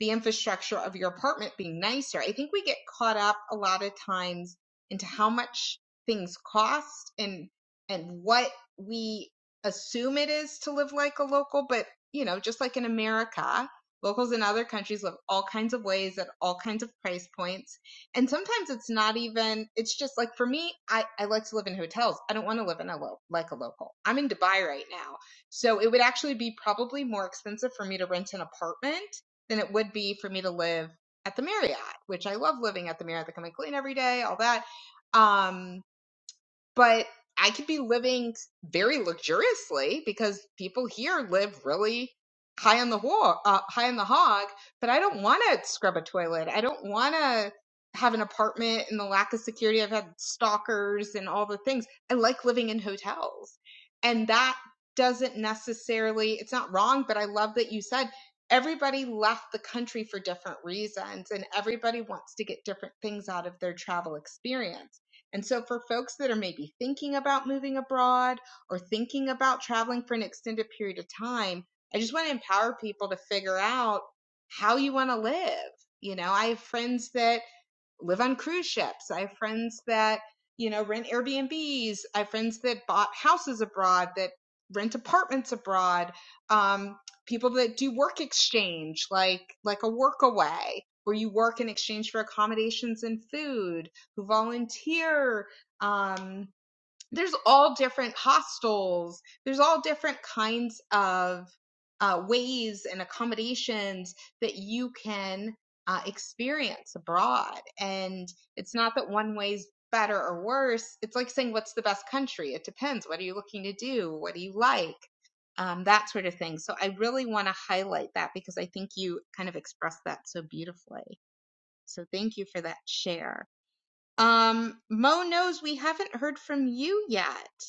Speaker 3: the infrastructure of your apartment being nicer. I think we get caught up a lot of times into how much things cost and and what we assume it is to live like a local, but you know, just like in America, locals in other countries live all kinds of ways at all kinds of price points. And sometimes it's not even, it's just like for me, I, I like to live in hotels. I don't want to live in a lo- like a local. I'm in Dubai right now. So it would actually be probably more expensive for me to rent an apartment than it would be for me to live at the Marriott, which I love living at the Marriott. They come and clean every day, all that. Um, but I could be living very luxuriously because people here live really high on the hog, uh, high on the hog. But I don't want to scrub a toilet. I don't want to have an apartment and the lack of security. I've had stalkers and all the things. I like living in hotels, and that doesn't necessarily. It's not wrong, but I love that you said. Everybody left the country for different reasons, and everybody wants to get different things out of their travel experience and so, for folks that are maybe thinking about moving abroad or thinking about traveling for an extended period of time, I just want to empower people to figure out how you want to live. You know, I have friends that live on cruise ships. I have friends that, you know, rent Airbnbs. I have friends that bought houses abroad, that rent apartments abroad. Um, people that do work exchange, like, like a work away where you work in exchange for accommodations and food, who volunteer, um, there's all different hostels there's all different kinds of uh, ways and accommodations that you can uh, experience abroad and it's not that one way's better or worse it's like saying what's the best country it depends what are you looking to do what do you like um, that sort of thing so i really want to highlight that because i think you kind of expressed that so beautifully so thank you for that share um, Mo knows we haven't heard from you yet.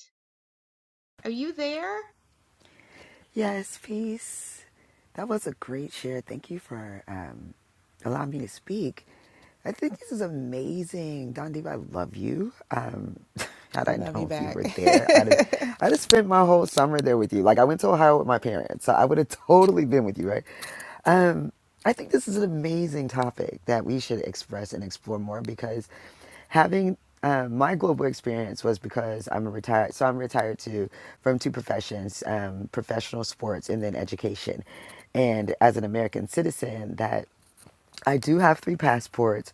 Speaker 3: Are you there?
Speaker 14: Yes, peace. That was a great share. Thank you for um, allowing me to speak. I think this is amazing, Don Diva. I love you. Um, had
Speaker 13: I
Speaker 14: I
Speaker 13: love you
Speaker 14: known you
Speaker 13: back.
Speaker 14: were there, I'd have. I'd have spent my whole summer there with you. Like I went to Ohio with my parents, so I would have totally been with you, right? Um, I think this is an amazing topic that we should express and explore more because having uh, my global experience was because I'm a retired, so I'm retired too from two professions, um, professional sports and then education. And as an American citizen, that I do have three passports.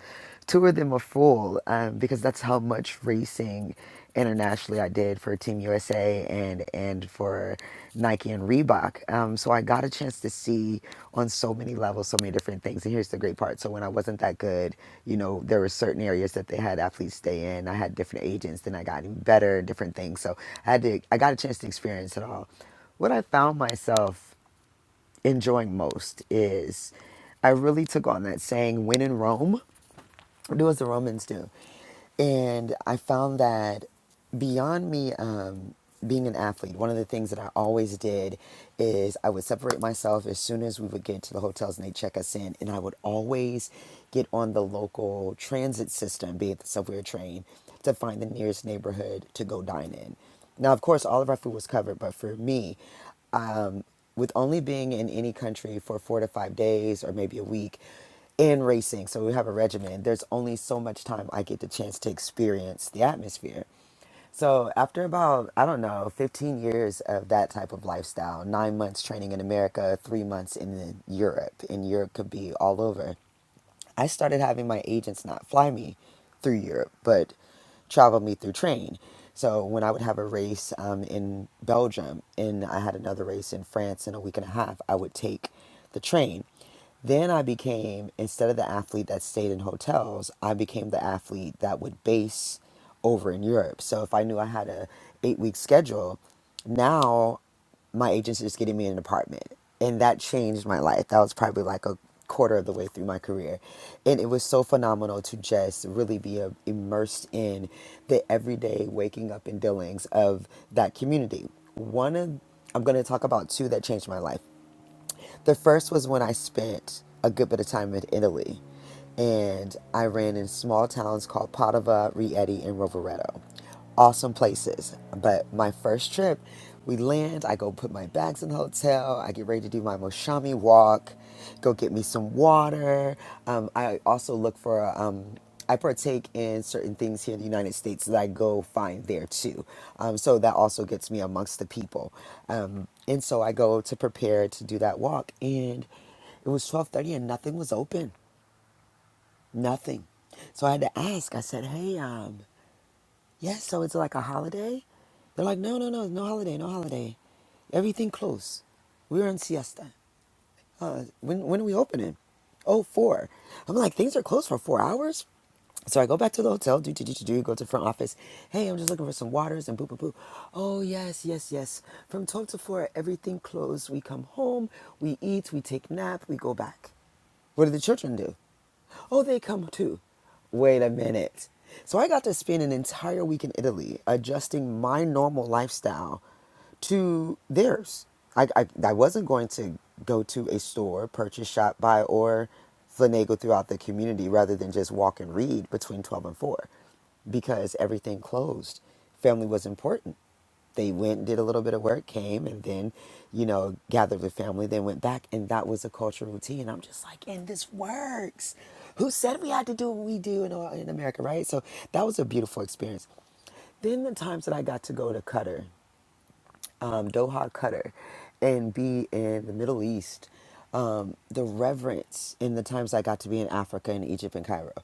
Speaker 14: Two of them are full um, because that's how much racing internationally I did for Team USA and and for Nike and Reebok. Um, so I got a chance to see on so many levels, so many different things. And here's the great part: so when I wasn't that good, you know, there were certain areas that they had athletes stay in. I had different agents, then I got even better, different things. So I had to, I got a chance to experience it all. What I found myself enjoying most is I really took on that saying, when in Rome, do as the Romans do. And I found that beyond me um, being an athlete, one of the things that I always did is I would separate myself as soon as we would get to the hotels and they check us in. And I would always get on the local transit system, be it the subway or train, to find the nearest neighborhood to go dine in. Now, of course, all of our food was covered, but for me, um, with only being in any country for four to five days or maybe a week, in racing. So we have a regimen. There's only so much time I get the chance to experience the atmosphere. So after about, I don't know, 15 years of that type of lifestyle, nine months training in America, three months in Europe, and Europe could be all over. I started having my agents not fly me through Europe, but travel me through train. So when I would have a race um, in Belgium and I had another race in France in a week and a half, I would take the train. Then I became, instead of the athlete that stayed in hotels, I became the athlete that would base over in Europe. So if I knew I had a eight week schedule, now my agents just getting me an apartment. And that changed my life. That was probably like a quarter of the way through my career. And it was so phenomenal to just really be uh, immersed in the everyday waking up and dealings of that community. One of, I'm going to talk about two that changed my life. The first was when I spent a good bit of time in Italy and I ran in small towns called Padova, Rieti, and Rovereto. Awesome places. But my first trip, we land, I go put my bags in the hotel, I get ready to do my Moshami walk, go get me some water. Um, I also look for a, um, I partake in certain things here in the United States that I go find there too. Um, so that also gets me amongst the people. Um, and so I go to prepare to do that walk. And it was 1230 and nothing was open. Nothing. So I had to ask. I said, hey, um, yes, so it's like a holiday? They're like, no, no, no, no holiday, no holiday. Everything closed. We are on siesta uh, when when are we opening? Oh, four. I'm like, things are closed for four hours. So I go back to the hotel, do do do do do, go to the front office. Hey, I'm just looking for some waters and boo boo boo. Oh yes, yes, yes. From twelve to four, everything closed. We come home, we eat, we take nap, we go back. What do the children do? Oh, they come too. Wait a minute. So I got to spend an entire week in Italy adjusting my normal lifestyle to theirs. I, I, I wasn't going to go to a store, purchase, shop, buy, or finagle throughout the community rather than just walk and read between 12 and 4 because everything closed. Family was important they went and did a little bit of work, came and then, you know, gathered the family, then went back, and that was a cultural routine. I'm just like, and this works. Who said we had to do what we do in, in America, right? So that was a beautiful experience. Then the times that I got to go to Qatar, um, Doha, Qatar, and be in the Middle East, um, the reverence in the times I got to be in Africa and Egypt and Cairo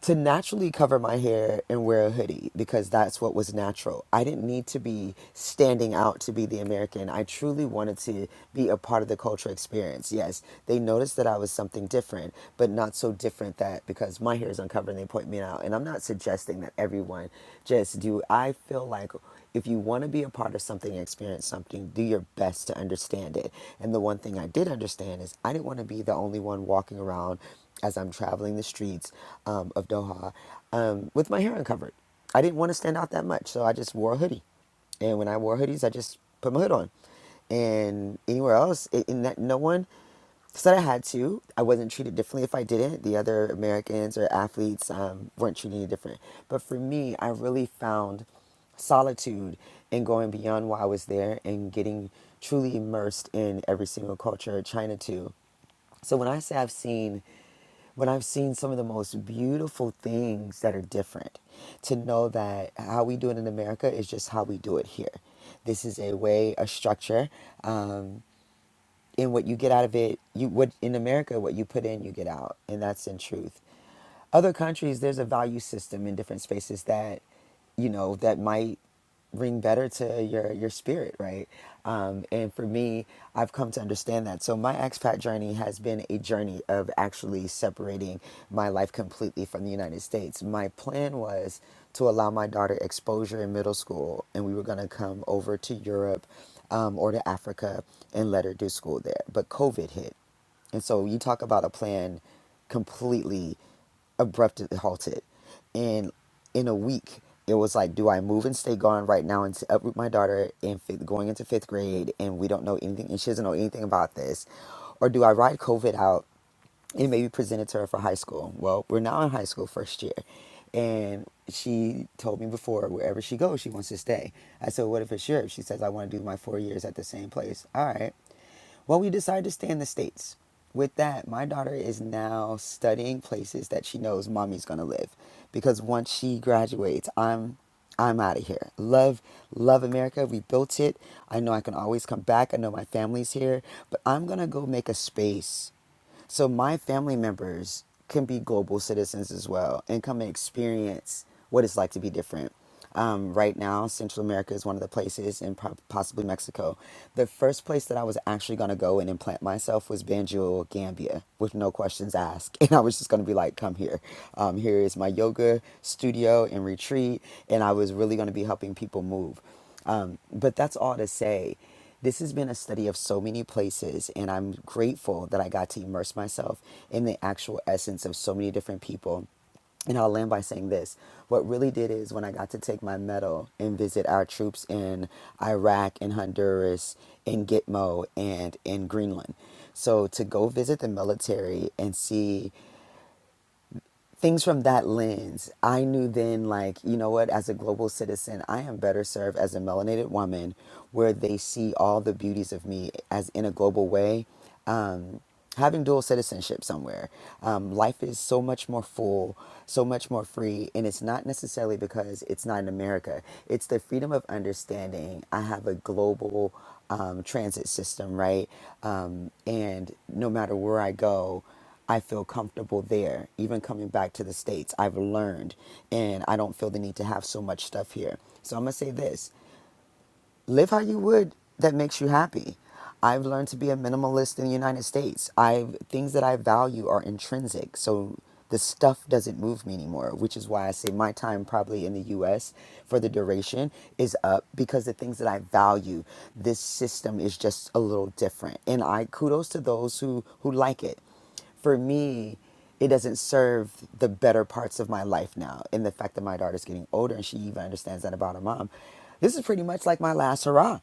Speaker 14: to naturally cover my hair and wear a hoodie because that's what was natural. I didn't need to be standing out to be the American. I truly wanted to be a part of the culture experience. Yes, they noticed that I was something different, but not so different that because my hair is uncovered and they point me out. And I'm not suggesting that everyone just do. I feel like if you want to be a part of something, experience something, do your best to understand it. And the one thing I did understand is I didn't want to be the only one walking around as I'm traveling the streets um, of Doha um, with my hair uncovered. I didn't want to stand out that much, so I just wore a hoodie. And when I wore hoodies, I just put my hood on. And anywhere else, it, and that, no one said I had to. I wasn't treated differently if I didn't. The other Americans or athletes um, weren't treated any different. But for me, I really found solitude in going beyond why I was there and getting truly immersed in every single culture, China too. So when I say I've seen, when I've seen some of the most beautiful things that are different, to know that how we do it in America is just how we do it here. This is a way, a structure. Um, and what you get out of it you what in america what you put in you get out and that's in truth other countries there's a value system in different spaces that you know that might ring better to your your spirit right um, and for me i've come to understand that so my expat journey has been a journey of actually separating my life completely from the united states my plan was to allow my daughter exposure in middle school and we were going to come over to europe um, or to Africa and let her do school there. But COVID hit. And so you talk about a plan completely abruptly halted. And in a week, it was like, do I move and stay gone right now and s- uproot my daughter in fifth, going into fifth grade and we don't know anything and she doesn't know anything about this? Or do I ride COVID out it may be presented to her for high school. Well, we're now in high school first year. And she told me before, wherever she goes, she wants to stay. I said, What if it's Europe? She says, I want to do my four years at the same place. All right. Well, we decided to stay in the States. With that, my daughter is now studying places that she knows mommy's gonna live. Because once she graduates, I'm I'm out of here. Love, love America. We built it. I know I can always come back. I know my family's here. But I'm gonna go make a space so my family members can be global citizens as well and come and experience what it's like to be different. Um, right now, Central America is one of the places, and po- possibly Mexico. The first place that I was actually going to go and implant myself was Banjul, Gambia, with no questions asked. And I was just going to be like, come here. Um, here is my yoga studio and retreat. And I was really going to be helping people move. Um, but that's all to say, this has been a study of so many places, and I'm grateful that I got to immerse myself in the actual essence of so many different people. And I'll land by saying this. What really did is when I got to take my medal and visit our troops in Iraq and Honduras in Gitmo and in Greenland. So to go visit the military and see things from that lens, I knew then, like, you know what, as a global citizen, I am better served as a melanated woman where they see all the beauties of me as in a global way. Um, having dual citizenship somewhere, um, life is so much more full, so much more free. And it's not necessarily because it's not in America, it's the freedom of understanding. I have a global um, transit system, right? Um, and no matter where I go, I feel comfortable there. Even coming back to the States, I've learned and I don't feel the need to have so much stuff here. So I'm going to say this live how you would that makes you happy. I've learned to be a minimalist in the United States. I have things that I value are intrinsic. So the stuff doesn't move me anymore, which is why I say my time probably in the US for the duration is up because the things that I value, this system is just a little different. And I kudos to those who who like it for me, it doesn't serve the better parts of my life now. And the fact that my daughter's getting older and she even understands that about her mom. This is pretty much like my last hurrah.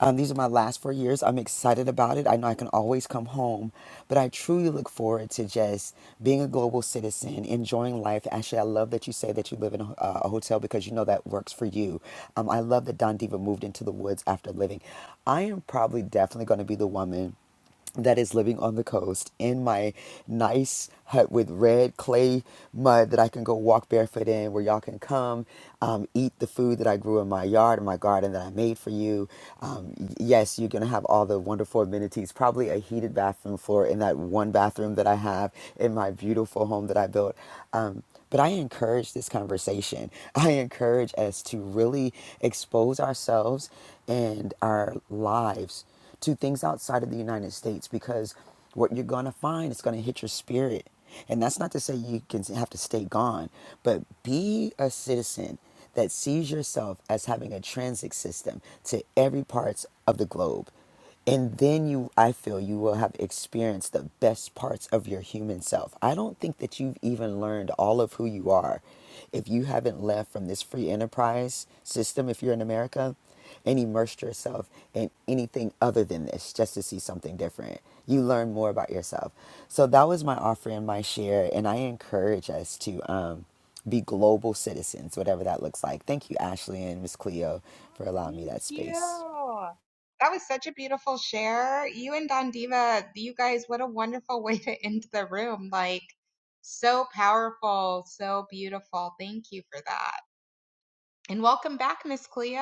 Speaker 14: Um, these are my last four years. I'm excited about it. I know I can always come home, but I truly look forward to just being a global citizen, enjoying life. Actually, I love that you say that you live in a, uh, a hotel because you know that works for you. Um, I love that Don Diva moved into the woods after living. I am probably definitely going to be the woman that is living on the coast in my nice hut with red clay mud that I can go walk barefoot in, where y'all can come um, eat the food that I grew in my yard, in my garden that I made for you. Um, yes, you're gonna have all the wonderful amenities, probably a heated bathroom floor in that one bathroom that I have in my beautiful home that I built. Um, but I encourage this conversation. I encourage us to really expose ourselves and our lives to things outside of the United States because what you're going to find is going to hit your spirit. And that's not to say you can have to stay gone, but be a citizen that sees yourself as having a transit system to every parts of the globe. And then you, I feel you will have experienced the best parts of your human self. I don't think that you've even learned all of who you are if you haven't left from this free enterprise system, if you're in America and immerse yourself in anything other than this just to see something different. You learn more about yourself. So that was my offering, my share, and I encourage us to um, be global citizens, whatever that looks like. Thank you, Ashley and Miss Cleo, for
Speaker 3: Oh,
Speaker 14: allowing me
Speaker 3: thank
Speaker 14: that
Speaker 3: you.
Speaker 14: space.
Speaker 3: That was such a beautiful share. You and Don Diva, you guys, what a wonderful way to end the room. Like, so powerful, so beautiful. Thank you for that. And welcome back, Miss Cleo.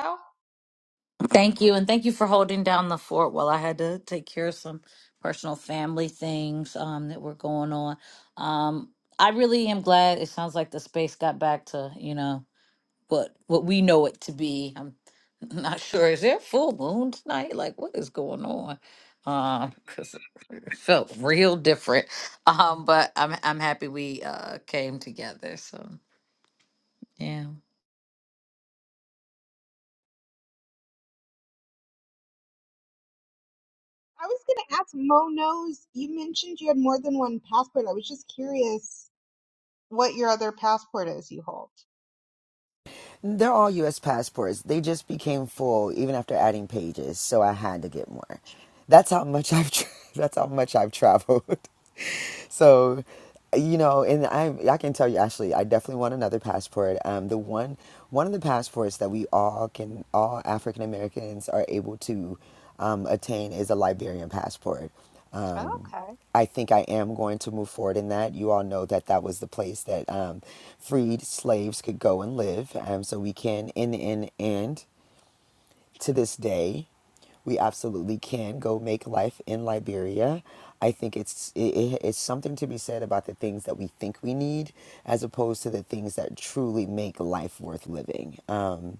Speaker 1: Thank you, and thank you for holding down the fort while I had to take care of some personal family things um, that were going on. Um, I really am glad. It sounds like the space got back to you know what what we know it to be. I'm not sure. Is there a full moon tonight? Like, what is going on? Because it felt real different. Um, but I'm I'm happy we uh, came together. So yeah.
Speaker 3: I was going to ask Mo knows, you mentioned you had more than one passport. I was just curious what your other passport is you hold.
Speaker 14: They're all U.S. passports. They just became full even after adding pages, so I had to get more. That's how much I've. Tra- that's how much I've traveled. so you know and i i can tell you actually i definitely want another passport um the one one of the passports that we all can all african americans are able to um, attain is a liberian passport um,
Speaker 3: Okay.
Speaker 14: I think I am going to move forward in that. You all know that that was the place that um, freed slaves could go and live. Um, so we can, in the and to this day we absolutely can go make life in Liberia. I think it's it, it's something to be said about the things that we think we need, as opposed to the things that truly make life worth living. Um,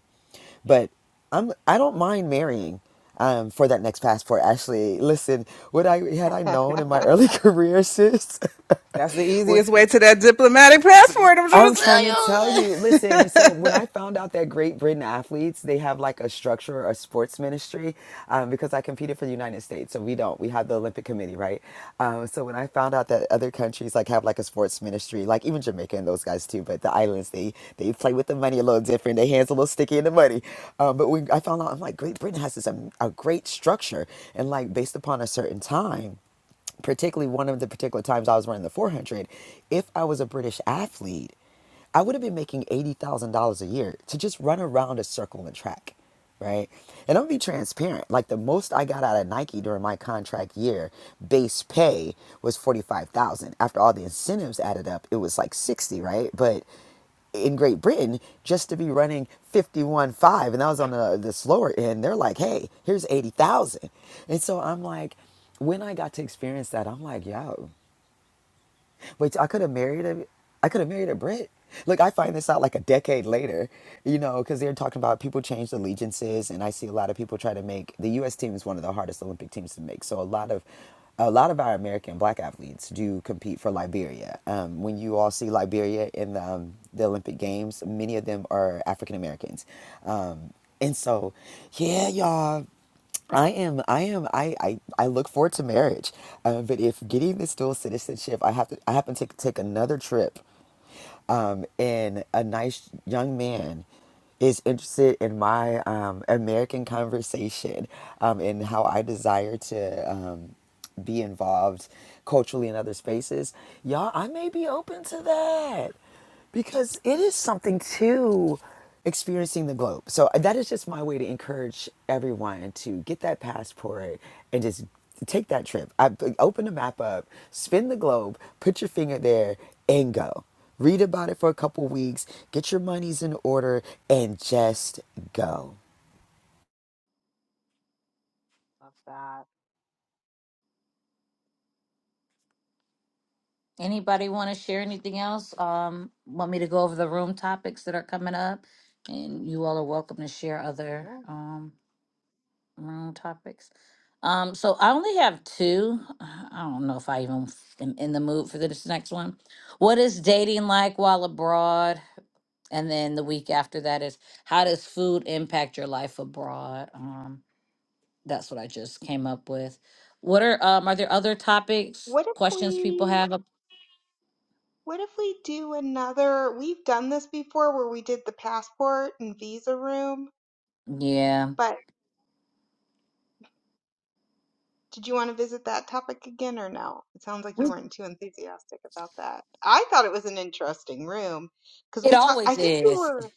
Speaker 14: but I'm I don't mind marrying um, for that next passport. Actually, listen, would I had I known in my early career, sis,
Speaker 13: That's the
Speaker 14: would
Speaker 13: easiest way to that diplomatic passport, I'm trying
Speaker 14: I'm trying to tell you. Listen, so
Speaker 13: to tell
Speaker 14: when
Speaker 13: you.
Speaker 14: I found out that Great Britain athletes, they have like a structure, a sports ministry, um, because I competed for the United States, so we don't. We have the Olympic Committee, right? Um, so when I found out that other countries like have like a sports ministry, like even Jamaica and those guys too, but the islands they they play with the money a little different. Their hands a little sticky in the money. Um, but when I found out, I'm like, Great Britain has this um, a great structure, and like based upon a certain time particularly one of the particular times I was running the 400, if I was a British athlete, I would have been making $80,000 a year to just run around a circle and track, right? And I'm gonna be transparent. Like the most I got out of Nike during my contract year, base pay was 45,000. After all the incentives added up, it was like 60, right? But in Great Britain just to be running 51.5 and that was on the, the slower end they're like hey here's 80,000 and so I'm like when I got to experience that I'm like yo but I could have married a, I could have married a Brit. Look, I find this out like a decade later, you know, because they're talking about people change allegiances, and I see a lot of people try to make the U.S. team is one of the hardest Olympic teams to make. So a lot of a lot of our American black athletes do compete for Liberia. Um, when you all see Liberia in the, um, the Olympic Games, many of them are African Americans. Um, and so, yeah, y'all. I am, I am, I, I, I look forward to marriage. Uh, but if getting this dual citizenship, I have to, I happen to take another trip, um, and a nice young man is interested in my um, American conversation, um, and how I desire to um, be involved culturally in other spaces. Y'all, I may be open to that because it is something to experiencing the globe. So uh, that is just my way to encourage everyone to get that passport and just take that trip. I uh, open the map up, spin the globe, put your finger there, and go. Read about it for a couple weeks, get your monies in order, and just go.
Speaker 3: Love that.
Speaker 1: Anybody want to share anything else? Um, want me to go over the room topics that are coming up, and you all are welcome to share other
Speaker 3: Yeah.
Speaker 1: um room topics. Um, so I only have two. I don't know if I even am in the mood for this next one. What is dating like while abroad? And then the week after that is how does food impact your life abroad? Um, that's what I just came up with. What are um are there other topics,
Speaker 3: What if
Speaker 1: questions people
Speaker 3: we
Speaker 1: have? up-
Speaker 3: what if we do another we've done this before where we did the passport and visa room,
Speaker 1: Yeah.
Speaker 3: but did you want to visit that topic again or no? It sounds like you weren't too enthusiastic about that. I thought it was an interesting room because
Speaker 1: It
Speaker 3: we talked I
Speaker 1: always
Speaker 3: think you
Speaker 1: is.
Speaker 3: were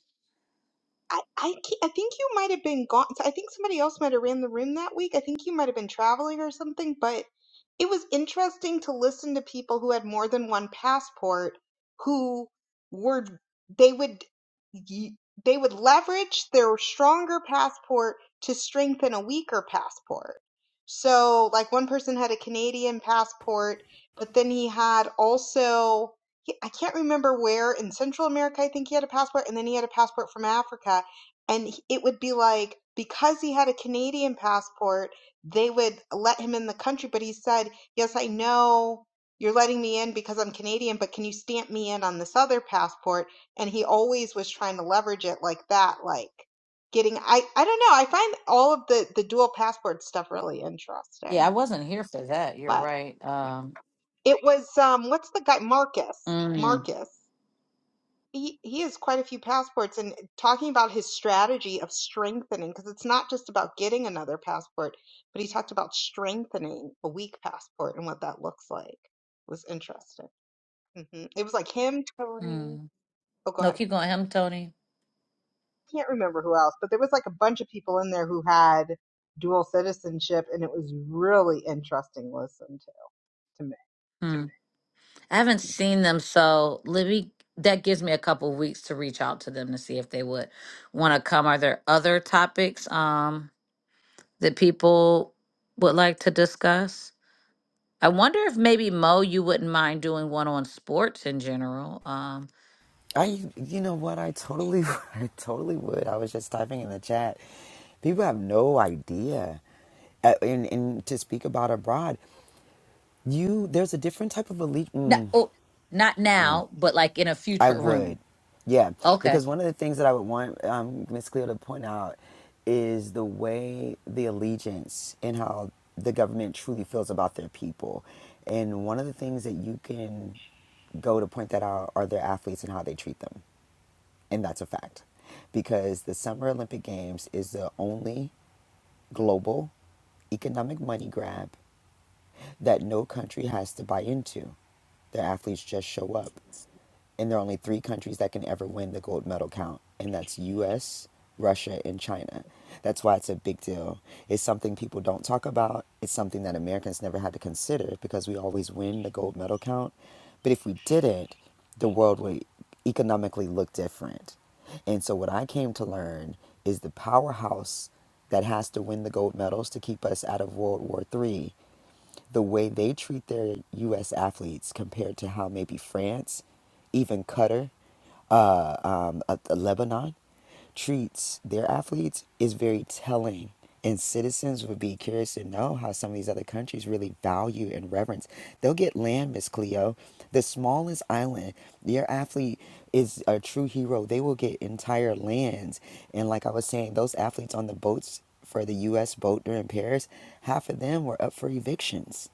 Speaker 3: I, I, ca- I think you might have been gone. so I think somebody else might have ran the room that week. I think you might have been traveling or something, but it was interesting to listen to people who had more than one passport who were, they would, y- they would leverage their stronger passport to strengthen a weaker passport. So, like one person had a Canadian passport, but then he had also he, I can't remember where in Central America, I think he had a passport, and then he had a passport from Africa. And it would be like, because he had a Canadian passport, they would let him in the country. But he said, Yes, I know you're letting me in because I'm Canadian, but can you stamp me in on this other passport? And he always was trying to leverage it like that, like getting, I, I don't know. I find all of the, the dual passport stuff really
Speaker 1: Yeah,
Speaker 3: interesting.
Speaker 1: I wasn't here for that. You're
Speaker 3: But
Speaker 1: right. Um,
Speaker 3: it was, um, what's the guy? Marcus.
Speaker 1: mm,
Speaker 3: Marcus he he has quite a few passports and talking about his strategy of strengthening because it's not just about getting another passport but he talked about strengthening a weak passport and what that looks like It was interesting hmm it was like him tony
Speaker 1: mm.
Speaker 3: oh go
Speaker 1: No,
Speaker 3: ahead
Speaker 1: keep going. Him, Tony.
Speaker 3: can't remember who else but there was like a bunch of people in there who had dual citizenship and it was really interesting to listen to to me.
Speaker 1: Mm. I haven't seen them, so Libby, that gives me a couple weeks to reach out to them to see if they would want to come. Are there other topics um, that people would like to discuss? I wonder if maybe Mo, you wouldn't mind doing one on sports in general. Um,
Speaker 14: I, you know what? I totally, I totally would. I was just typing in the chat. People have no idea uh, and, and to speak about abroad. You there's a different type of elite.
Speaker 1: no,
Speaker 14: Mm,
Speaker 1: oh, not now, but like in a
Speaker 14: I
Speaker 1: future room.
Speaker 14: would, yeah,
Speaker 1: Okay.
Speaker 14: because one of the things that I would want um, Miss Cleo to point out is the way the allegiance and how the government truly feels about their people, and one of the things that you can go to point that out are their athletes and how they treat them, and that's a fact, because the Summer Olympic Games is the only global economic money grab that no country has to buy into. Their athletes just show up. And there are only three countries that can ever win the gold medal count, and that's US, Russia, and China. That's why it's a big deal. It's something people don't talk about. It's something that Americans never had to consider because we always win the gold medal count. But if we didn't, the world would economically look different. And so, what I came to learn is the powerhouse that has to win the gold medals to keep us out of World War Three the way they treat their U.S. athletes compared to how maybe France, even Qatar, um, uh, Lebanon, treats their athletes is very telling. And citizens would be curious to know how some of these other countries really value and reverence. They'll get land, Miss Cleo, the smallest island. Your athlete is a true hero. They will get entire lands. And like I was saying, those athletes on the boats for the U.S. boat during Paris, half of them were up for evictions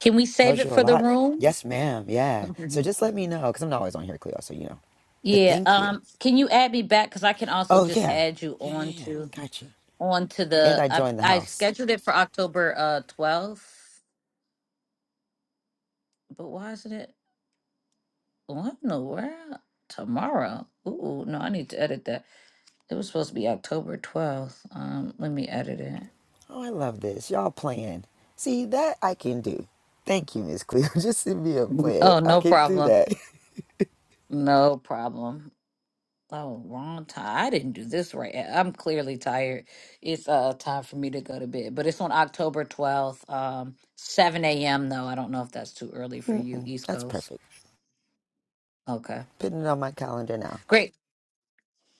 Speaker 1: Can we save
Speaker 14: Tells
Speaker 1: it
Speaker 14: you a
Speaker 1: for the
Speaker 14: lot.
Speaker 1: room?
Speaker 14: Yes, ma'am. Yeah. So
Speaker 1: Mhm.
Speaker 14: just let me know, because I'm not always on here, Cleo, so you know. But
Speaker 1: Yeah,
Speaker 14: thank you.
Speaker 1: um, can you add me back? Because I can also
Speaker 14: Oh,
Speaker 1: just
Speaker 14: yeah.
Speaker 1: add you
Speaker 14: Yeah, yeah,
Speaker 1: on
Speaker 14: yeah.
Speaker 1: to
Speaker 14: Got you.
Speaker 1: on to
Speaker 14: And
Speaker 1: the
Speaker 14: I
Speaker 1: I,
Speaker 14: joined the
Speaker 1: I
Speaker 14: house.
Speaker 1: scheduled it for October uh twelfth, but why isn't it what in the world? Tomorrow. Ooh, no, I need to edit that. It was supposed to be October twelfth. Um, let me edit it.
Speaker 14: Oh, I love this. Y'all playing. See, that I can do. Thank you, Miss Cleo. Just send me a plan.
Speaker 1: Oh,
Speaker 14: I
Speaker 1: no
Speaker 14: can do
Speaker 1: problem.
Speaker 14: that.
Speaker 1: No problem. Oh, wrong time. I didn't do this right. I'm clearly tired. It's uh time for me to go to bed. But it's on October 12th, um, 7 a.m. though. I don't know if that's too early for you,
Speaker 14: Mm-mm,
Speaker 1: East
Speaker 14: that's
Speaker 1: Coast.
Speaker 14: perfect.
Speaker 1: Okay.
Speaker 14: Putting it on my calendar now.
Speaker 1: Great.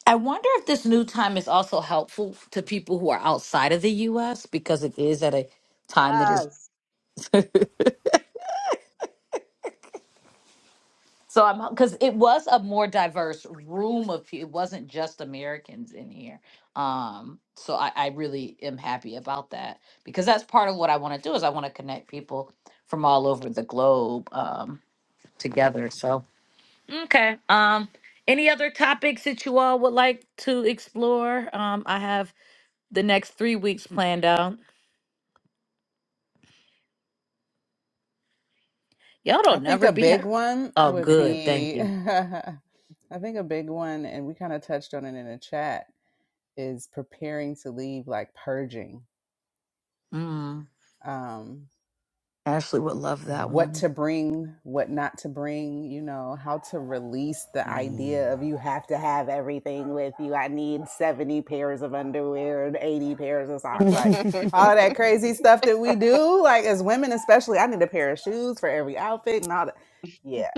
Speaker 1: I wonder if this new time is also helpful to people who are outside of the US because it is at a time that is
Speaker 3: Yes,
Speaker 1: So I'm because it was a more diverse room of people. It wasn't just Americans in here. Um, so I, I really am happy about that because that's part of what I want to do is I want to connect people from all over the globe um, together. So okay. Um, any other topics that you all would like to explore? Um, I have the next three weeks planned out. Y'all
Speaker 13: I
Speaker 1: don't
Speaker 13: think
Speaker 1: never
Speaker 13: a
Speaker 1: be. ha-
Speaker 13: big one
Speaker 1: Oh,
Speaker 13: would
Speaker 1: good. Thank
Speaker 13: be,
Speaker 1: you.
Speaker 13: I think a big one, and we kind of touched on it in the chat, is preparing to leave, like purging.
Speaker 1: Mm,
Speaker 13: Um,
Speaker 1: Ashley would love that
Speaker 13: what
Speaker 1: one.
Speaker 13: to bring, what not to bring, you know, how to release the
Speaker 14: Mm.
Speaker 13: idea of you have to have everything with you. I need 70 pairs of underwear and 80 pairs of socks. Like all of that crazy stuff that we do, like as women especially, I need a pair of shoes for every outfit and all that. Yeah.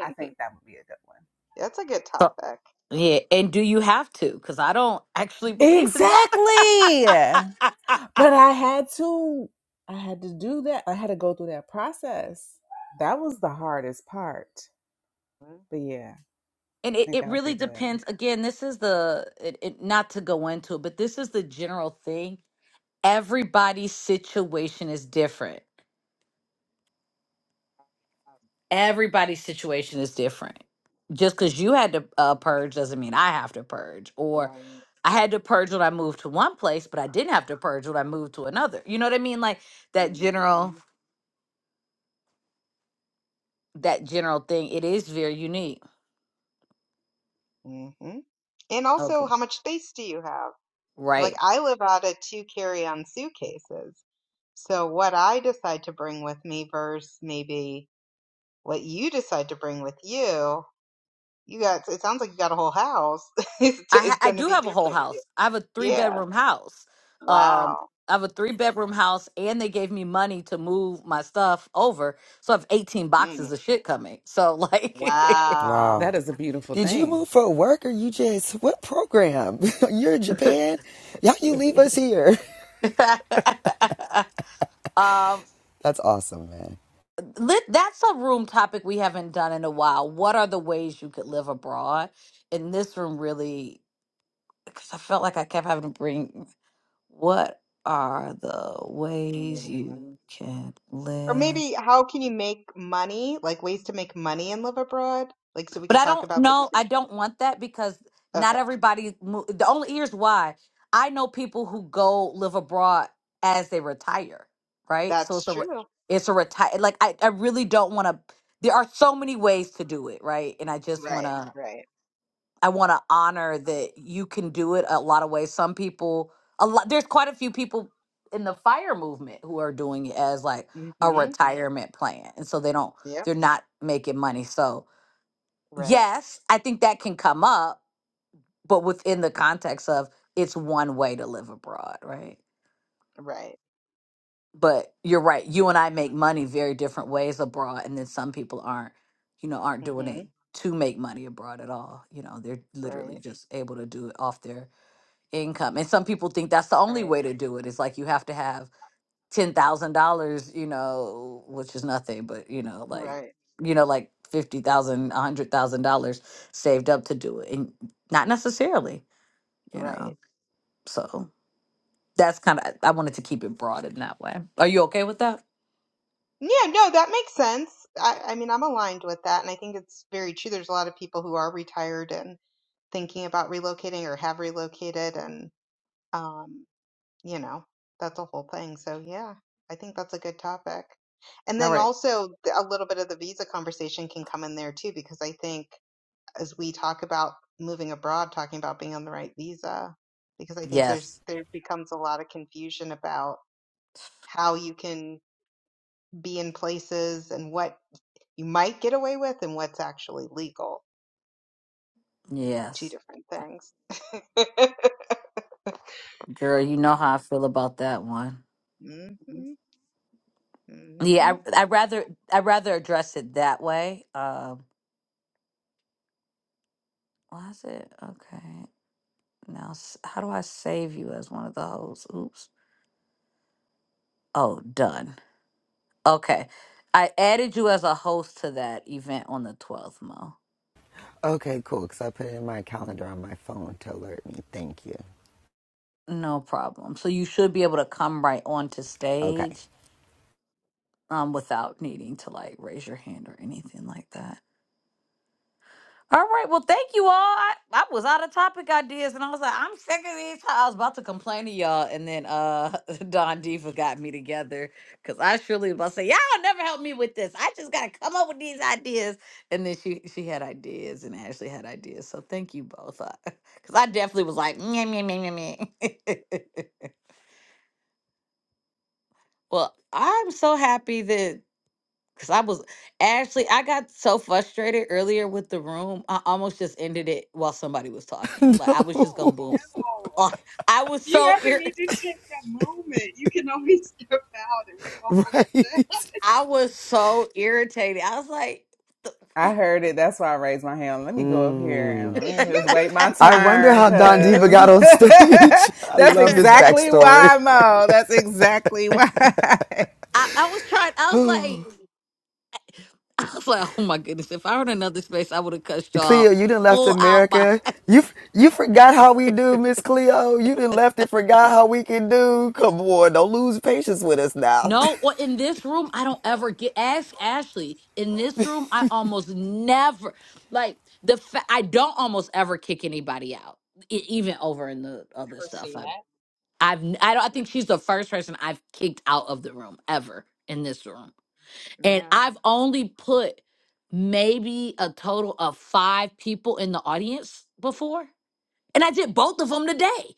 Speaker 13: I think that would be a good one.
Speaker 3: that's a good
Speaker 1: So
Speaker 3: topic.
Speaker 1: yeah, and do you have to? Because I don't actually believe in that.
Speaker 13: Exactly. But I had to I had to do that. I had to go through that process. That was the hardest part.
Speaker 3: Mhm.
Speaker 13: But yeah,
Speaker 1: and
Speaker 13: I
Speaker 1: it,
Speaker 13: think
Speaker 1: it
Speaker 13: that would be
Speaker 1: really
Speaker 13: good.
Speaker 1: depends. Again, this is the it, it, not to go into it, but this is the general thing. Everybody's situation is different. Everybody's situation is different. Just because you had to uh, purge doesn't mean I have to purge. Or
Speaker 3: Right.
Speaker 1: I had to purge when I moved to one place, but I didn't have to purge when I moved to another. You know what I mean? Like that general that general thing. It is very unique.
Speaker 3: Mm-hmm. And
Speaker 1: Okay.
Speaker 3: also, how much space do you have? Like,
Speaker 1: Right.
Speaker 3: I live out of two carry-on suitcases. So, what I decide to bring with me versus maybe what you decide to bring with you, you got, it sounds like you got a whole house, is,
Speaker 1: I ha-
Speaker 3: is
Speaker 1: I
Speaker 3: going to
Speaker 1: do
Speaker 3: be
Speaker 1: have a whole
Speaker 3: different.
Speaker 1: house. I have a three
Speaker 3: Yeah.
Speaker 1: bedroom house. Um,
Speaker 3: Wow.
Speaker 1: I have a three bedroom house, and they gave me money to move my stuff over, so I have eighteen
Speaker 3: Mm.
Speaker 1: boxes of shit coming. So like,
Speaker 14: Wow.
Speaker 3: Wow.
Speaker 13: That is a beautiful
Speaker 14: Did you move
Speaker 13: thing.
Speaker 14: for work or you just, what program? You're in Japan? Y'all, you leave us here.
Speaker 1: um,
Speaker 14: That's awesome, man.
Speaker 1: lit, that's a room topic we haven't done in a while. What are the ways you could live abroad? And this room really, because I felt like I kept having to bring. what are the ways you
Speaker 3: Mhm.
Speaker 1: can
Speaker 3: Or
Speaker 1: live?
Speaker 3: maybe how can you make money, like ways to make money and live abroad? Like, so we
Speaker 1: But
Speaker 3: could
Speaker 1: I
Speaker 3: talk
Speaker 1: don't
Speaker 3: about the
Speaker 1: know. I
Speaker 3: different jobs.
Speaker 1: don't want that because not
Speaker 3: Okay.
Speaker 1: everybody. Mo- the only here's why I know people who go live abroad as they retire, right? So
Speaker 3: That's
Speaker 1: it's a re-
Speaker 3: true.
Speaker 1: it's a retire. Like I, I really don't want to. There are so many ways to do it, right? And I just want
Speaker 3: Right.
Speaker 1: to.
Speaker 3: Right.
Speaker 1: I want to honor that you can do it a lot of ways. Some people, a lot, there's quite a few people in the fire movement who are doing it as like a
Speaker 3: hmm
Speaker 1: retirement plan. And so they don't,
Speaker 3: Yep.
Speaker 1: they're not making money. So,
Speaker 3: Right.
Speaker 1: yes, I think that can come up, but within the context of it's one way to live abroad, right?
Speaker 3: Right.
Speaker 1: But you're right. You and I make money very different ways abroad. And then some people aren't, you know, aren't doing
Speaker 3: hmm
Speaker 1: it to make money abroad at all. You know, they're
Speaker 3: Right.
Speaker 1: literally just able to do it off their income. And some people think that's the only
Speaker 3: Right.
Speaker 1: way to do it. It's like you have to have ten thousand dollars, you know, which is nothing, but you know, like
Speaker 3: Right.
Speaker 1: you know, like fifty thousand, a hundred thousand dollars saved up to do it. And not necessarily, you
Speaker 3: Right.
Speaker 1: know. So that's kind of I wanted to keep it broad in that way. Are you okay with that?
Speaker 3: Yeah, no, that makes sense. I, I mean, I'm aligned with that, and I think it's very true. There's a lot of people who are retired and thinking about relocating or have relocated, and um, you know, that's a whole thing. So yeah, I think that's a good topic. And
Speaker 1: All
Speaker 3: then
Speaker 1: right.
Speaker 3: also th- a little bit of the visa conversation can come in there too, because I think as we talk about moving abroad, talking about being on the right visa, because I think there's
Speaker 1: Yes.
Speaker 3: there becomes a lot of confusion about how you can be in places and what you might get away with and what's actually legal. They're two
Speaker 1: Yes.
Speaker 3: different things.
Speaker 1: Girl, you know
Speaker 3: yeah.
Speaker 1: how I feel about that one.
Speaker 3: hmm hmm
Speaker 1: Yeah, I I rather I rather address it that way. Um, why is it okay? Now, s- how do I save you as one of the hosts? Oops. Oh, done. Okay. I added you as a host to that event on the 12th, Mo.
Speaker 14: Okay, cool. Because I put it in my calendar on my phone to alert me. Thank you.
Speaker 1: No problem. So you should be able to come right onto
Speaker 14: Okay.
Speaker 1: stage um, without needing to like raise your hand or anything like that. All right. Well, thank you all. I, I was out of topic ideas, and I was like, I'm sick of these. I was about to complain to y'all, and then uh, Don Diva got me together because I surely was about to say, y'all never help me with this. I just gotta come up with these ideas, and then she she had ideas, and Ashley had ideas. So thank you both, because I definitely was like, meh, meh, meh, meh, meh. well, I'm so happy that Cause I was actually I got so frustrated earlier with the room, I almost just ended it while somebody was talking. Like I was just gonna
Speaker 3: Oh
Speaker 14: no,
Speaker 1: boom.
Speaker 3: no.
Speaker 1: Oh, I
Speaker 3: If
Speaker 1: was
Speaker 3: you
Speaker 1: so ir-
Speaker 14: right?
Speaker 1: I was so irritated. I was like,
Speaker 13: I heard it. That's why I raised my hand. Let me go up here
Speaker 14: Mm.
Speaker 13: and let me just wait my
Speaker 14: I wonder
Speaker 13: turn,
Speaker 14: how Don Diva
Speaker 13: cause
Speaker 14: got on stage. I
Speaker 13: that's
Speaker 14: love this
Speaker 13: exactly
Speaker 14: backstory.
Speaker 13: why, Mo. That's exactly why.
Speaker 1: I, I was trying. I was like, I was like, oh my goodness! If I were in another space, I would have cussed y'all
Speaker 14: Cleo, you done left
Speaker 1: full out.
Speaker 14: America. You you forgot how we do, Miss Cleo. You done left and forgot how we can do. Come on, don't lose patience with us now.
Speaker 1: No, or in this room, I don't ever get ask Ashley. In this room, I almost never like the fa- I don't almost ever kick anybody out, e- even over in the other stuff. I I've n- I don't I think she's the first person I've kicked out of the room ever in this room, and
Speaker 3: Yeah.
Speaker 1: I've only put maybe a total of five people in the audience before, and I did both of them today.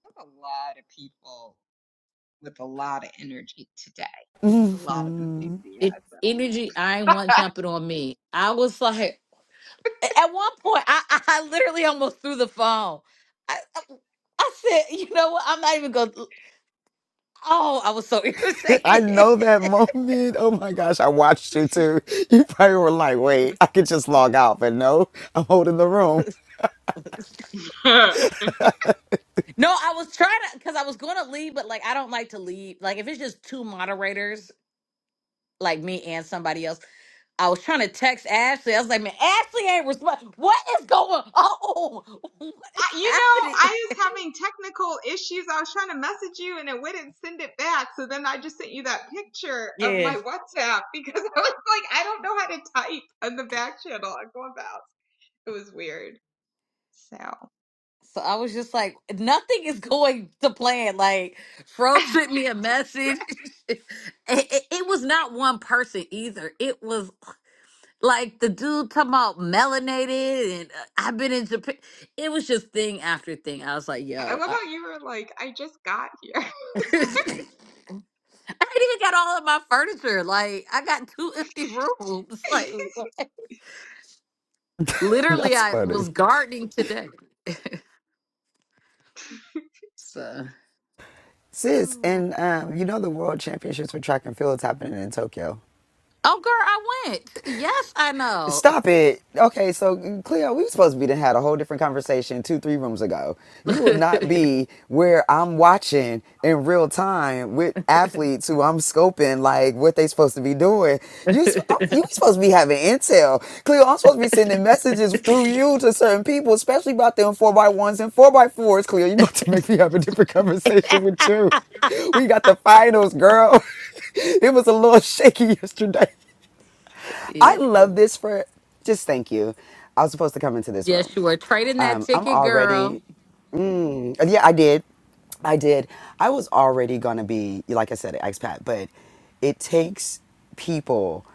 Speaker 3: there's a lot of people with a lot of energy today, a lot of
Speaker 14: Mmm.
Speaker 1: It
Speaker 3: enthusiasm.
Speaker 1: energy, I ain't one jumping on me. I was like. A- At one point, I, I I literally almost threw the phone. I, I, I said, you know what? I'm not even going to. Oh, I was so
Speaker 14: I
Speaker 1: irritated.
Speaker 14: know that moment. Oh my gosh, I watched you too. You probably were like, wait, I could just log out, but no, I'm holding the room.
Speaker 1: no, I was trying to, because I was going to leave, but like, I don't like to leave. Like, if it's just two moderators, like me and somebody else, I was trying to text Ashley. I was like, man, Ashley ain't responding. What is going on? What
Speaker 3: I,
Speaker 1: is
Speaker 3: you know,
Speaker 1: happening?
Speaker 3: I was having technical issues. I was trying to message you and it wouldn't send it back. So then I just sent you that picture of
Speaker 1: Yeah.
Speaker 3: my WhatsApp because I was like, I don't know how to type on the back channel on Clubhouse. It was weird. So I
Speaker 1: So I was just like, nothing is going to plan. Like, Fro sent me a message. it, it, it was not one person either. It was like the dude talking about melanated, and uh, I've been in Japan. It was just thing after thing. I was like, yo,
Speaker 3: love
Speaker 1: I,
Speaker 3: how you were like, I just got here.
Speaker 1: I ain't even got all of my furniture. Like, I got two empty rooms. Like,
Speaker 3: oh
Speaker 1: literally,
Speaker 3: my
Speaker 14: That's
Speaker 1: I
Speaker 3: god.
Speaker 14: funny.
Speaker 1: was gardening today. so,
Speaker 14: Sis,
Speaker 3: Oh.
Speaker 14: and um, you know the world championships for track and field is happening in Tokyo.
Speaker 1: oh, girl, I went. Yes, I
Speaker 14: Stop it. Okay, so Cleo, we were supposed to be to had a whole different conversation two, three rooms ago. You will not be where I'm watching in real time with athletes who I'm scoping like what they supposed to be doing. You
Speaker 1: know.
Speaker 14: sp- I'm- you supposed to be having intel, Cleo. I'm supposed to be sending messages through you to certain people, especially about them four by ones and four by fours. Cleo, you about to make me have a different conversation with you. We got the finals, girl. it was a little shaky yesterday.
Speaker 1: yeah.
Speaker 14: I love this for just thank you. I was supposed to come into this
Speaker 1: Yes,
Speaker 14: room.
Speaker 1: you were trading that
Speaker 14: Um, I'm
Speaker 1: ticket, girl.
Speaker 14: already, mm, yeah, I did. I did. I was already going to be, like I said, an expat, but it takes people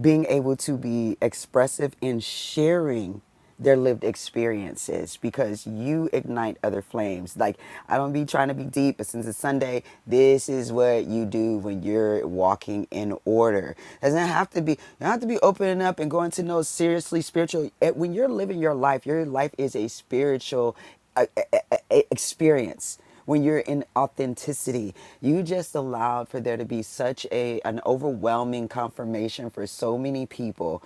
Speaker 14: being able to be expressive and sharing their lived experiences because you ignite other flames. Like I don't be trying to be deep, but since it's Sunday, this is what you do when you're walking in order. Doesn't have to be you don't have to be opening up and going to no seriously spiritual. eh, When you're living your life, your life is a spiritual uh, eh, eh, eh, experience when you're in authenticity you just allowed for there to be such a an overwhelming confirmation for so many people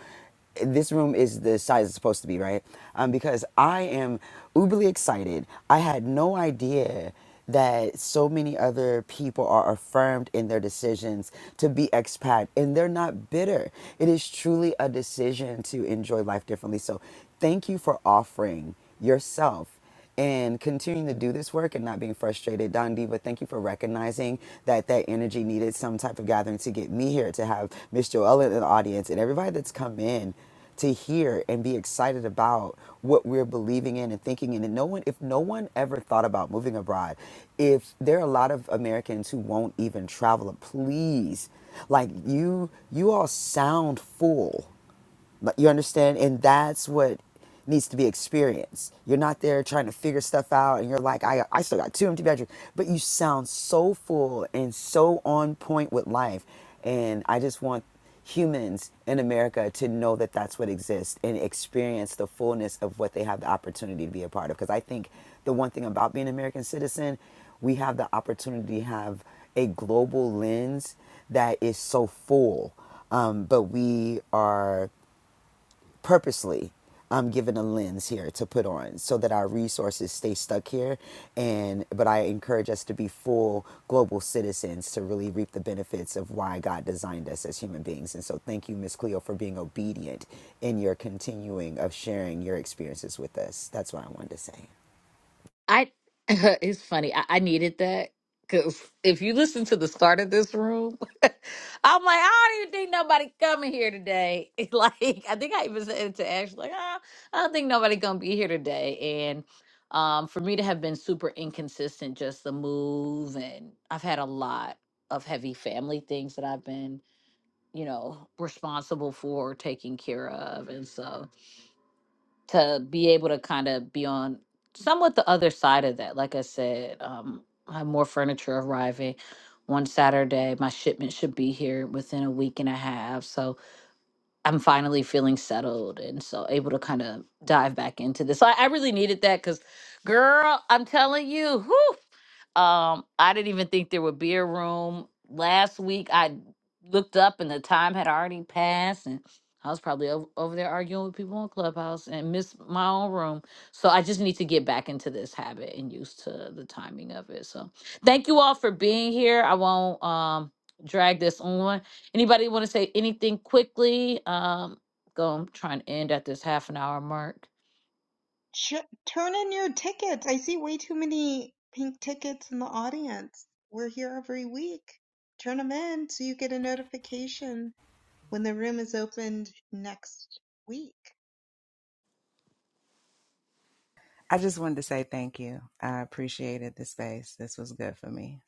Speaker 14: this room is the size it's supposed to be, right? Um, because I am uberly excited. I had no idea that so many other people are affirmed in their decisions to be expat and they're not bitter. It is truly a decision to enjoy life differently. So thank you for offering yourself and continuing to do this work and not being frustrated. Don Diva, thank you for recognizing that that energy needed some type of gathering to get me here, to have Miss Joella in the audience and everybody that's come in to hear and be excited about what we're believing in and thinking in. And no one, if no one ever thought about moving abroad, if there are a lot of Americans who won't even travel, please, like you, you all sound full but you understand? And that's what needs to be experienced. You're not there trying to figure stuff out and you're like, I, I still got two empty bedrooms. But you sound so full and so on point with life. And I just want humans in America to know that that's what exists and experience the fullness of what they have the opportunity to be a part of. Because I think the one thing about being an American citizen, we have the opportunity to have a global lens that is so full um, but we are purposely I'm given a lens here to put on so that our resources stay stuck here and but I encourage us to be full global citizens to really reap the benefits of why God designed us as human beings. And so thank you Miss Cleo for being obedient in your continuing of sharing your experiences with us. That's what I wanted to say.
Speaker 1: I it's funny. I, I needed that because if you listen to the start of this room, I'm like, I don't even think nobody coming here today. like, I think I even said it to Ash, like, "Ah, I don't think nobody gonna be here today. And um, for me to have been super inconsistent, just the move, and I've had a lot of heavy family things that I've been, you know, responsible for, taking care of, and so. to be able to kind of be on somewhat the other side of that. Like I said, um, I have more furniture arriving one Saturday. My shipment should be here within a week and a half. So I'm finally feeling settled and so able to kind of dive back into this. so I, I really needed that because, girl, I'm telling you, whew, um, I didn't even think there would be a room. Last week I looked up and the time had already passed and I was probably over, over there arguing with people on Clubhouse and missed my own room. So I just need to get back into this habit and used to the timing of it. So thank you all for being here. I won't um drag this on. Anybody want to say anything quickly? Um go I'm trying to end at this half an hour mark.
Speaker 3: Ch- turn in your tickets. I see way too many pink tickets in the audience. We're here every week. Turn them in so you get a notification when the room is opened next week.
Speaker 13: I just wanted to say thank you. I appreciated the space. This was good for me.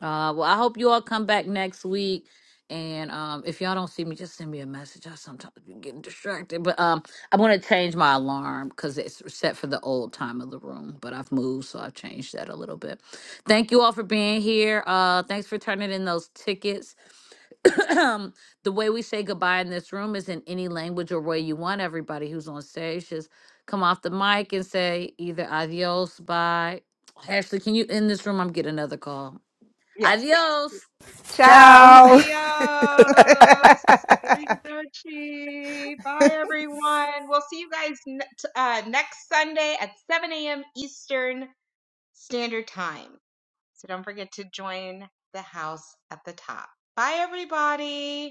Speaker 1: Uh, well, I hope you all come back next week. And um, if y'all don't see me, just send me a message. I sometimes be getting distracted, but um, I'm gonna change my alarm because it's set for the old time of the room. But I've moved, so I've changed that a little bit. Thank you all for being here. Uh, thanks for turning in those tickets. the way we say goodbye in this room is in any language or way you want. Everybody who's on stage just come off the mic and say either adios, bye. Ashley, can you end this room? I'm getting another call.
Speaker 3: Yes.
Speaker 1: Adios.
Speaker 13: Ciao.
Speaker 3: Adios.
Speaker 14: Ciao.
Speaker 3: Arrivederci. Bye, everyone. We'll see you guys n- t- uh, next Sunday at 7 a.m. Eastern Standard Time. So don't forget to join the house app. Bye.